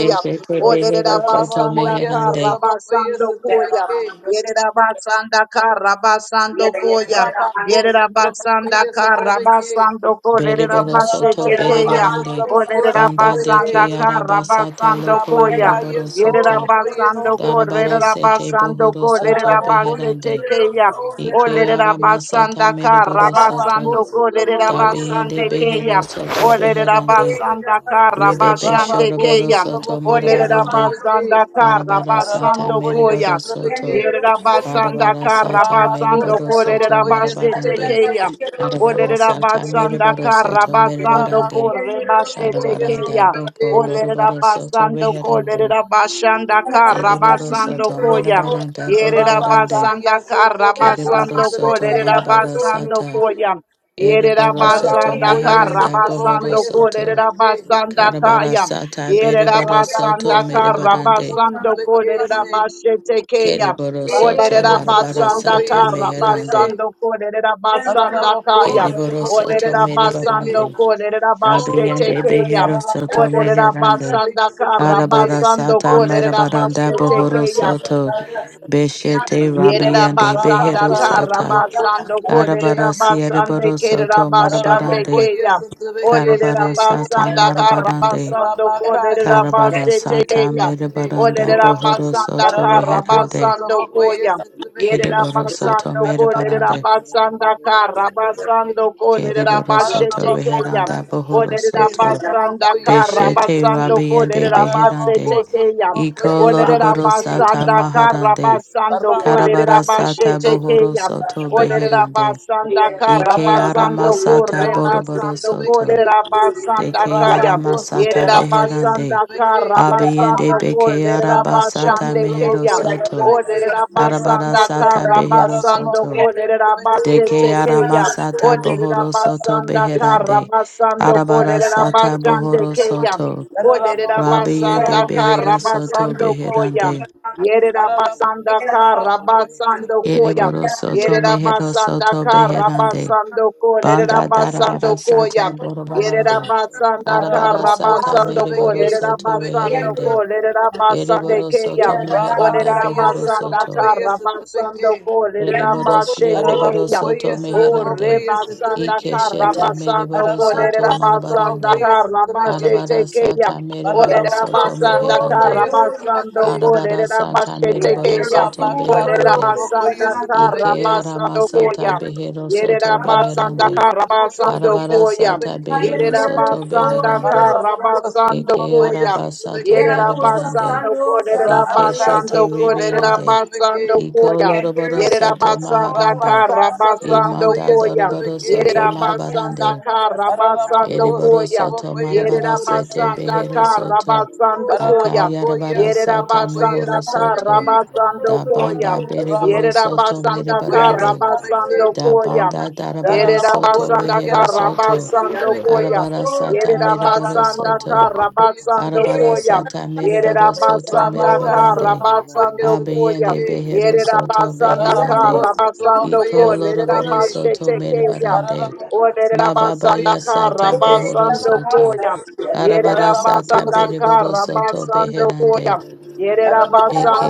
S4: oh, yeah,
S1: O
S5: behero soto
S6: Araraba
S4: that's
S6: koye
S4: a-
S1: Lerabasandaka
S5: meherande,
S6: satraba koye
S1: Rabasando
S4: Yeah,
S1: Koya.
S4: I'm
S6: satrabeke.
S4: not
S1: Yerabasandaka Rabasando
S4: Yeah, yeah,
S1: Koya.
S6: Raba ko Ararabocoia,
S1: Yerabasandaka
S6: Satrabeque,
S1: Rabasando Ko
S5: Beriboro soto
S4: Thank
S1: Lerabashetekeya.
S5: beriborande
S1: O
S5: banda de ke
S6: Satrabeque,
S1: Lerabasandaka
S5: arabasata
S1: Rabasando
S5: loco
S1: Koya.
S6: Ararabocoia,
S5: yoroboro
S6: Satrabocoia, Satrabeque, Rabaco,
S5: soto
S6: Satrabocoia,
S1: Yerabasando Kor,
S5: darabara
S6: Satrabeque,
S5: sete
S1: Lerabasando
S5: bohoro
S1: Kor,
S5: soto
S6: Ararabocoia,
S1: Lerabasete
S5: beherande
S1: Kaya,
S6: Satraboco,
S1: O
S5: ike
S6: Satrabeque,
S5: aramasata
S1: Lerabasanda Kar,
S5: meriboro soto
S1: Rabasando Kor,
S6: Rabacaia, Satrabocoia, Satrabeque, Ararabocoia,
S5: dabiende
S1: Lerabasande
S6: Satraboco,
S5: behero
S1: Kaya,
S6: Satrabeque,
S1: O
S5: soto beherande
S1: Lerabasanda Kar,
S5: ribebe
S1: Rabashande
S6: Rabaco, Satrabocoia, Satrabeque, Rabaco,
S5: shoroboro
S1: Kaya,
S5: soto
S1: O
S6: Satrabocoia,
S5: marabarande
S6: Satrabeque,
S1: Lerabasanda Kar,
S5: arabara
S4: you.
S5: sata
S1: Rabasando
S6: Ararabocoia,
S5: meriboro
S1: Koya,
S5: soto
S6: Satrabeque,
S1: Yerabasanda
S5: Barabara
S1: Kar,
S5: sata
S6: Rabako
S1: Rabasando
S5: meriboro
S1: Kor,
S5: soto
S6: Satrabokoye
S1: Lerabasete
S5: marabarande
S6: Satrabeke,
S1: Kaya, O
S5: arabara sata
S1: Lerabasanda
S5: meriboro
S1: Kar,
S5: soto
S1: Rabasando
S5: meribarande
S6: Rabako
S1: Kor, Rebashete
S6: Satrabokoye
S1: Kaya,
S5: Darabaranda Boko
S6: Satrabeke,
S1: Olerera
S5: Loroboro Soto
S1: basando
S5: Reherande
S1: kolerera
S3: you.
S1: bashanda kara
S5: Deriboro
S1: basando
S5: Soto
S1: koya.
S5: Marabaranda
S1: Yerera
S5: Borobarande
S1: basanda
S6: Rabakaya
S1: kara
S6: Satraboko
S5: Keriboro
S1: basando
S5: Soto
S6: Satrabeke,
S1: kolerera
S5: Marabara
S1: basando
S5: Sata
S1: koya. Yerera
S5: Eriboro Soto
S1: basanda
S6: Rabakoye
S1: kara
S5: Meheranda Bohoro
S1: basando
S6: Satrabokoye
S5: Soto
S1: kolerera
S6: Satrabeke,
S1: basanda
S5: Karabara
S1: kaya.
S5: Sata
S1: Yerera
S5: Beriboro
S6: Rabako
S5: Soto
S1: basanda
S6: yes
S1: kara
S5: Meribarande
S6: to
S1: basando
S6: the king. Rabako Satraboko Satrabeke,
S1: kolerera
S6: say,
S1: bashete keya.
S5: Keriboro Soto
S1: Olerera
S6: Rabako
S5: Marabara
S1: basanda
S5: Sata
S6: Satrabokoye
S1: kara
S5: Meherande
S6: Satrabeke,
S1: basando kolerera basanda
S6: Rabako
S1: kaya.
S5: Keriboro
S4: Yeah.
S6: Satrabokoye
S5: Soto
S1: Olerera basando
S5: Meribarande
S6: Satrabeke,
S1: kolerera
S4: Oh,
S1: bashete
S5: Rabiande
S4: yes, I see.
S1: keya.
S5: Behero
S4: Yes,
S5: Soto
S4: I see.
S6: Rabako
S1: Olerera
S4: Yes,
S5: Meherande
S6: Satrabokoye
S4: I
S1: basanda
S4: see.
S1: kara
S6: Satrabeke,
S5: Arabara
S1: basando
S5: sata
S4: Oh, yes,
S1: kolerera
S4: I
S5: merabaranda
S4: see.
S1: basete
S4: Oh,
S5: bohoro
S4: yes, I
S1: keya.
S4: see. Yes,
S5: soto
S4: I see. Yes,
S5: beshete
S4: I see.
S1: Yerera
S5: rabiande
S1: basanda
S5: behero
S6: Rabaka
S1: kara
S5: sata
S4: Yes, I see. Yes, I see. Yes, I see. Oh, yes, I see. Yes, I
S6: Satraboko
S1: basando
S4: see.
S6: Satrabeke,
S5: arabara
S1: kolerera basande
S5: siereboro
S1: kerera
S5: soto
S4: Yes,
S1: basande
S5: marabarande
S6: Ararabakoye
S1: keya. Olerera
S5: karabara
S6: sotrabekese.
S5: sata
S1: basanda kara
S5: marabarande
S1: basando
S6: Rabaka
S1: kolerera
S3: Shit.
S5: karabara
S6: sotrabakoye
S1: basete
S5: sata
S1: keya.
S6: sotrabeke.
S3: Shit.
S5: merabaranda
S1: Olerera
S5: bohoro
S1: basanda
S5: soto
S1: kara
S6: Ararabako
S5: reherande
S1: basando
S6: sotrabakoye
S1: koya.
S6: sotrabeke.
S1: Yerera
S5: ereboro soto
S1: basando kolerera
S6: Ararabako
S5: merabarande
S1: basanda
S6: sotrabakoye
S1: kara basando
S6: sotrabeke.
S1: kolerera
S5: kereboro soto
S1: basete
S6: Ararabakoye
S1: keya.
S5: reheranda bohoro
S6: sotrabeke
S1: Olerera
S5: soto
S1: basanda
S6: sotrabakoye se.
S1: kara
S5: beshete
S1: basando
S5: rabiande
S1: kolerera
S6: Ararabako
S1: basete
S5: beherande
S1: keya.
S5: Iko
S4: I see. Yes,
S6: sotrabakoye
S5: loroboro
S4: I
S6: sotrabeke.
S4: see.
S5: sata
S1: Olerabasanda
S5: maharande
S1: karabasando
S4: Thank
S6: Rabaka
S5: Karabara
S6: yes
S5: sata
S1: kolerabashete
S5: bohoro
S1: keya.
S6: sotrabakoye
S5: soto
S6: sotrabeke.
S5: beherande.
S1: Olerabasanda
S5: Ike
S6: Ararabako
S5: arama
S1: karabasando
S5: sata
S6: sotrabakoye
S5: boroboro
S1: korebasando
S5: soto.
S6: sotrabeke.
S1: kolerabasanda
S5: Deke
S1: kaya.
S5: arama
S6: Rabako
S5: sata
S6: Sotraboko
S1: Yerabasanda
S5: beherande.
S6: Yesatabeke.
S5: Abiyende
S1: karabasando
S5: beke araba
S6: Rabako
S5: sata
S1: kolerabashande
S5: mehero
S1: keya.
S6: Sotraboko
S5: soto.
S6: Sotabeke.
S5: Arabara
S1: Olerabasanda
S5: sata behero
S1: karabasando
S6: Paralabako
S5: soto.
S6: Sotabeke
S1: kolerabashete
S5: Deke arama
S6: Sotabeke.
S1: keya.
S5: sata
S4: you
S5: bohoro soto
S1: Olerabasanda
S6: Paralabako
S5: beherande.
S6: Yesatabeke
S1: karabasando
S5: Arabara
S6: Sotabeke.
S5: sata
S1: kolerabashande
S5: bohoro
S1: keya.
S5: soto.
S1: Oderera
S6: Paralabako
S5: Rabiyende
S1: basanda
S6: Sotraboko
S5: behero soto
S6: Yesatabeke.
S1: karabasando koya.
S5: beherande.
S1: Yerera
S6: Paralabako
S1: basanda
S6: Sotraboko
S1: karabasando
S6: Yesatabeke.
S1: koya.
S5: Ereboro soto
S1: Yerera
S5: mehero
S1: basanda
S5: soto beherande.
S1: karabasando ko. Lerera
S5: Banda darabara
S1: basando
S5: sata
S1: koya. Yerera
S5: borobarande.
S1: basanda
S5: Arabara
S6: Paralaboko
S5: sata
S1: karabasando ko.
S5: meriboro
S6: Sotabeke
S1: Lerera
S5: soto
S6: Sotabeke.
S1: basando
S5: reherande.
S1: ko. Lerera basande
S5: Eriboro
S1: keya.
S5: soto meheranda
S6: Rabaka
S1: Oderera
S5: bohoro
S1: basanda
S6: Yesataboko
S5: soto.
S1: karabasando
S6: Yesatabeke.
S1: ko. Lerera
S5: Eriboro
S1: basete
S5: siereboro
S1: keya.
S6: Paralaboko
S5: soto
S1: O
S6: Yesataboko
S5: meherande.
S1: rebasanda
S5: Ike
S6: Yesatabeke.
S5: shete
S1: karabasando
S5: meriboro soto
S1: kolera
S6: Ararabako
S1: basanda
S5: marabarande.
S6: sutrabokoye
S1: karabashe
S6: sutrabeke.
S5: Arabara
S1: tekeya.
S5: sata meriboro
S1: Olera
S6: Ararabako
S5: soto
S1: basanda
S5: meherande.
S6: sutrabokoye
S1: karabasando
S6: sutrabeke.
S4: yes,
S5: Arabara
S1: kolera
S5: sata
S1: bashe
S4: Yes,
S5: meriboro
S1: tekeya.
S5: soto
S6: Rabaka
S1: Olera
S5: beherande.
S6: sutrabokoye
S1: basanda
S5: Ike
S6: sutrabeke.
S3: Shit.
S5: ara
S1: karabasando
S5: masata
S1: koya.
S5: behero
S3: It
S1: Yerera
S5: soto
S1: basanda
S5: beherande.
S6: Ararabako
S1: karabasando
S6: sutrabokoye
S5: Arabara
S1: koya.
S5: sata
S6: sutrabeke.
S5: behero
S1: Yerera
S5: soto
S1: basanda
S5: beherande.
S6: Ararabako
S1: karabasando
S5: Eke
S6: sutrabokoye
S1: koya.
S5: araba sata
S6: sutrabeke.
S1: Yerera
S5: merebarande.
S1: basando kolera
S5: Ike
S6: Rabaka
S5: shete
S1: basando
S6: sutraboko
S1: kolera
S5: ribiande.
S1: basando
S6: sutrabeke.
S5: Iko
S1: koya.
S5: loroboro soto
S1: Yerabasanda
S5: maharande.
S6: Rabaka
S1: Karabasando
S5: Imanda
S6: sutrabokoye
S1: Koya.
S5: doroboro
S6: sutrabeke.
S5: soto
S1: Yerabasanda
S5: marabarande.
S1: Karabasando
S6: Ararabako
S5: Ereboro
S1: Koya.
S5: soto
S6: sutrabokoye
S5: marabara sete
S6: sutrabeke.
S1: Yerabasanda
S5: behero soto.
S1: Karabasando Koya.
S6: Ararabako
S5: Akayarabara sata
S6: sutrabokoye
S5: mohoro
S1: Yerabasanda
S5: soto.
S6: sutrabeke.
S3: is
S1: Karabasando
S5: Da banda
S1: Koya.
S5: bereboro
S6: Rabakos,
S5: soto
S1: Yerabasanda
S5: merebarande.
S1: Karabasando
S5: Da
S1: Koya.
S5: banda
S6: Para
S5: darabara
S6: la
S5: soto
S1: Yerabasanda
S5: rehero soto.
S1: Karabasando Koya.
S5: Arabara sata mere
S1: Yerabasanda
S5: soto.
S1: Karabasando
S5: Arabara
S1: Koya.
S5: sata
S3: a
S5: mere soto
S1: Yerabasanda
S6: vaca, se
S5: merebarande.
S6: otro
S1: Karabasando
S6: poco
S1: Koya.
S5: Abeyende behero
S1: Yerera
S5: soto
S1: basanda kara
S5: beherande.
S1: Rabasando
S5: Iko loroboro soto merebarande. Mababa ya sata bohoro soto. Arabara sata bereboro soto beherande. Eke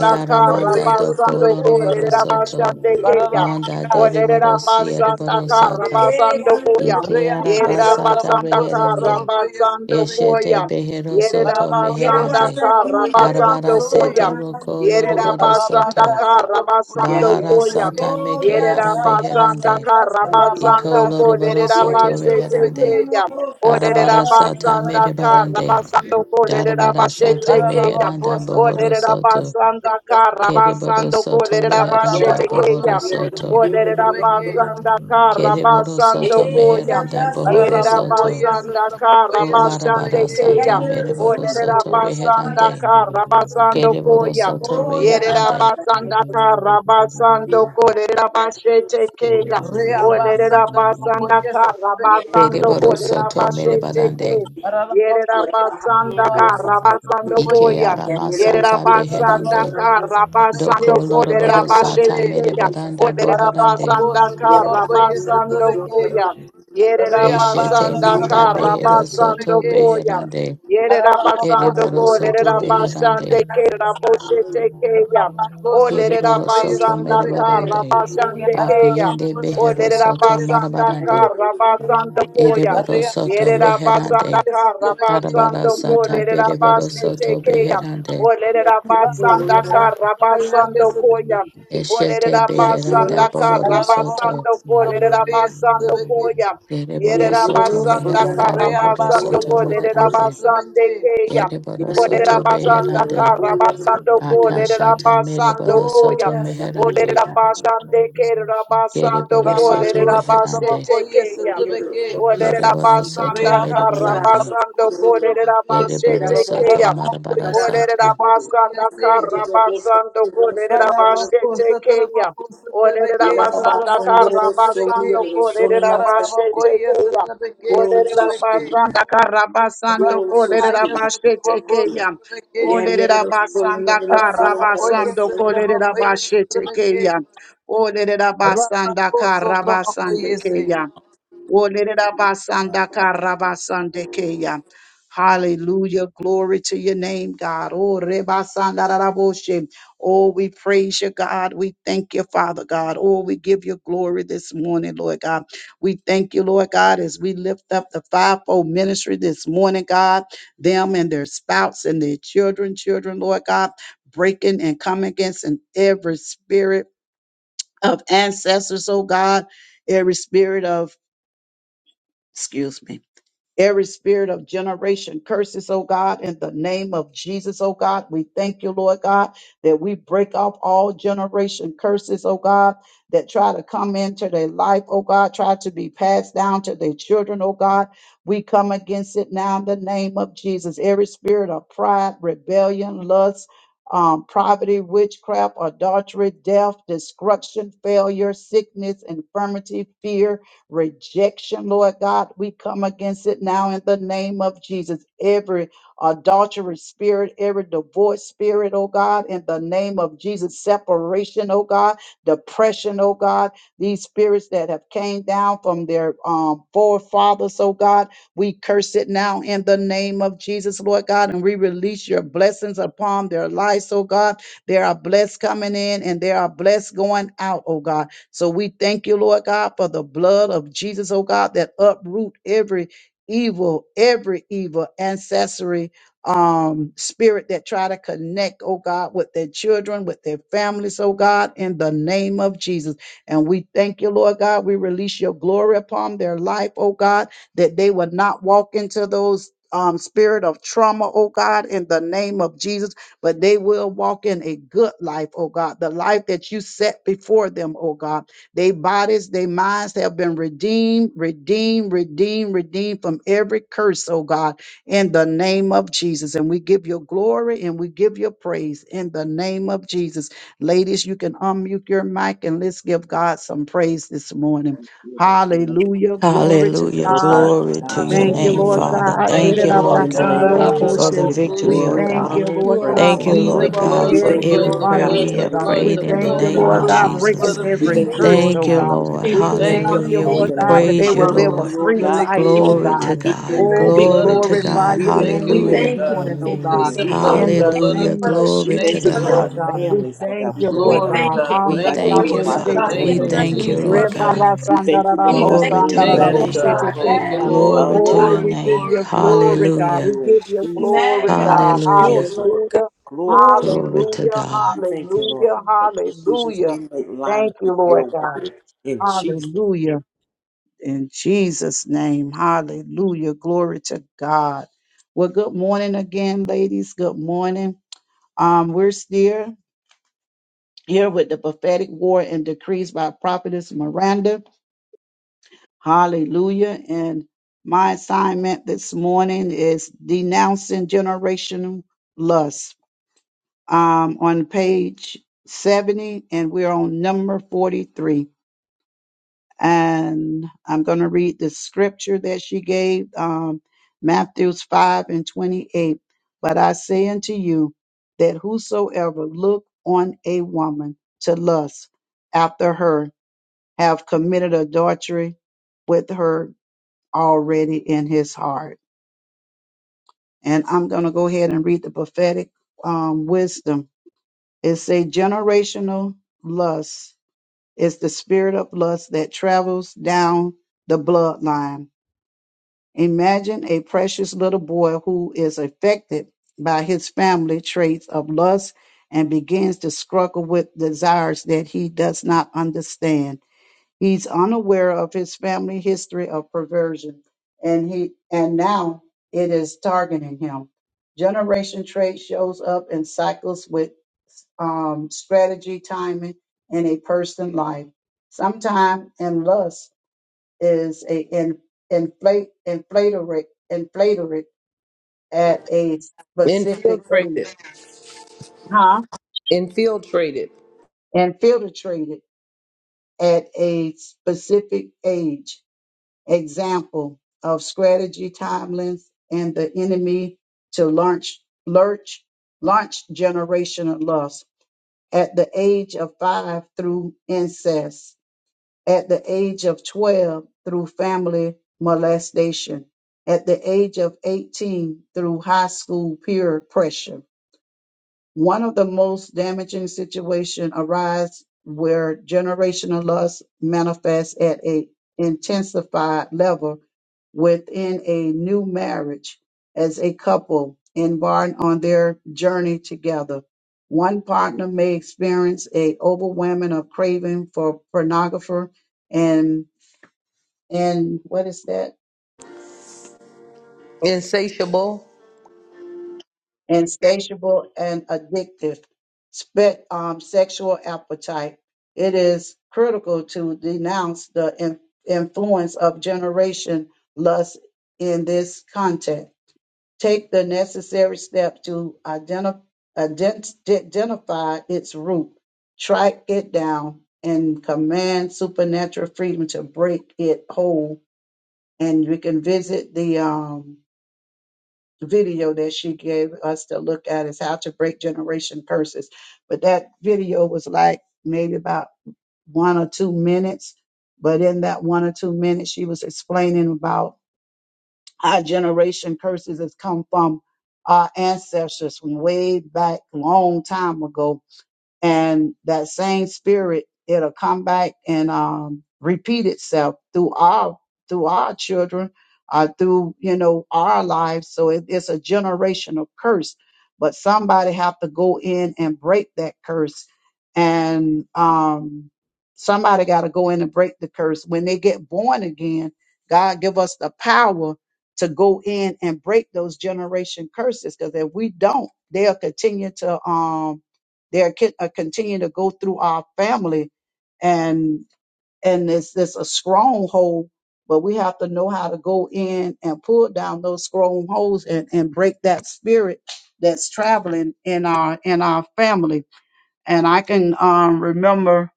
S6: y
S5: aramanda
S6: es
S5: doko loroboro soto.
S4: Thank you.
S5: Manda dereboro
S6: otro
S5: siereboro
S6: de aquí.
S5: sata.
S4: Oh,
S5: Ike
S6: Reabasa
S5: arabasata
S6: trabajo, se
S5: reherande.
S6: trabajó y se
S5: Eshete
S6: trabeque.
S5: behero
S6: Para
S5: soto
S6: trabajo, se
S5: meherande.
S6: trabajó y se
S5: Arabara
S6: trabeque.
S5: sete
S1: koya.
S5: roko
S1: Yerera
S5: loroboro
S1: basanda
S5: soto.
S6: Rabaca, se
S1: kara
S6: trabajó y se
S1: basando
S5: Bahara
S1: Koyam.
S6: trabeque.
S5: sata meke
S1: Yerera
S5: ara
S3: Shit.
S1: basanda Yerabasanda
S5: beherande.
S3: Get
S5: Iko
S1: Karabasando
S6: Rabaca, se
S1: Ko,
S5: loroboro
S6: trabajó y
S5: soto
S6: se
S1: Lerabase
S5: beherande.
S6: trabeque.
S1: Tekeyam. O
S5: Arabara sata
S1: Lerabasanda
S5: merebarande.
S1: Karabasando Ko,
S5: Darabara
S1: Lerabase
S5: sata
S6: Para
S1: Tekeyam.
S6: trabajo,
S5: meheranda
S6: se
S1: O
S5: bohoro
S6: trabeque,
S5: soto.
S6: se trabeque.
S1: kara
S5: Kereboro
S1: basando Ko,
S5: soto
S6: Para
S1: Lerabase
S5: reheranda
S6: trabajo, se
S5: bohoro
S1: Tekeyam.
S6: trabajó y
S5: soto.
S6: se trabeque.
S1: basanda kara
S5: Kereboro
S1: basando
S5: soto
S1: Koyam.
S5: meheranda
S6: Para
S5: bohoro
S6: trabajo y
S5: soto.
S6: se
S1: Yerabasanda
S6: trabajó y
S5: Ko
S6: se
S5: larabara
S1: Karabasande
S6: trabeque.
S5: sata
S1: Keyam.
S5: mereboro
S1: Oderera
S5: soto reherande.
S1: basanda kara basando
S5: Kereboro
S1: koyam.
S5: soto
S4: Yeah,
S1: Yerera
S5: beherande.
S4: that's
S1: basanda kara basando kolerera bashete keya.
S6: Reabasa
S1: Olerera
S6: trabajo
S1: basanda
S6: y se
S1: kara basando
S5: Kereboro
S6: trabeque.
S1: kolerera
S5: soto
S1: bashete
S5: merebarande.
S1: keya.
S3: it
S1: Yerera
S6: Aralabakoye
S3: Shut
S1: basanda
S6: satrabaka
S1: kara basando
S6: satrabakoye.
S5: Ike
S1: koya.
S5: ara
S1: Yerera
S5: masata
S1: basanda
S5: beherande.
S6: Aralabakoye
S1: kara
S6: satrabake
S5: Doko
S1: basando kolerera
S5: loroboro
S6: satrabakose.
S5: sata
S1: bashete keya.
S5: merebaranda
S1: Olerera
S5: boharande.
S6: Aralabako
S1: basanda kara
S6: satrabakoye
S1: basando
S6: satrabake.
S1: koya. Yerera
S5: Eshete
S6: Rayabasa
S1: basanda
S5: manda
S1: kara
S6: satrabakoye
S5: behero soto
S1: basando
S6: satrabake.
S1: koya.
S5: beherande.
S6: Aralabako
S1: Yerabasando
S5: Kereboro
S1: ko
S5: soto
S6: satrabakoye
S1: lerabasande
S5: beherande.
S6: satrabake.
S1: kerabose tekeya.
S6: Rabako
S1: O
S5: Kereboro
S6: satrabakoye
S5: soto
S1: lerabasanda
S6: satrabake.
S5: merebarande.
S1: karabasande keya.
S5: Abiyende
S6: Aralabako
S1: O
S5: behero soto
S6: satrabakoye
S1: lerabasanda
S6: satrabake.
S5: marabarande.
S1: karabasando koya.
S5: Ereboro soto
S6: Arayabasa
S1: Yerabasanda
S5: meherande.
S6: satrabakoye satrabake.
S5: Arabara
S1: karabasando ko
S4: Yeah,
S5: sata bereboro
S1: lerabase
S5: soto
S4: Yeah,
S1: tekeya.
S5: beherande.
S1: O
S6: Rabakos,
S1: lerabasanda karabasando koya. O
S5: Eshete beheranda
S1: lerabasanda
S5: bohoro
S6: Araraba
S5: soto.
S1: karabasando ko lerabasando koya.
S5: Dereboro soto
S1: Yerabasanda
S5: meheranda bohoro
S1: Karabasando
S5: soto meherande.
S1: Kolerabasande Kayam.
S5: Ereboro soto
S1: Olerabasanda
S5: beherande.
S1: Karabasando
S5: Akashata
S1: Kolerabasando
S5: mereboro soto
S1: Koyam.
S5: meherande.
S1: Olerabasande
S3: Hallelujah,
S1: Kerabasando
S5: Kereboro soto meherande.
S1: Kolerabasete Kayam.
S5: Kereboro soto
S1: Olerabasanda
S5: mereborande.
S1: Karabasando
S5: Ereboro
S1: Kolerabasete
S5: soto
S1: Kayam.
S5: marabara sata.
S1: Olerabasanda Karabasando Kolerabasete Kayam. Olerera basanda kara basando kolerera bashe
S6: koye
S1: tekeya.
S6: sutra beke
S4: Yo,
S6: sutra
S1: Olerera
S4: Jesus.
S6: beke.
S1: basanda kara basando
S4: Yo soy
S1: kolerera
S6: Rabakaya
S4: Shira.
S1: bashe
S6: Satrabako
S1: tekeya.
S6: Satrabeke,
S4: Yari yari
S1: Olerera
S4: lo solo,
S1: basanda
S4: yari lo
S1: kara
S4: solo, yari lo
S6: Ararabakoye
S1: basando
S4: solo, na-
S1: kolerera
S6: Satrabakoye
S1: bashe
S6: Satrabeke,
S1: tekeya. Olerera basanda
S6: Rabako
S1: kara basande
S6: Satrabakoye Sing.
S1: keya. Olerera basanda karra basande Hallelujah. Glory to your name, God. Oh, Reba Sandaraboshe. Oh, we praise you, God. We thank you, Father God. Oh, we give you glory this morning, Lord God. We thank you, Lord God, as we lift up the fivefold ministry this morning, God, them and their spouses and their children, children, Lord God, breaking and coming against in every spirit of ancestors, oh God, every spirit of, excuse me Every spirit of generation curses, oh God, in the name of Jesus, oh God. We thank you, Lord God, that we break off all generation curses, oh God, that try to come into their life, oh God, try to be passed down to their children, oh God. We come against it now in the name of Jesus. Every spirit of pride, rebellion, lust, um, poverty, witchcraft, adultery, death, destruction, failure, sickness, infirmity, fear, rejection, Lord God. We come against it now in the name of Jesus. Every adultery spirit, every divorce spirit, oh God, in the name of Jesus, separation, oh God, depression, oh God, these spirits that have came down from their um, forefathers, oh God, we curse it now in the name of Jesus, Lord God, and we release your blessings upon their lives, oh God. There are blessed coming in and there are blessed going out, oh God. So we thank you, Lord God, for the blood of Jesus, oh God, that uproot every evil, every evil ancestry um spirit that try to connect, oh God, with their children, with their families, oh God, in the name of Jesus. And we thank you, Lord God. We release your glory upon their life, oh God, that they would not walk into those um spirit of trauma, oh God, in the name of Jesus but they will walk in a good life, oh God, the life that you set before them, oh God. Their bodies, their minds have been redeemed, redeemed, redeemed, redeemed from every curse, oh God, in the name of Jesus. And we give you glory and we give you praise in the name of Jesus. Ladies, you can unmute your mic and let's give God some praise this morning. Hallelujah. Glory to
S5: Hallelujah.
S8: Glory
S1: God.
S8: to
S6: Lord
S5: Glory to
S6: God,
S8: God.
S5: your
S1: Thank
S8: Thank
S1: you,
S5: name,
S8: you,
S4: Jesus,
S1: Lord
S8: Lord
S3: God.
S5: Father.
S8: God.
S3: We
S1: God.
S3: give
S6: Thank
S3: you
S5: Thank
S6: you,
S3: the
S5: you,
S3: honor.
S6: Lord
S5: Lord
S8: In
S3: We
S8: the
S4: hallelujah,
S3: give
S5: God.
S3: you
S8: name
S3: the
S6: God.
S8: of
S5: Thank you
S3: glory.
S4: glory
S3: We
S8: Jesus,
S5: for
S8: we
S5: the
S3: give
S4: to
S8: give
S3: you
S8: you
S3: the
S1: We
S4: you,
S6: Hararabokushi.
S5: victory, oh
S4: God.
S3: praise.
S8: glory,
S1: thank
S5: God.
S1: you,
S8: honor, and
S4: You
S1: Lord
S4: are
S3: We
S1: God,
S5: Thank
S8: praises.
S4: worthy,
S1: for
S5: you,
S3: thank
S6: Plead
S3: you
S4: you
S6: the
S5: Lord
S3: that
S4: are
S1: breaking
S3: what
S5: God,
S8: We
S3: we
S6: blood,
S4: worthy,
S6: the
S5: for
S8: thank
S4: you
S3: prayed
S1: every
S8: you,
S5: every
S6: blood,
S3: in
S4: are
S8: Lord
S3: the
S6: the
S5: prayer
S8: God,
S1: bondage,
S4: worthy.
S5: we
S8: for
S6: blood,
S4: We
S6: the
S1: oh
S5: have
S1: God.
S8: everything
S4: thank
S6: blood,
S1: We
S8: that
S5: prayed
S6: the
S8: you're
S4: you,
S5: in the
S1: thank
S4: Lord
S1: you,
S6: blood, the
S8: doing
S3: spirit
S8: in
S5: name
S3: will
S5: of
S1: Lord
S8: our
S4: God.
S6: blood,
S1: God,
S6: the
S8: lives.
S3: manifest
S4: Yes,
S1: breaking
S5: Jesus.
S6: blood
S3: in the
S6: of
S8: We
S4: we
S1: every
S8: thank
S3: natural,
S8: you,
S4: thank
S1: curse,
S6: Jesus.
S4: you.
S8: Lord
S3: Lord
S5: Thank
S1: oh
S5: you,
S3: God.
S8: God,
S3: We
S1: God.
S8: for your
S3: pray
S5: Lord.
S3: for the
S1: We
S8: peace
S4: Increase
S6: Thank
S3: leaders,
S6: you,
S1: thank
S3: the
S4: God. We
S1: you,
S5: Hallelujah.
S6: Lord
S4: thank
S8: in
S5: We
S1: Lord
S4: you
S8: the
S6: God.
S3: fivefold
S8: name
S1: God,
S4: for
S8: of
S1: that
S8: Jesus.
S1: they
S5: praise
S8: We
S5: you,
S3: ministry,
S1: will
S8: thank
S3: God.
S1: live a
S6: Rabako
S8: you,
S5: Lord.
S8: Lord
S1: free
S4: Yes,
S8: God, for
S1: life,
S3: We
S6: Satrabeke
S4: we thank
S1: oh
S3: thank you
S5: Glory
S3: for
S8: victory,
S5: to
S1: God.
S6: Shiki.
S4: you.
S3: what you're
S4: in
S5: God.
S8: victory,
S3: doing
S4: the
S3: in
S1: Oh,
S4: name.
S3: their
S1: we
S6: Blood
S5: Glory
S3: life,
S8: victory.
S5: to
S6: of
S3: Lord
S1: glorify
S6: Jesus.
S5: God.
S3: God.
S8: We
S1: your
S6: Thank you,
S4: We
S1: name
S8: decree
S6: Lord
S8: it
S1: this
S5: Hallelujah.
S4: thank you for
S8: in
S6: God.
S1: morning,
S8: Jesus'
S1: oh
S3: Hallelujah.
S1: God.
S8: name.
S4: increase
S6: Plead
S8: And
S6: the
S4: of
S8: we
S3: Glory to
S4: God.
S8: thank
S6: blood,
S1: In
S4: We
S8: you,
S6: the
S1: the
S3: God.
S8: Lord.
S4: thank
S6: blood of
S4: you
S5: Hallelujah.
S1: name
S4: for the
S1: of
S6: Jesus.
S8: We
S5: Glory
S6: Thank
S5: to
S4: shifting
S8: thank
S6: you,
S8: you
S1: Jesus,
S4: of
S3: Gina,
S8: for
S6: Lord.
S1: Lord
S8: our
S5: God.
S3: lead
S4: the
S6: God.
S3: and
S1: God,
S3: guide
S1: we
S3: them,
S8: families,
S3: Lord
S8: Lord God.
S1: thank
S8: We
S3: God,
S1: you,
S8: thank
S3: in the
S8: you,
S4: We
S1: Lord
S8: Lord
S6: Glory,
S3: name of
S1: God.
S4: thank you
S6: God.
S8: Lord
S5: We
S4: for
S8: God,
S6: Thank
S4: the
S8: that
S6: you,
S3: Jesus.
S5: thank
S8: you
S5: you,
S6: Lord,
S4: restoration
S1: Handaraboshe
S6: in
S4: of
S8: watch
S6: the
S8: over
S4: God
S5: Father.
S8: them
S5: We
S6: name
S8: and
S4: in
S6: of
S1: teke.
S4: the
S3: Hallelujah.
S5: thank
S8: take
S5: you,
S3: We
S6: Jesus,
S8: care of
S4: name
S5: Lord
S8: them.
S4: of
S3: bless your
S6: God.
S5: God.
S4: Jesus.
S3: name.
S8: We thank you, Lord
S4: We
S8: God,
S4: thank
S8: that
S5: Glory
S8: they
S4: you,
S5: to
S8: are
S5: your
S6: Thank
S8: led
S3: Glory
S6: you,
S3: to
S8: and
S4: Lord
S3: your
S5: name.
S6: God.
S4: God.
S3: name,
S6: Thank
S8: controlled
S3: God.
S6: you,
S4: Have your way,
S6: Lord.
S5: Glory
S8: of the
S5: to
S8: Lord.
S1: Oh,
S4: God,
S5: your
S6: Glory,
S1: we
S4: in the
S1: give
S5: name.
S6: glory,
S1: you
S4: name of
S8: We
S6: glory.
S1: glory,
S4: Jesus.
S8: thank
S1: God.
S5: Hallelujah.
S1: We
S8: you in
S1: give you
S4: We
S8: Jesus
S1: glory,
S8: for our
S4: magnify
S1: God.
S4: you,
S5: Hallelujah.
S8: children.
S4: Lord God.
S1: Hallelujah.
S8: Glory to
S5: Glory
S8: God.
S5: to
S1: Hallelujah.
S5: God.
S9: In
S8: We
S9: the name
S8: thank you,
S9: of
S8: Lord,
S1: Hallelujah.
S9: Jesus.
S8: God, that the decisions
S1: Hallelujah.
S8: they make line up
S1: Thank you,
S8: with your
S1: Lord God.
S8: word in Jesus'
S1: Hallelujah. In Jesus' name. Hallelujah. Glory to God. Well, good morning again, ladies. Good morning. Um, we're still here with the prophetic war and decrees by prophetess Miranda. Hallelujah. And my assignment this morning is denouncing generational lust. Um, on page 70, and we're on number 43. And I'm going to read the scripture that she gave, um, Matthews 5 and 28. But I say unto you that whosoever look on a woman to lust after her have committed adultery with her already in his heart. And I'm going to go ahead and read the prophetic um, wisdom. It's a generational lust. It's the spirit of lust that travels down the bloodline. Imagine a precious little boy who is affected by his family traits of lust and begins to struggle with desires that he does not understand. He's unaware of his family history of perversion, and he and now it is targeting him. Generation trait shows up in cycles with um, strategy, timing, and a person life. Sometime and lust is a in, inflate inflatorate inflatorate at a specific age,
S6: Infiltrated.
S1: huh?
S6: Infiltrated.
S1: And filtrated at a specific age. example of strategy timelines and the enemy to launch lurch launch generational loss at the age of five through incest at the age of 12 through family molestation at the age of 18 through high school peer pressure one of the most damaging situations arise where generational lust manifests at an intensified level within a new marriage as a couple embark on their journey together. One partner may experience a overwhelming of craving for pornography and and what is that?
S6: Insatiable.
S1: insatiable and addictive spe- um, sexual appetite. It is critical to denounce the in- influence of generation lust in this context. Take the necessary steps to identify identify its root, track it down, and command supernatural freedom to break it whole. And we can visit the um, video that she gave us to look at is how to break generation curses. But that video was like maybe about one or two minutes. But in that one or two minutes, she was explaining about our generation curses has come from our ancestors from way back long time ago and that same spirit it'll come back and um, repeat itself through our through our children uh, through you know our lives so it, it's a generational curse but somebody have to go in and break that curse and um, somebody got to go in and break the curse when they get born again god give us the power to go in and break those generation curses because if we don't they'll continue to um they're co- uh, continuing to go through our family and and it's it's a stronghold, but we have to know how to go in and pull down those strongholds and, and break that spirit that's traveling in our in our family. And I can um remember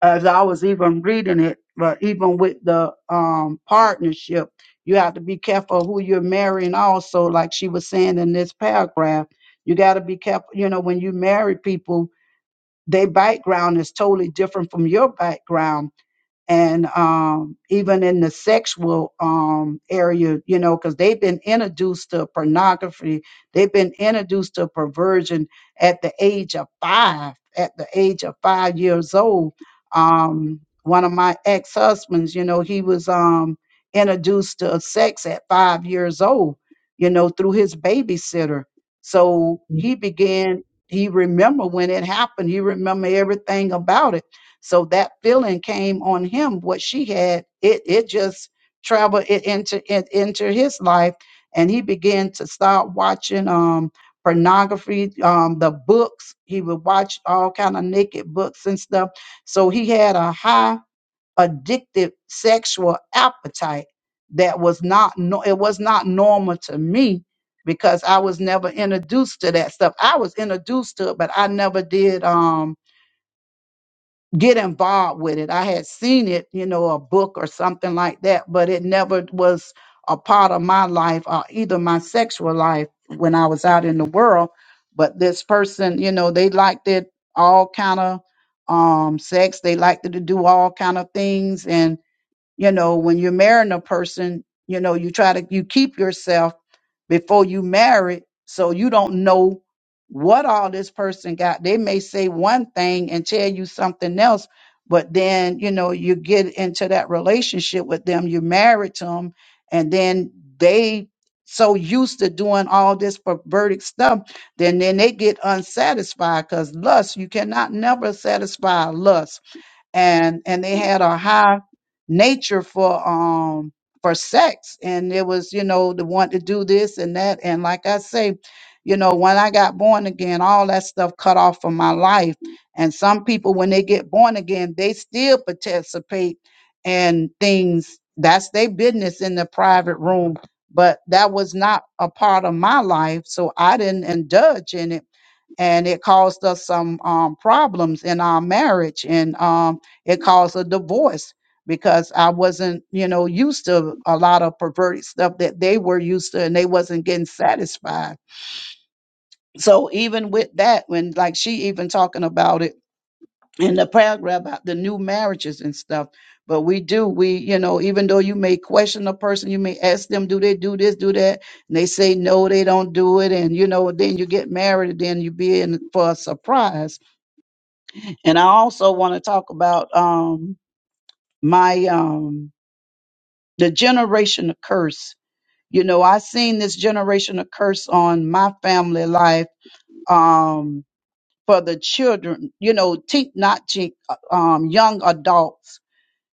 S1: as I was even reading it, but even with the um partnership, you have to be careful who you're marrying also, like she was saying in this paragraph. You gotta be careful, you know, when you marry people their background is totally different from your background and um, even in the sexual um, area, you know, because they've been introduced to pornography, they've been introduced to perversion at the age of five, at the age of five years old. Um, one of my ex husbands, you know, he was um, introduced to sex at five years old, you know, through his babysitter. So he began. He remember when it happened. He remember everything about it so that feeling came on him. What she had, it it just traveled it into it into his life, and he began to start watching um pornography, um the books. He would watch all kind of naked books and stuff. So he had a high addictive sexual appetite that was not no it was not normal to me because I was never introduced to that stuff. I was introduced to it, but I never did um get involved with it. I had seen it, you know, a book or something like that, but it never was a part of my life or either my sexual life when I was out in the world. But this person, you know, they liked it all kind of um sex. They liked it to do all kind of things. And, you know, when you're marrying a person, you know, you try to you keep yourself before you married, so you don't know what all this person got. They may say one thing and tell you something else, but then you know you get into that relationship with them, you married to them, and then they so used to doing all this perverted stuff, then then they get unsatisfied because lust you cannot never satisfy lust and and they had a high nature for um for sex and it was you know the want to do this and that and like i say you know when i got born again all that stuff cut off from my life and some people when they get born again they still participate in things that's their business in the private room but that was not a part of my life so i didn't indulge in it and it caused us some um, problems in our marriage. And um, it caused a divorce because I wasn't, you know, used to a lot of perverted stuff that they were used to and they wasn't getting satisfied. So even with that, when like she even talking about it in the paragraph about the new marriages and stuff, but we do, we, you know, even though you may question a person, you may ask them, do they do this, do that? And they say, no, they don't do it. And, you know, then you get married and then you be in for a surprise. And I also want to talk about um, my, um, the generation of curse. You know, I seen this generation of curse on my family life um, for the children. You know, teen, not teen, uh, um, young adults.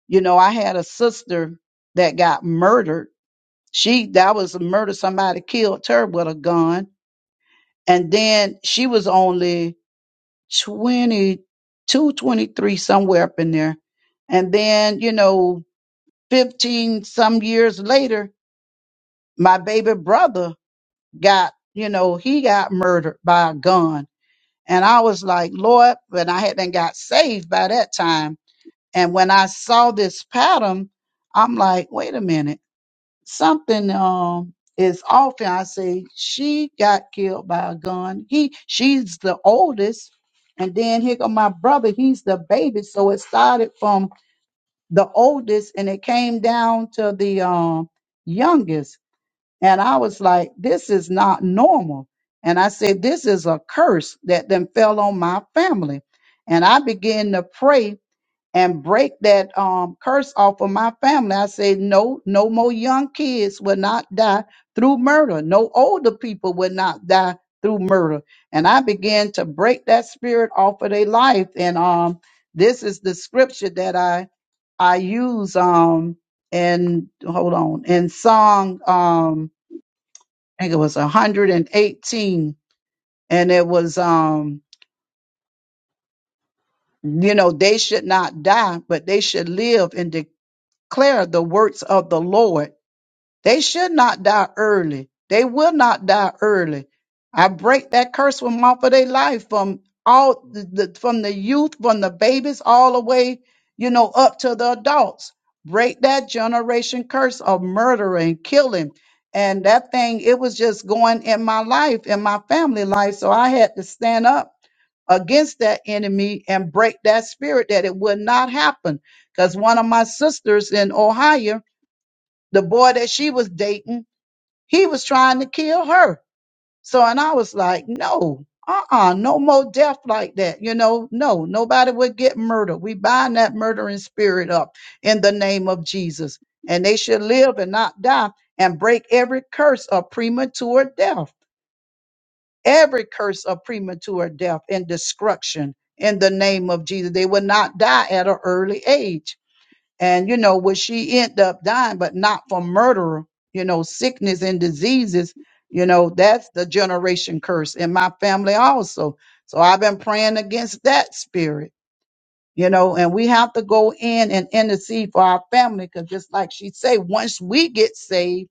S1: You know, I had a sister that got murdered. She that was a murder. Somebody killed her with a gun, and then she was only twenty, two, twenty three, somewhere up in there. And then, you know, 15 some years later, my baby brother got, you know, he got murdered by a gun. And I was like, Lord, when I hadn't got saved by that time. And when I saw this pattern, I'm like, wait a minute, something um is off. And I say, she got killed by a gun. He she's the oldest. And then here go my brother, he's the baby. So it started from the oldest and it came down to the um youngest and I was like, this is not normal. And I said, this is a curse that then fell on my family. And I began to pray and break that um, curse off of my family. I said, no, no more young kids will not die through murder. No older people will not die through murder. And I began to break that spirit off of their life. And um, this is the scripture that I I use um and hold on in song um I think it was 118 and it was um you know they should not die but they should live and declare the works of the lord They should not die early. They will not die early. I break that curse from off of their life from all the, the- from the youth, from the babies, all the way, you know, up to the adults. Break that generation curse of murder and killing. And that thing, it was just going in my life, in my family life. So I had to stand up against that enemy and break that spirit that it would not happen. Because one of my sisters in Ohio, the boy that she was dating, he was trying to kill her. So, and I was like, no, uh-uh, no more death like that. You know, no, nobody would get murdered. We bind that murdering spirit up in the name of Jesus. And they should live and not die and break every curse of premature death, every curse of premature death and destruction in the name of Jesus. They will not die at an early age and you know, what she ended up dying, but not from murder, you know, sickness and diseases, you know, that's the generation curse in my family also. So I've been praying against that spirit, you know, and we have to go in and intercede for our family because just like she say, once we get saved,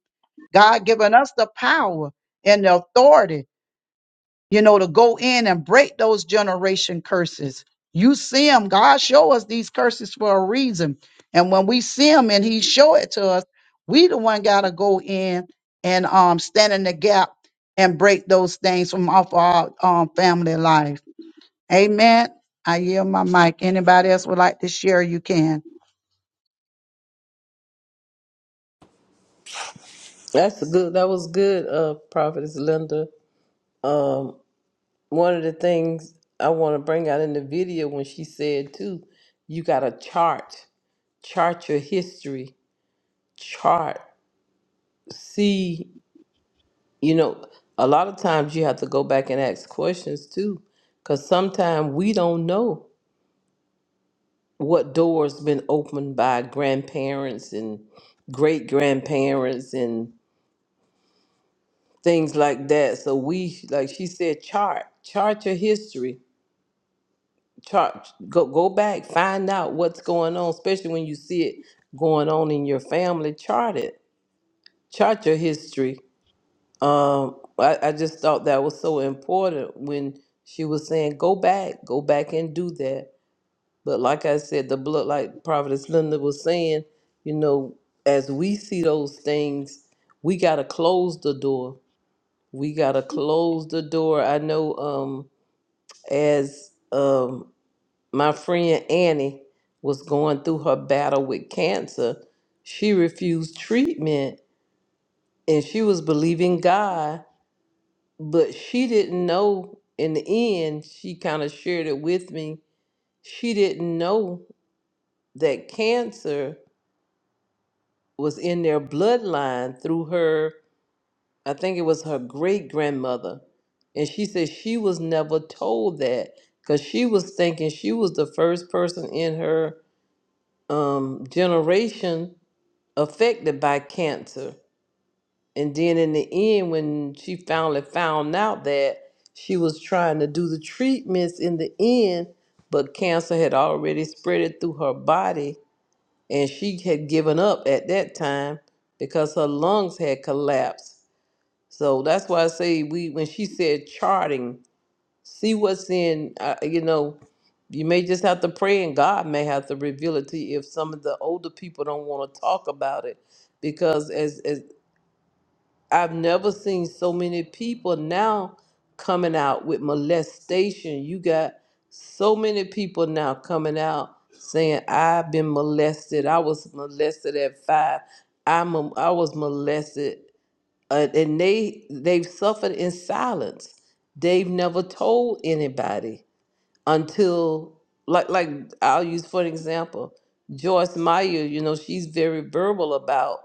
S1: God given us the power and the authority you know, to go in and break those generation curses. You see them. God show us these curses for a reason. And when we see them and he show it to us, we the one gotta go in and um stand in the gap and break those things from off our um family life. Amen. I yield my mic. Anybody else would like to share, you can.
S6: That's a good. That was good, uh, Prophetess Linda. Um, one of the things I want to bring out in the video when she said too, you got to chart, chart your history, chart, see. you know, a lot of times you have to go back and ask questions too, because sometimes we don't know what doors been opened by grandparents and great grandparents and things like that. So we, like she said, chart, chart your history, chart, go go back, find out what's going on, especially when you see it going on in your family. Chart it, chart your history Um, I, I just thought that was so important when she was saying, "Go back, go back and do that." But like I said, the blood, like Providence Linda was saying, you know, as we see those things, we gotta close the door. We gotta close the door. I know, um, as um, my friend Annie was going through her battle with cancer, she refused treatment, and she was believing God but she didn't know in the end she kind of shared it with me she didn't know that cancer was in their bloodline through her i think it was her great grandmother and she said she was never told that because she was thinking she was the first person in her um, generation affected by cancer And then in the end, when she finally found out that she was trying to do the treatments in the end, but cancer had already spread it through her body, and she had given up at that time because her lungs had collapsed. So that's why I say we when she said charting, see what's in. Uh, you know, you may just have to pray, and God may have to reveal it to you if some of the older people don't want to talk about it because as, as I've never seen so many people now coming out with molestation. You got so many people now coming out saying, I've been molested. I was molested at five. I'm a, I was molested. Uh, and they, they've suffered in silence. They've never told anybody until like like I'll use for an example, Joyce Meyer, you know, she's very verbal about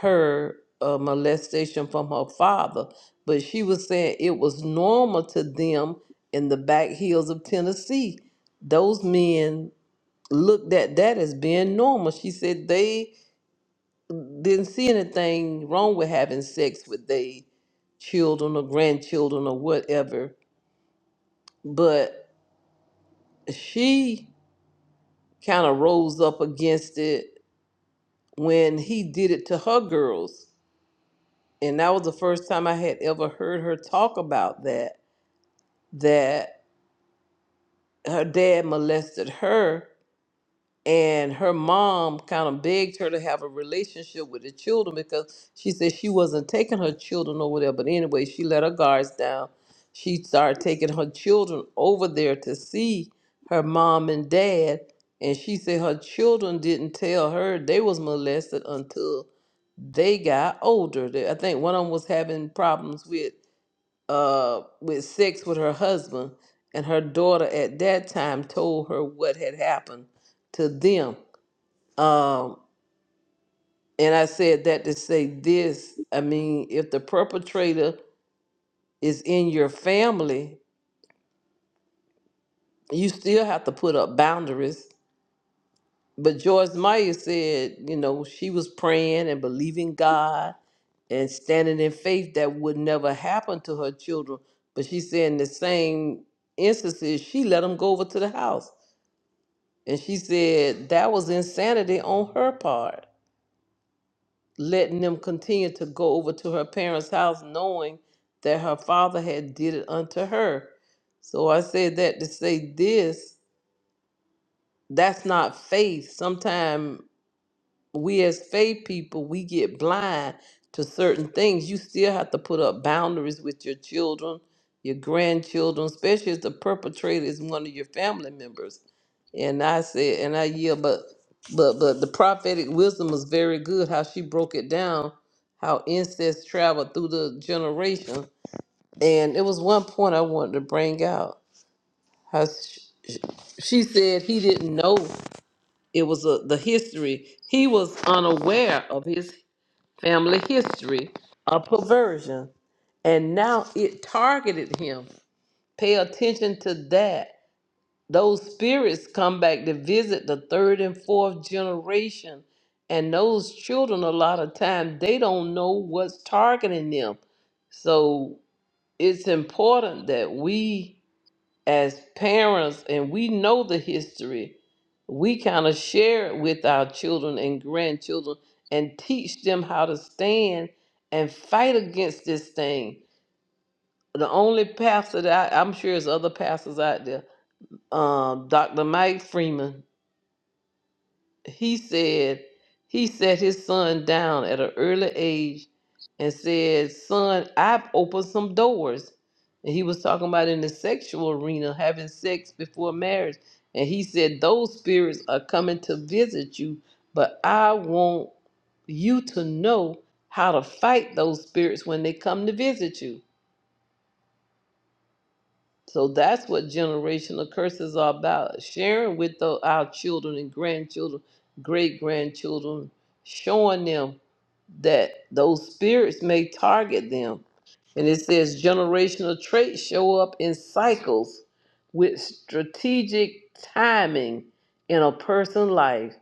S6: her uh, molestation from her father, but she was saying it was normal to them in the back hills of Tennessee. Those men looked at that as being normal. She said they didn't see anything wrong with having sex with their children or grandchildren or whatever, but she kind of rose up against it when he did it to her girls. And that was the first time I had ever heard her talk about that, that her dad molested her and her mom kind of begged her to have a relationship with the children because she said she wasn't taking her children over there. But anyway, she let her guards down. She started taking her children over there to see her mom and dad. And she said her children didn't tell her they was molested until they got older. They- I think one of them was having problems with uh with sex with her husband, and her daughter at that time told her what had happened to them. Um, and I said that to say this. I mean, if the perpetrator is in your family, you still have to put up boundaries But Joyce Meyer said, you know, she was praying and believing God and standing in faith that would never happen to her children. But she said in the same instances, she let them go over to the house. And she said that was insanity on her part, letting them continue to go over to her parents' house knowing that her father had did it unto her. So I said that to say this, that's not faith. Sometimes we as faith people we get blind to certain things you still have to put up boundaries with your children your grandchildren especially if the perpetrator is one of your family members and i said and i yeah but but but the prophetic wisdom was very good how she broke it down how incest traveled through the generation and it was one point i wanted to bring out how sh- she said he didn't know it was a, the history he was unaware of his family history, or perversion. And now it targeted him. Pay attention to that. Those spirits come back to visit the third and fourth generation. And those children, a lot of time, they don't know what's targeting them. So it's important that we as parents and we know the history, we kind of share it with our children and grandchildren and teach them how to stand and fight against this thing. The only pastor that I, I'm sure there's other pastors out there, um, Dr. Mike Freeman he said he set his son down at an early age and said son i've opened some doors and he was talking about in the sexual arena having sex before marriage and he said those spirits are coming to visit you but i want you to know how to fight those spirits when they come to visit you so that's what generational curses are about sharing with the, our children and grandchildren, great grandchildren, showing them that those spirits may target them. And it says generational traits show up in cycles with strategic timing in a person's life.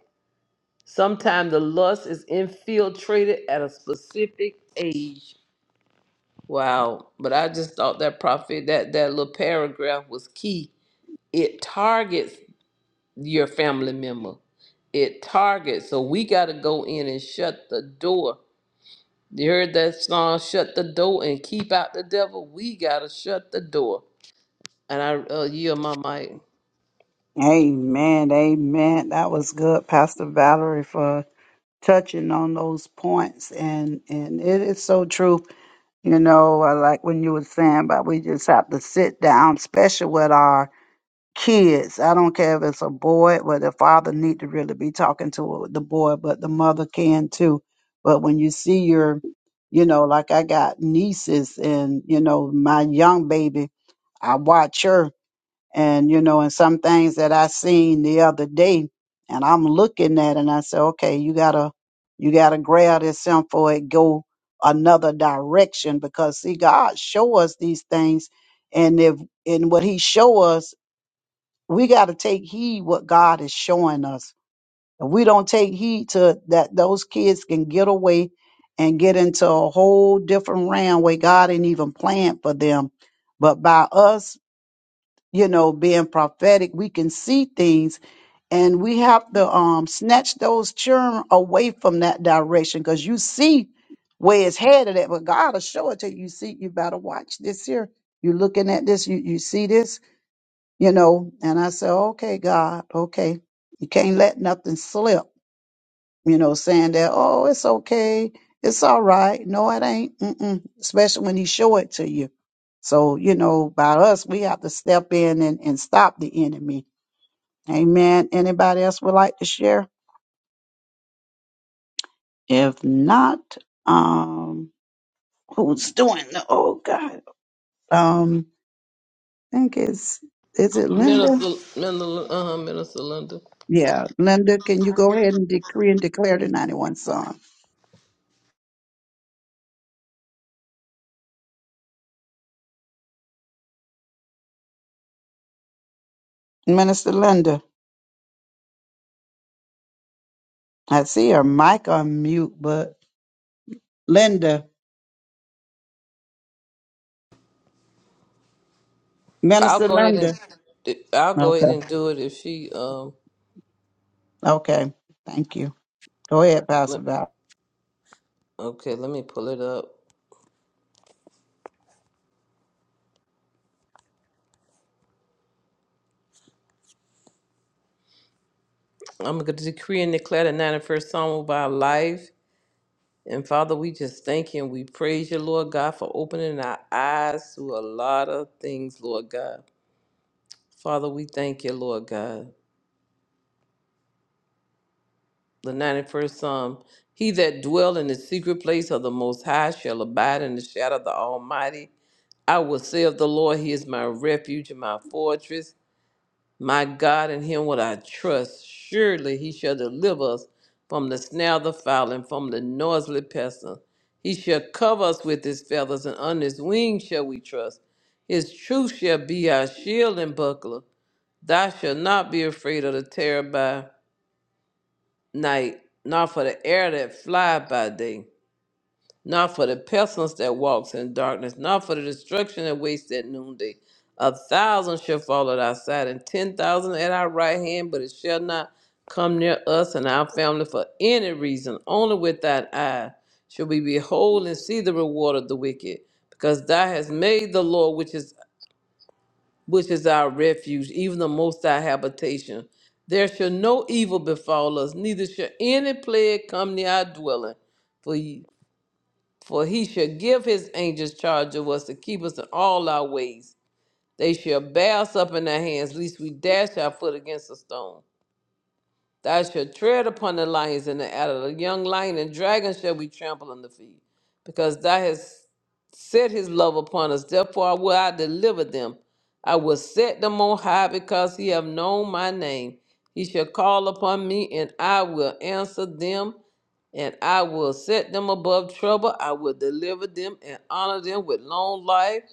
S6: Sometimes the lust is infiltrated at a specific age. Wow. But I just thought that prophet that that little paragraph was key it targets your family member. It targets. So we got to go in and shut the door. You heard that song, Shut the Door and Keep Out the Devil? We got to shut the door. And I uh, yield my mic.
S1: Amen. Amen. That was good, Pastor Valerie, for touching on those points. And and it is so true. You know, I like when you were saying about we just have to sit down, especially with our kids. I don't care if it's a boy, but the father need to really be talking to the boy, but the mother can too. But when you see your, you know, like I got nieces and, you know, my young baby, I watch her and you know, and some things that I seen the other day, and I'm looking at, it and I say, okay, you gotta, you gotta grab this something for it go another direction because see, God show us these things, and if in what He show us, we gotta take heed what God is showing us. If we don't take heed to that, those kids can get away and get into a whole different realm where God ain't even planned for them. But by us you know, being prophetic, we can see things and we have to um snatch those children away from that direction because you see where it's headed at, but God will show it to you. You see, you better watch this here. you looking at this, you, you see this, you know, and I said, Okay, God, okay. You can't let nothing slip you know, saying that, oh, it's okay, it's all right. No, it ain't. Mm-mm. Especially when he show it to you. So, you know, by us, we have to step in and, and stop the enemy. Amen. Anybody else would like to share? If not, um, who's doing the, oh God, um, I think it's, is it Linda?
S6: Minister, Minister, uh, Minister Linda.
S1: Yeah. Linda, can you go ahead and decree and declare the 91 song? Minister Linda, I see her mic on mute, but Linda.
S6: I'll
S1: Minister
S6: go ahead
S1: Linda.
S6: and I'll go
S1: Okay.
S6: ahead and do it if she um
S1: Okay. Thank you. Go ahead, Pastor
S6: let,
S1: Val.
S6: okay, let me pull it up. I'm gonna decree and declare the 91st Psalm over our life And Father, we just thank you and we praise you, Lord God, for opening our eyes to a lot of things, Lord God. Father, we thank you, Lord God. The 91st Psalm He that dwell in the secret place of the Most High shall abide in the shadow of the Almighty. I will say of the Lord, He is my refuge and my fortress. My God, in him will I trust. Surely he shall deliver us from the snare of the fowl and from the noisily pestilence. He shall cover us with his feathers, and under his wings shall we trust. His truth shall be our shield and buckler. Thou shalt not be afraid of the terror by night, nor for the arrow that fly by day not for the pestilence that walks in darkness, not for the destruction that wastes at noonday. A thousand shall fall at our side, and ten thousand at our right hand, but it shall not come near us and our family for any reason. Only with thine eye shall we behold and see the reward of the wicked, because thou hast made the Lord, which is which is our refuge, even the most high habitation. There shall no evil befall us, neither shall any plague come near our dwelling. For he shall give his angels charge of us to keep us in all our ways. They shall bear us up in their hands, lest we dash our foot against a stone. Thou shalt tread upon the lions and the adder, the young lion and dragon shall we trample on the feet, because thou hast set his love upon us. Therefore will I deliver them. I will set them on high because he have known my name. He shall call upon me, and I will answer them, and I will set them above trouble. I will deliver them and honor them with long life.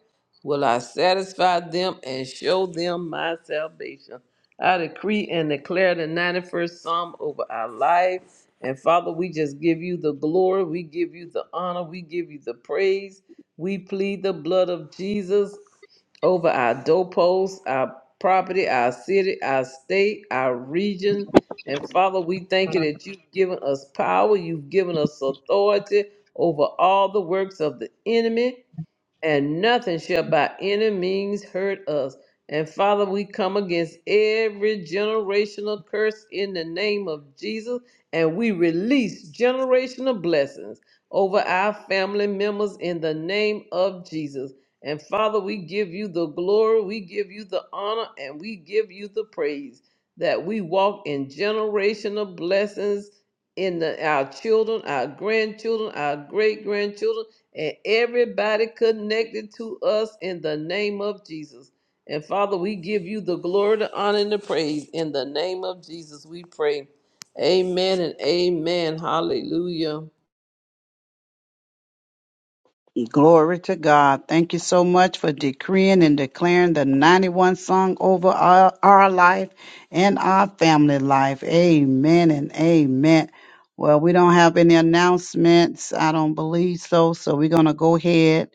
S6: Will I satisfy them and show them my salvation? I decree and declare the 91st Psalm over our life. And Father, we just give you the glory. We give you the honor. We give you the praise. We plead the blood of Jesus over our doorposts, our property, our city, our state, our region. And Father, we thank you that you've given us power, you've given us authority over all the works of the enemy and nothing shall by any means hurt us. And Father, we come against every generational curse in the name of Jesus, and we release generational blessings over our family members in the name of Jesus. And Father, we give you the glory, we give you the honor, and we give you the praise that we walk in generational blessings in the, our children, our grandchildren, our great grandchildren and everybody connected to us in the name of Jesus. And Father, we give you the glory, the honor, and the praise. In the name of Jesus, we pray. Amen and amen. Hallelujah.
S1: Glory to God. Thank you so much for decreeing and declaring the 91 song over our, our life and our family life. Amen and amen. Well, we don't have any announcements. I don't believe so. So we're going to go ahead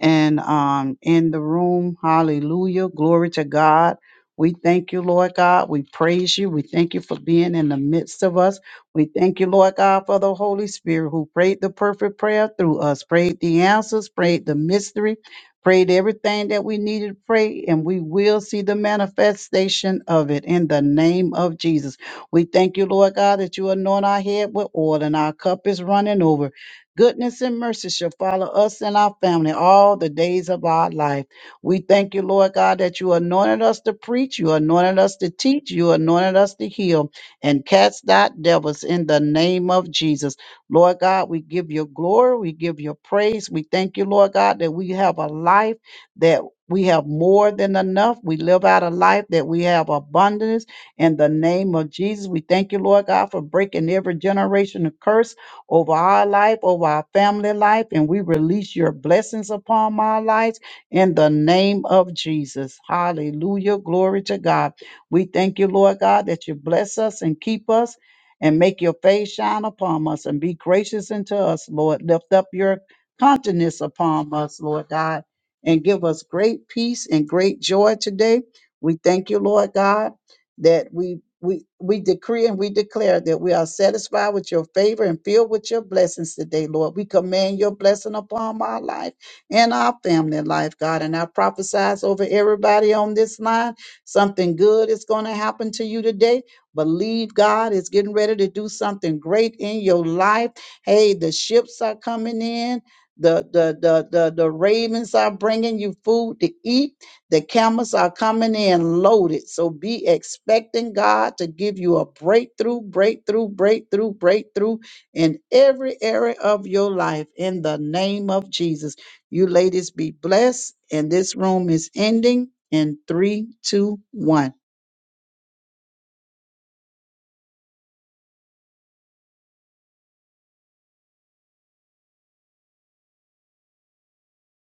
S1: and um, in the room. Hallelujah. Glory to God. We thank you, Lord God. We praise you. We thank you for being in the midst of us. We thank you, Lord God, for the Holy Spirit who prayed the perfect prayer through us, prayed the answers, prayed the mystery, prayed everything that we needed to pray, and we will see the manifestation of it in the name of Jesus. We thank you, Lord God, that you anoint our head with oil and our cup is running over. Goodness and mercy shall follow us and our family all the days of our life. We thank you, Lord God, that you anointed us to preach, you anointed us to teach, you anointed us to heal, and cast out devils in the name of Jesus. Lord God, we give you glory, we give you praise. We thank you, Lord God, that we have a life that we have more than enough. We live out a life that we have abundance in the name of Jesus. We thank you, Lord God, for breaking every generation of curse over our life, over our family life, and we release your blessings upon my lives in the name of Jesus. Hallelujah. Glory to God. We thank you, Lord God, that you bless us and keep us and make your face shine upon us and be gracious unto us, Lord. Lift up your countenance upon us, Lord God, and give us great peace and great joy today. We thank you, Lord God, that we we we decree and we declare that we are satisfied with your favor and filled with your blessings today, Lord. We command your blessing upon my life and our family life, God. And I prophesize over everybody on this line. Something good is going to happen to you today. Believe God is getting ready to do something great in your life. Hey, the ships are coming in. The, the the the the ravens are bringing you food to eat the cameras are coming in loaded. So be expecting God to give you a breakthrough, breakthrough, breakthrough, breakthrough in every area of your life in the name of Jesus. You ladies be blessed. And this room is ending in three, two, one.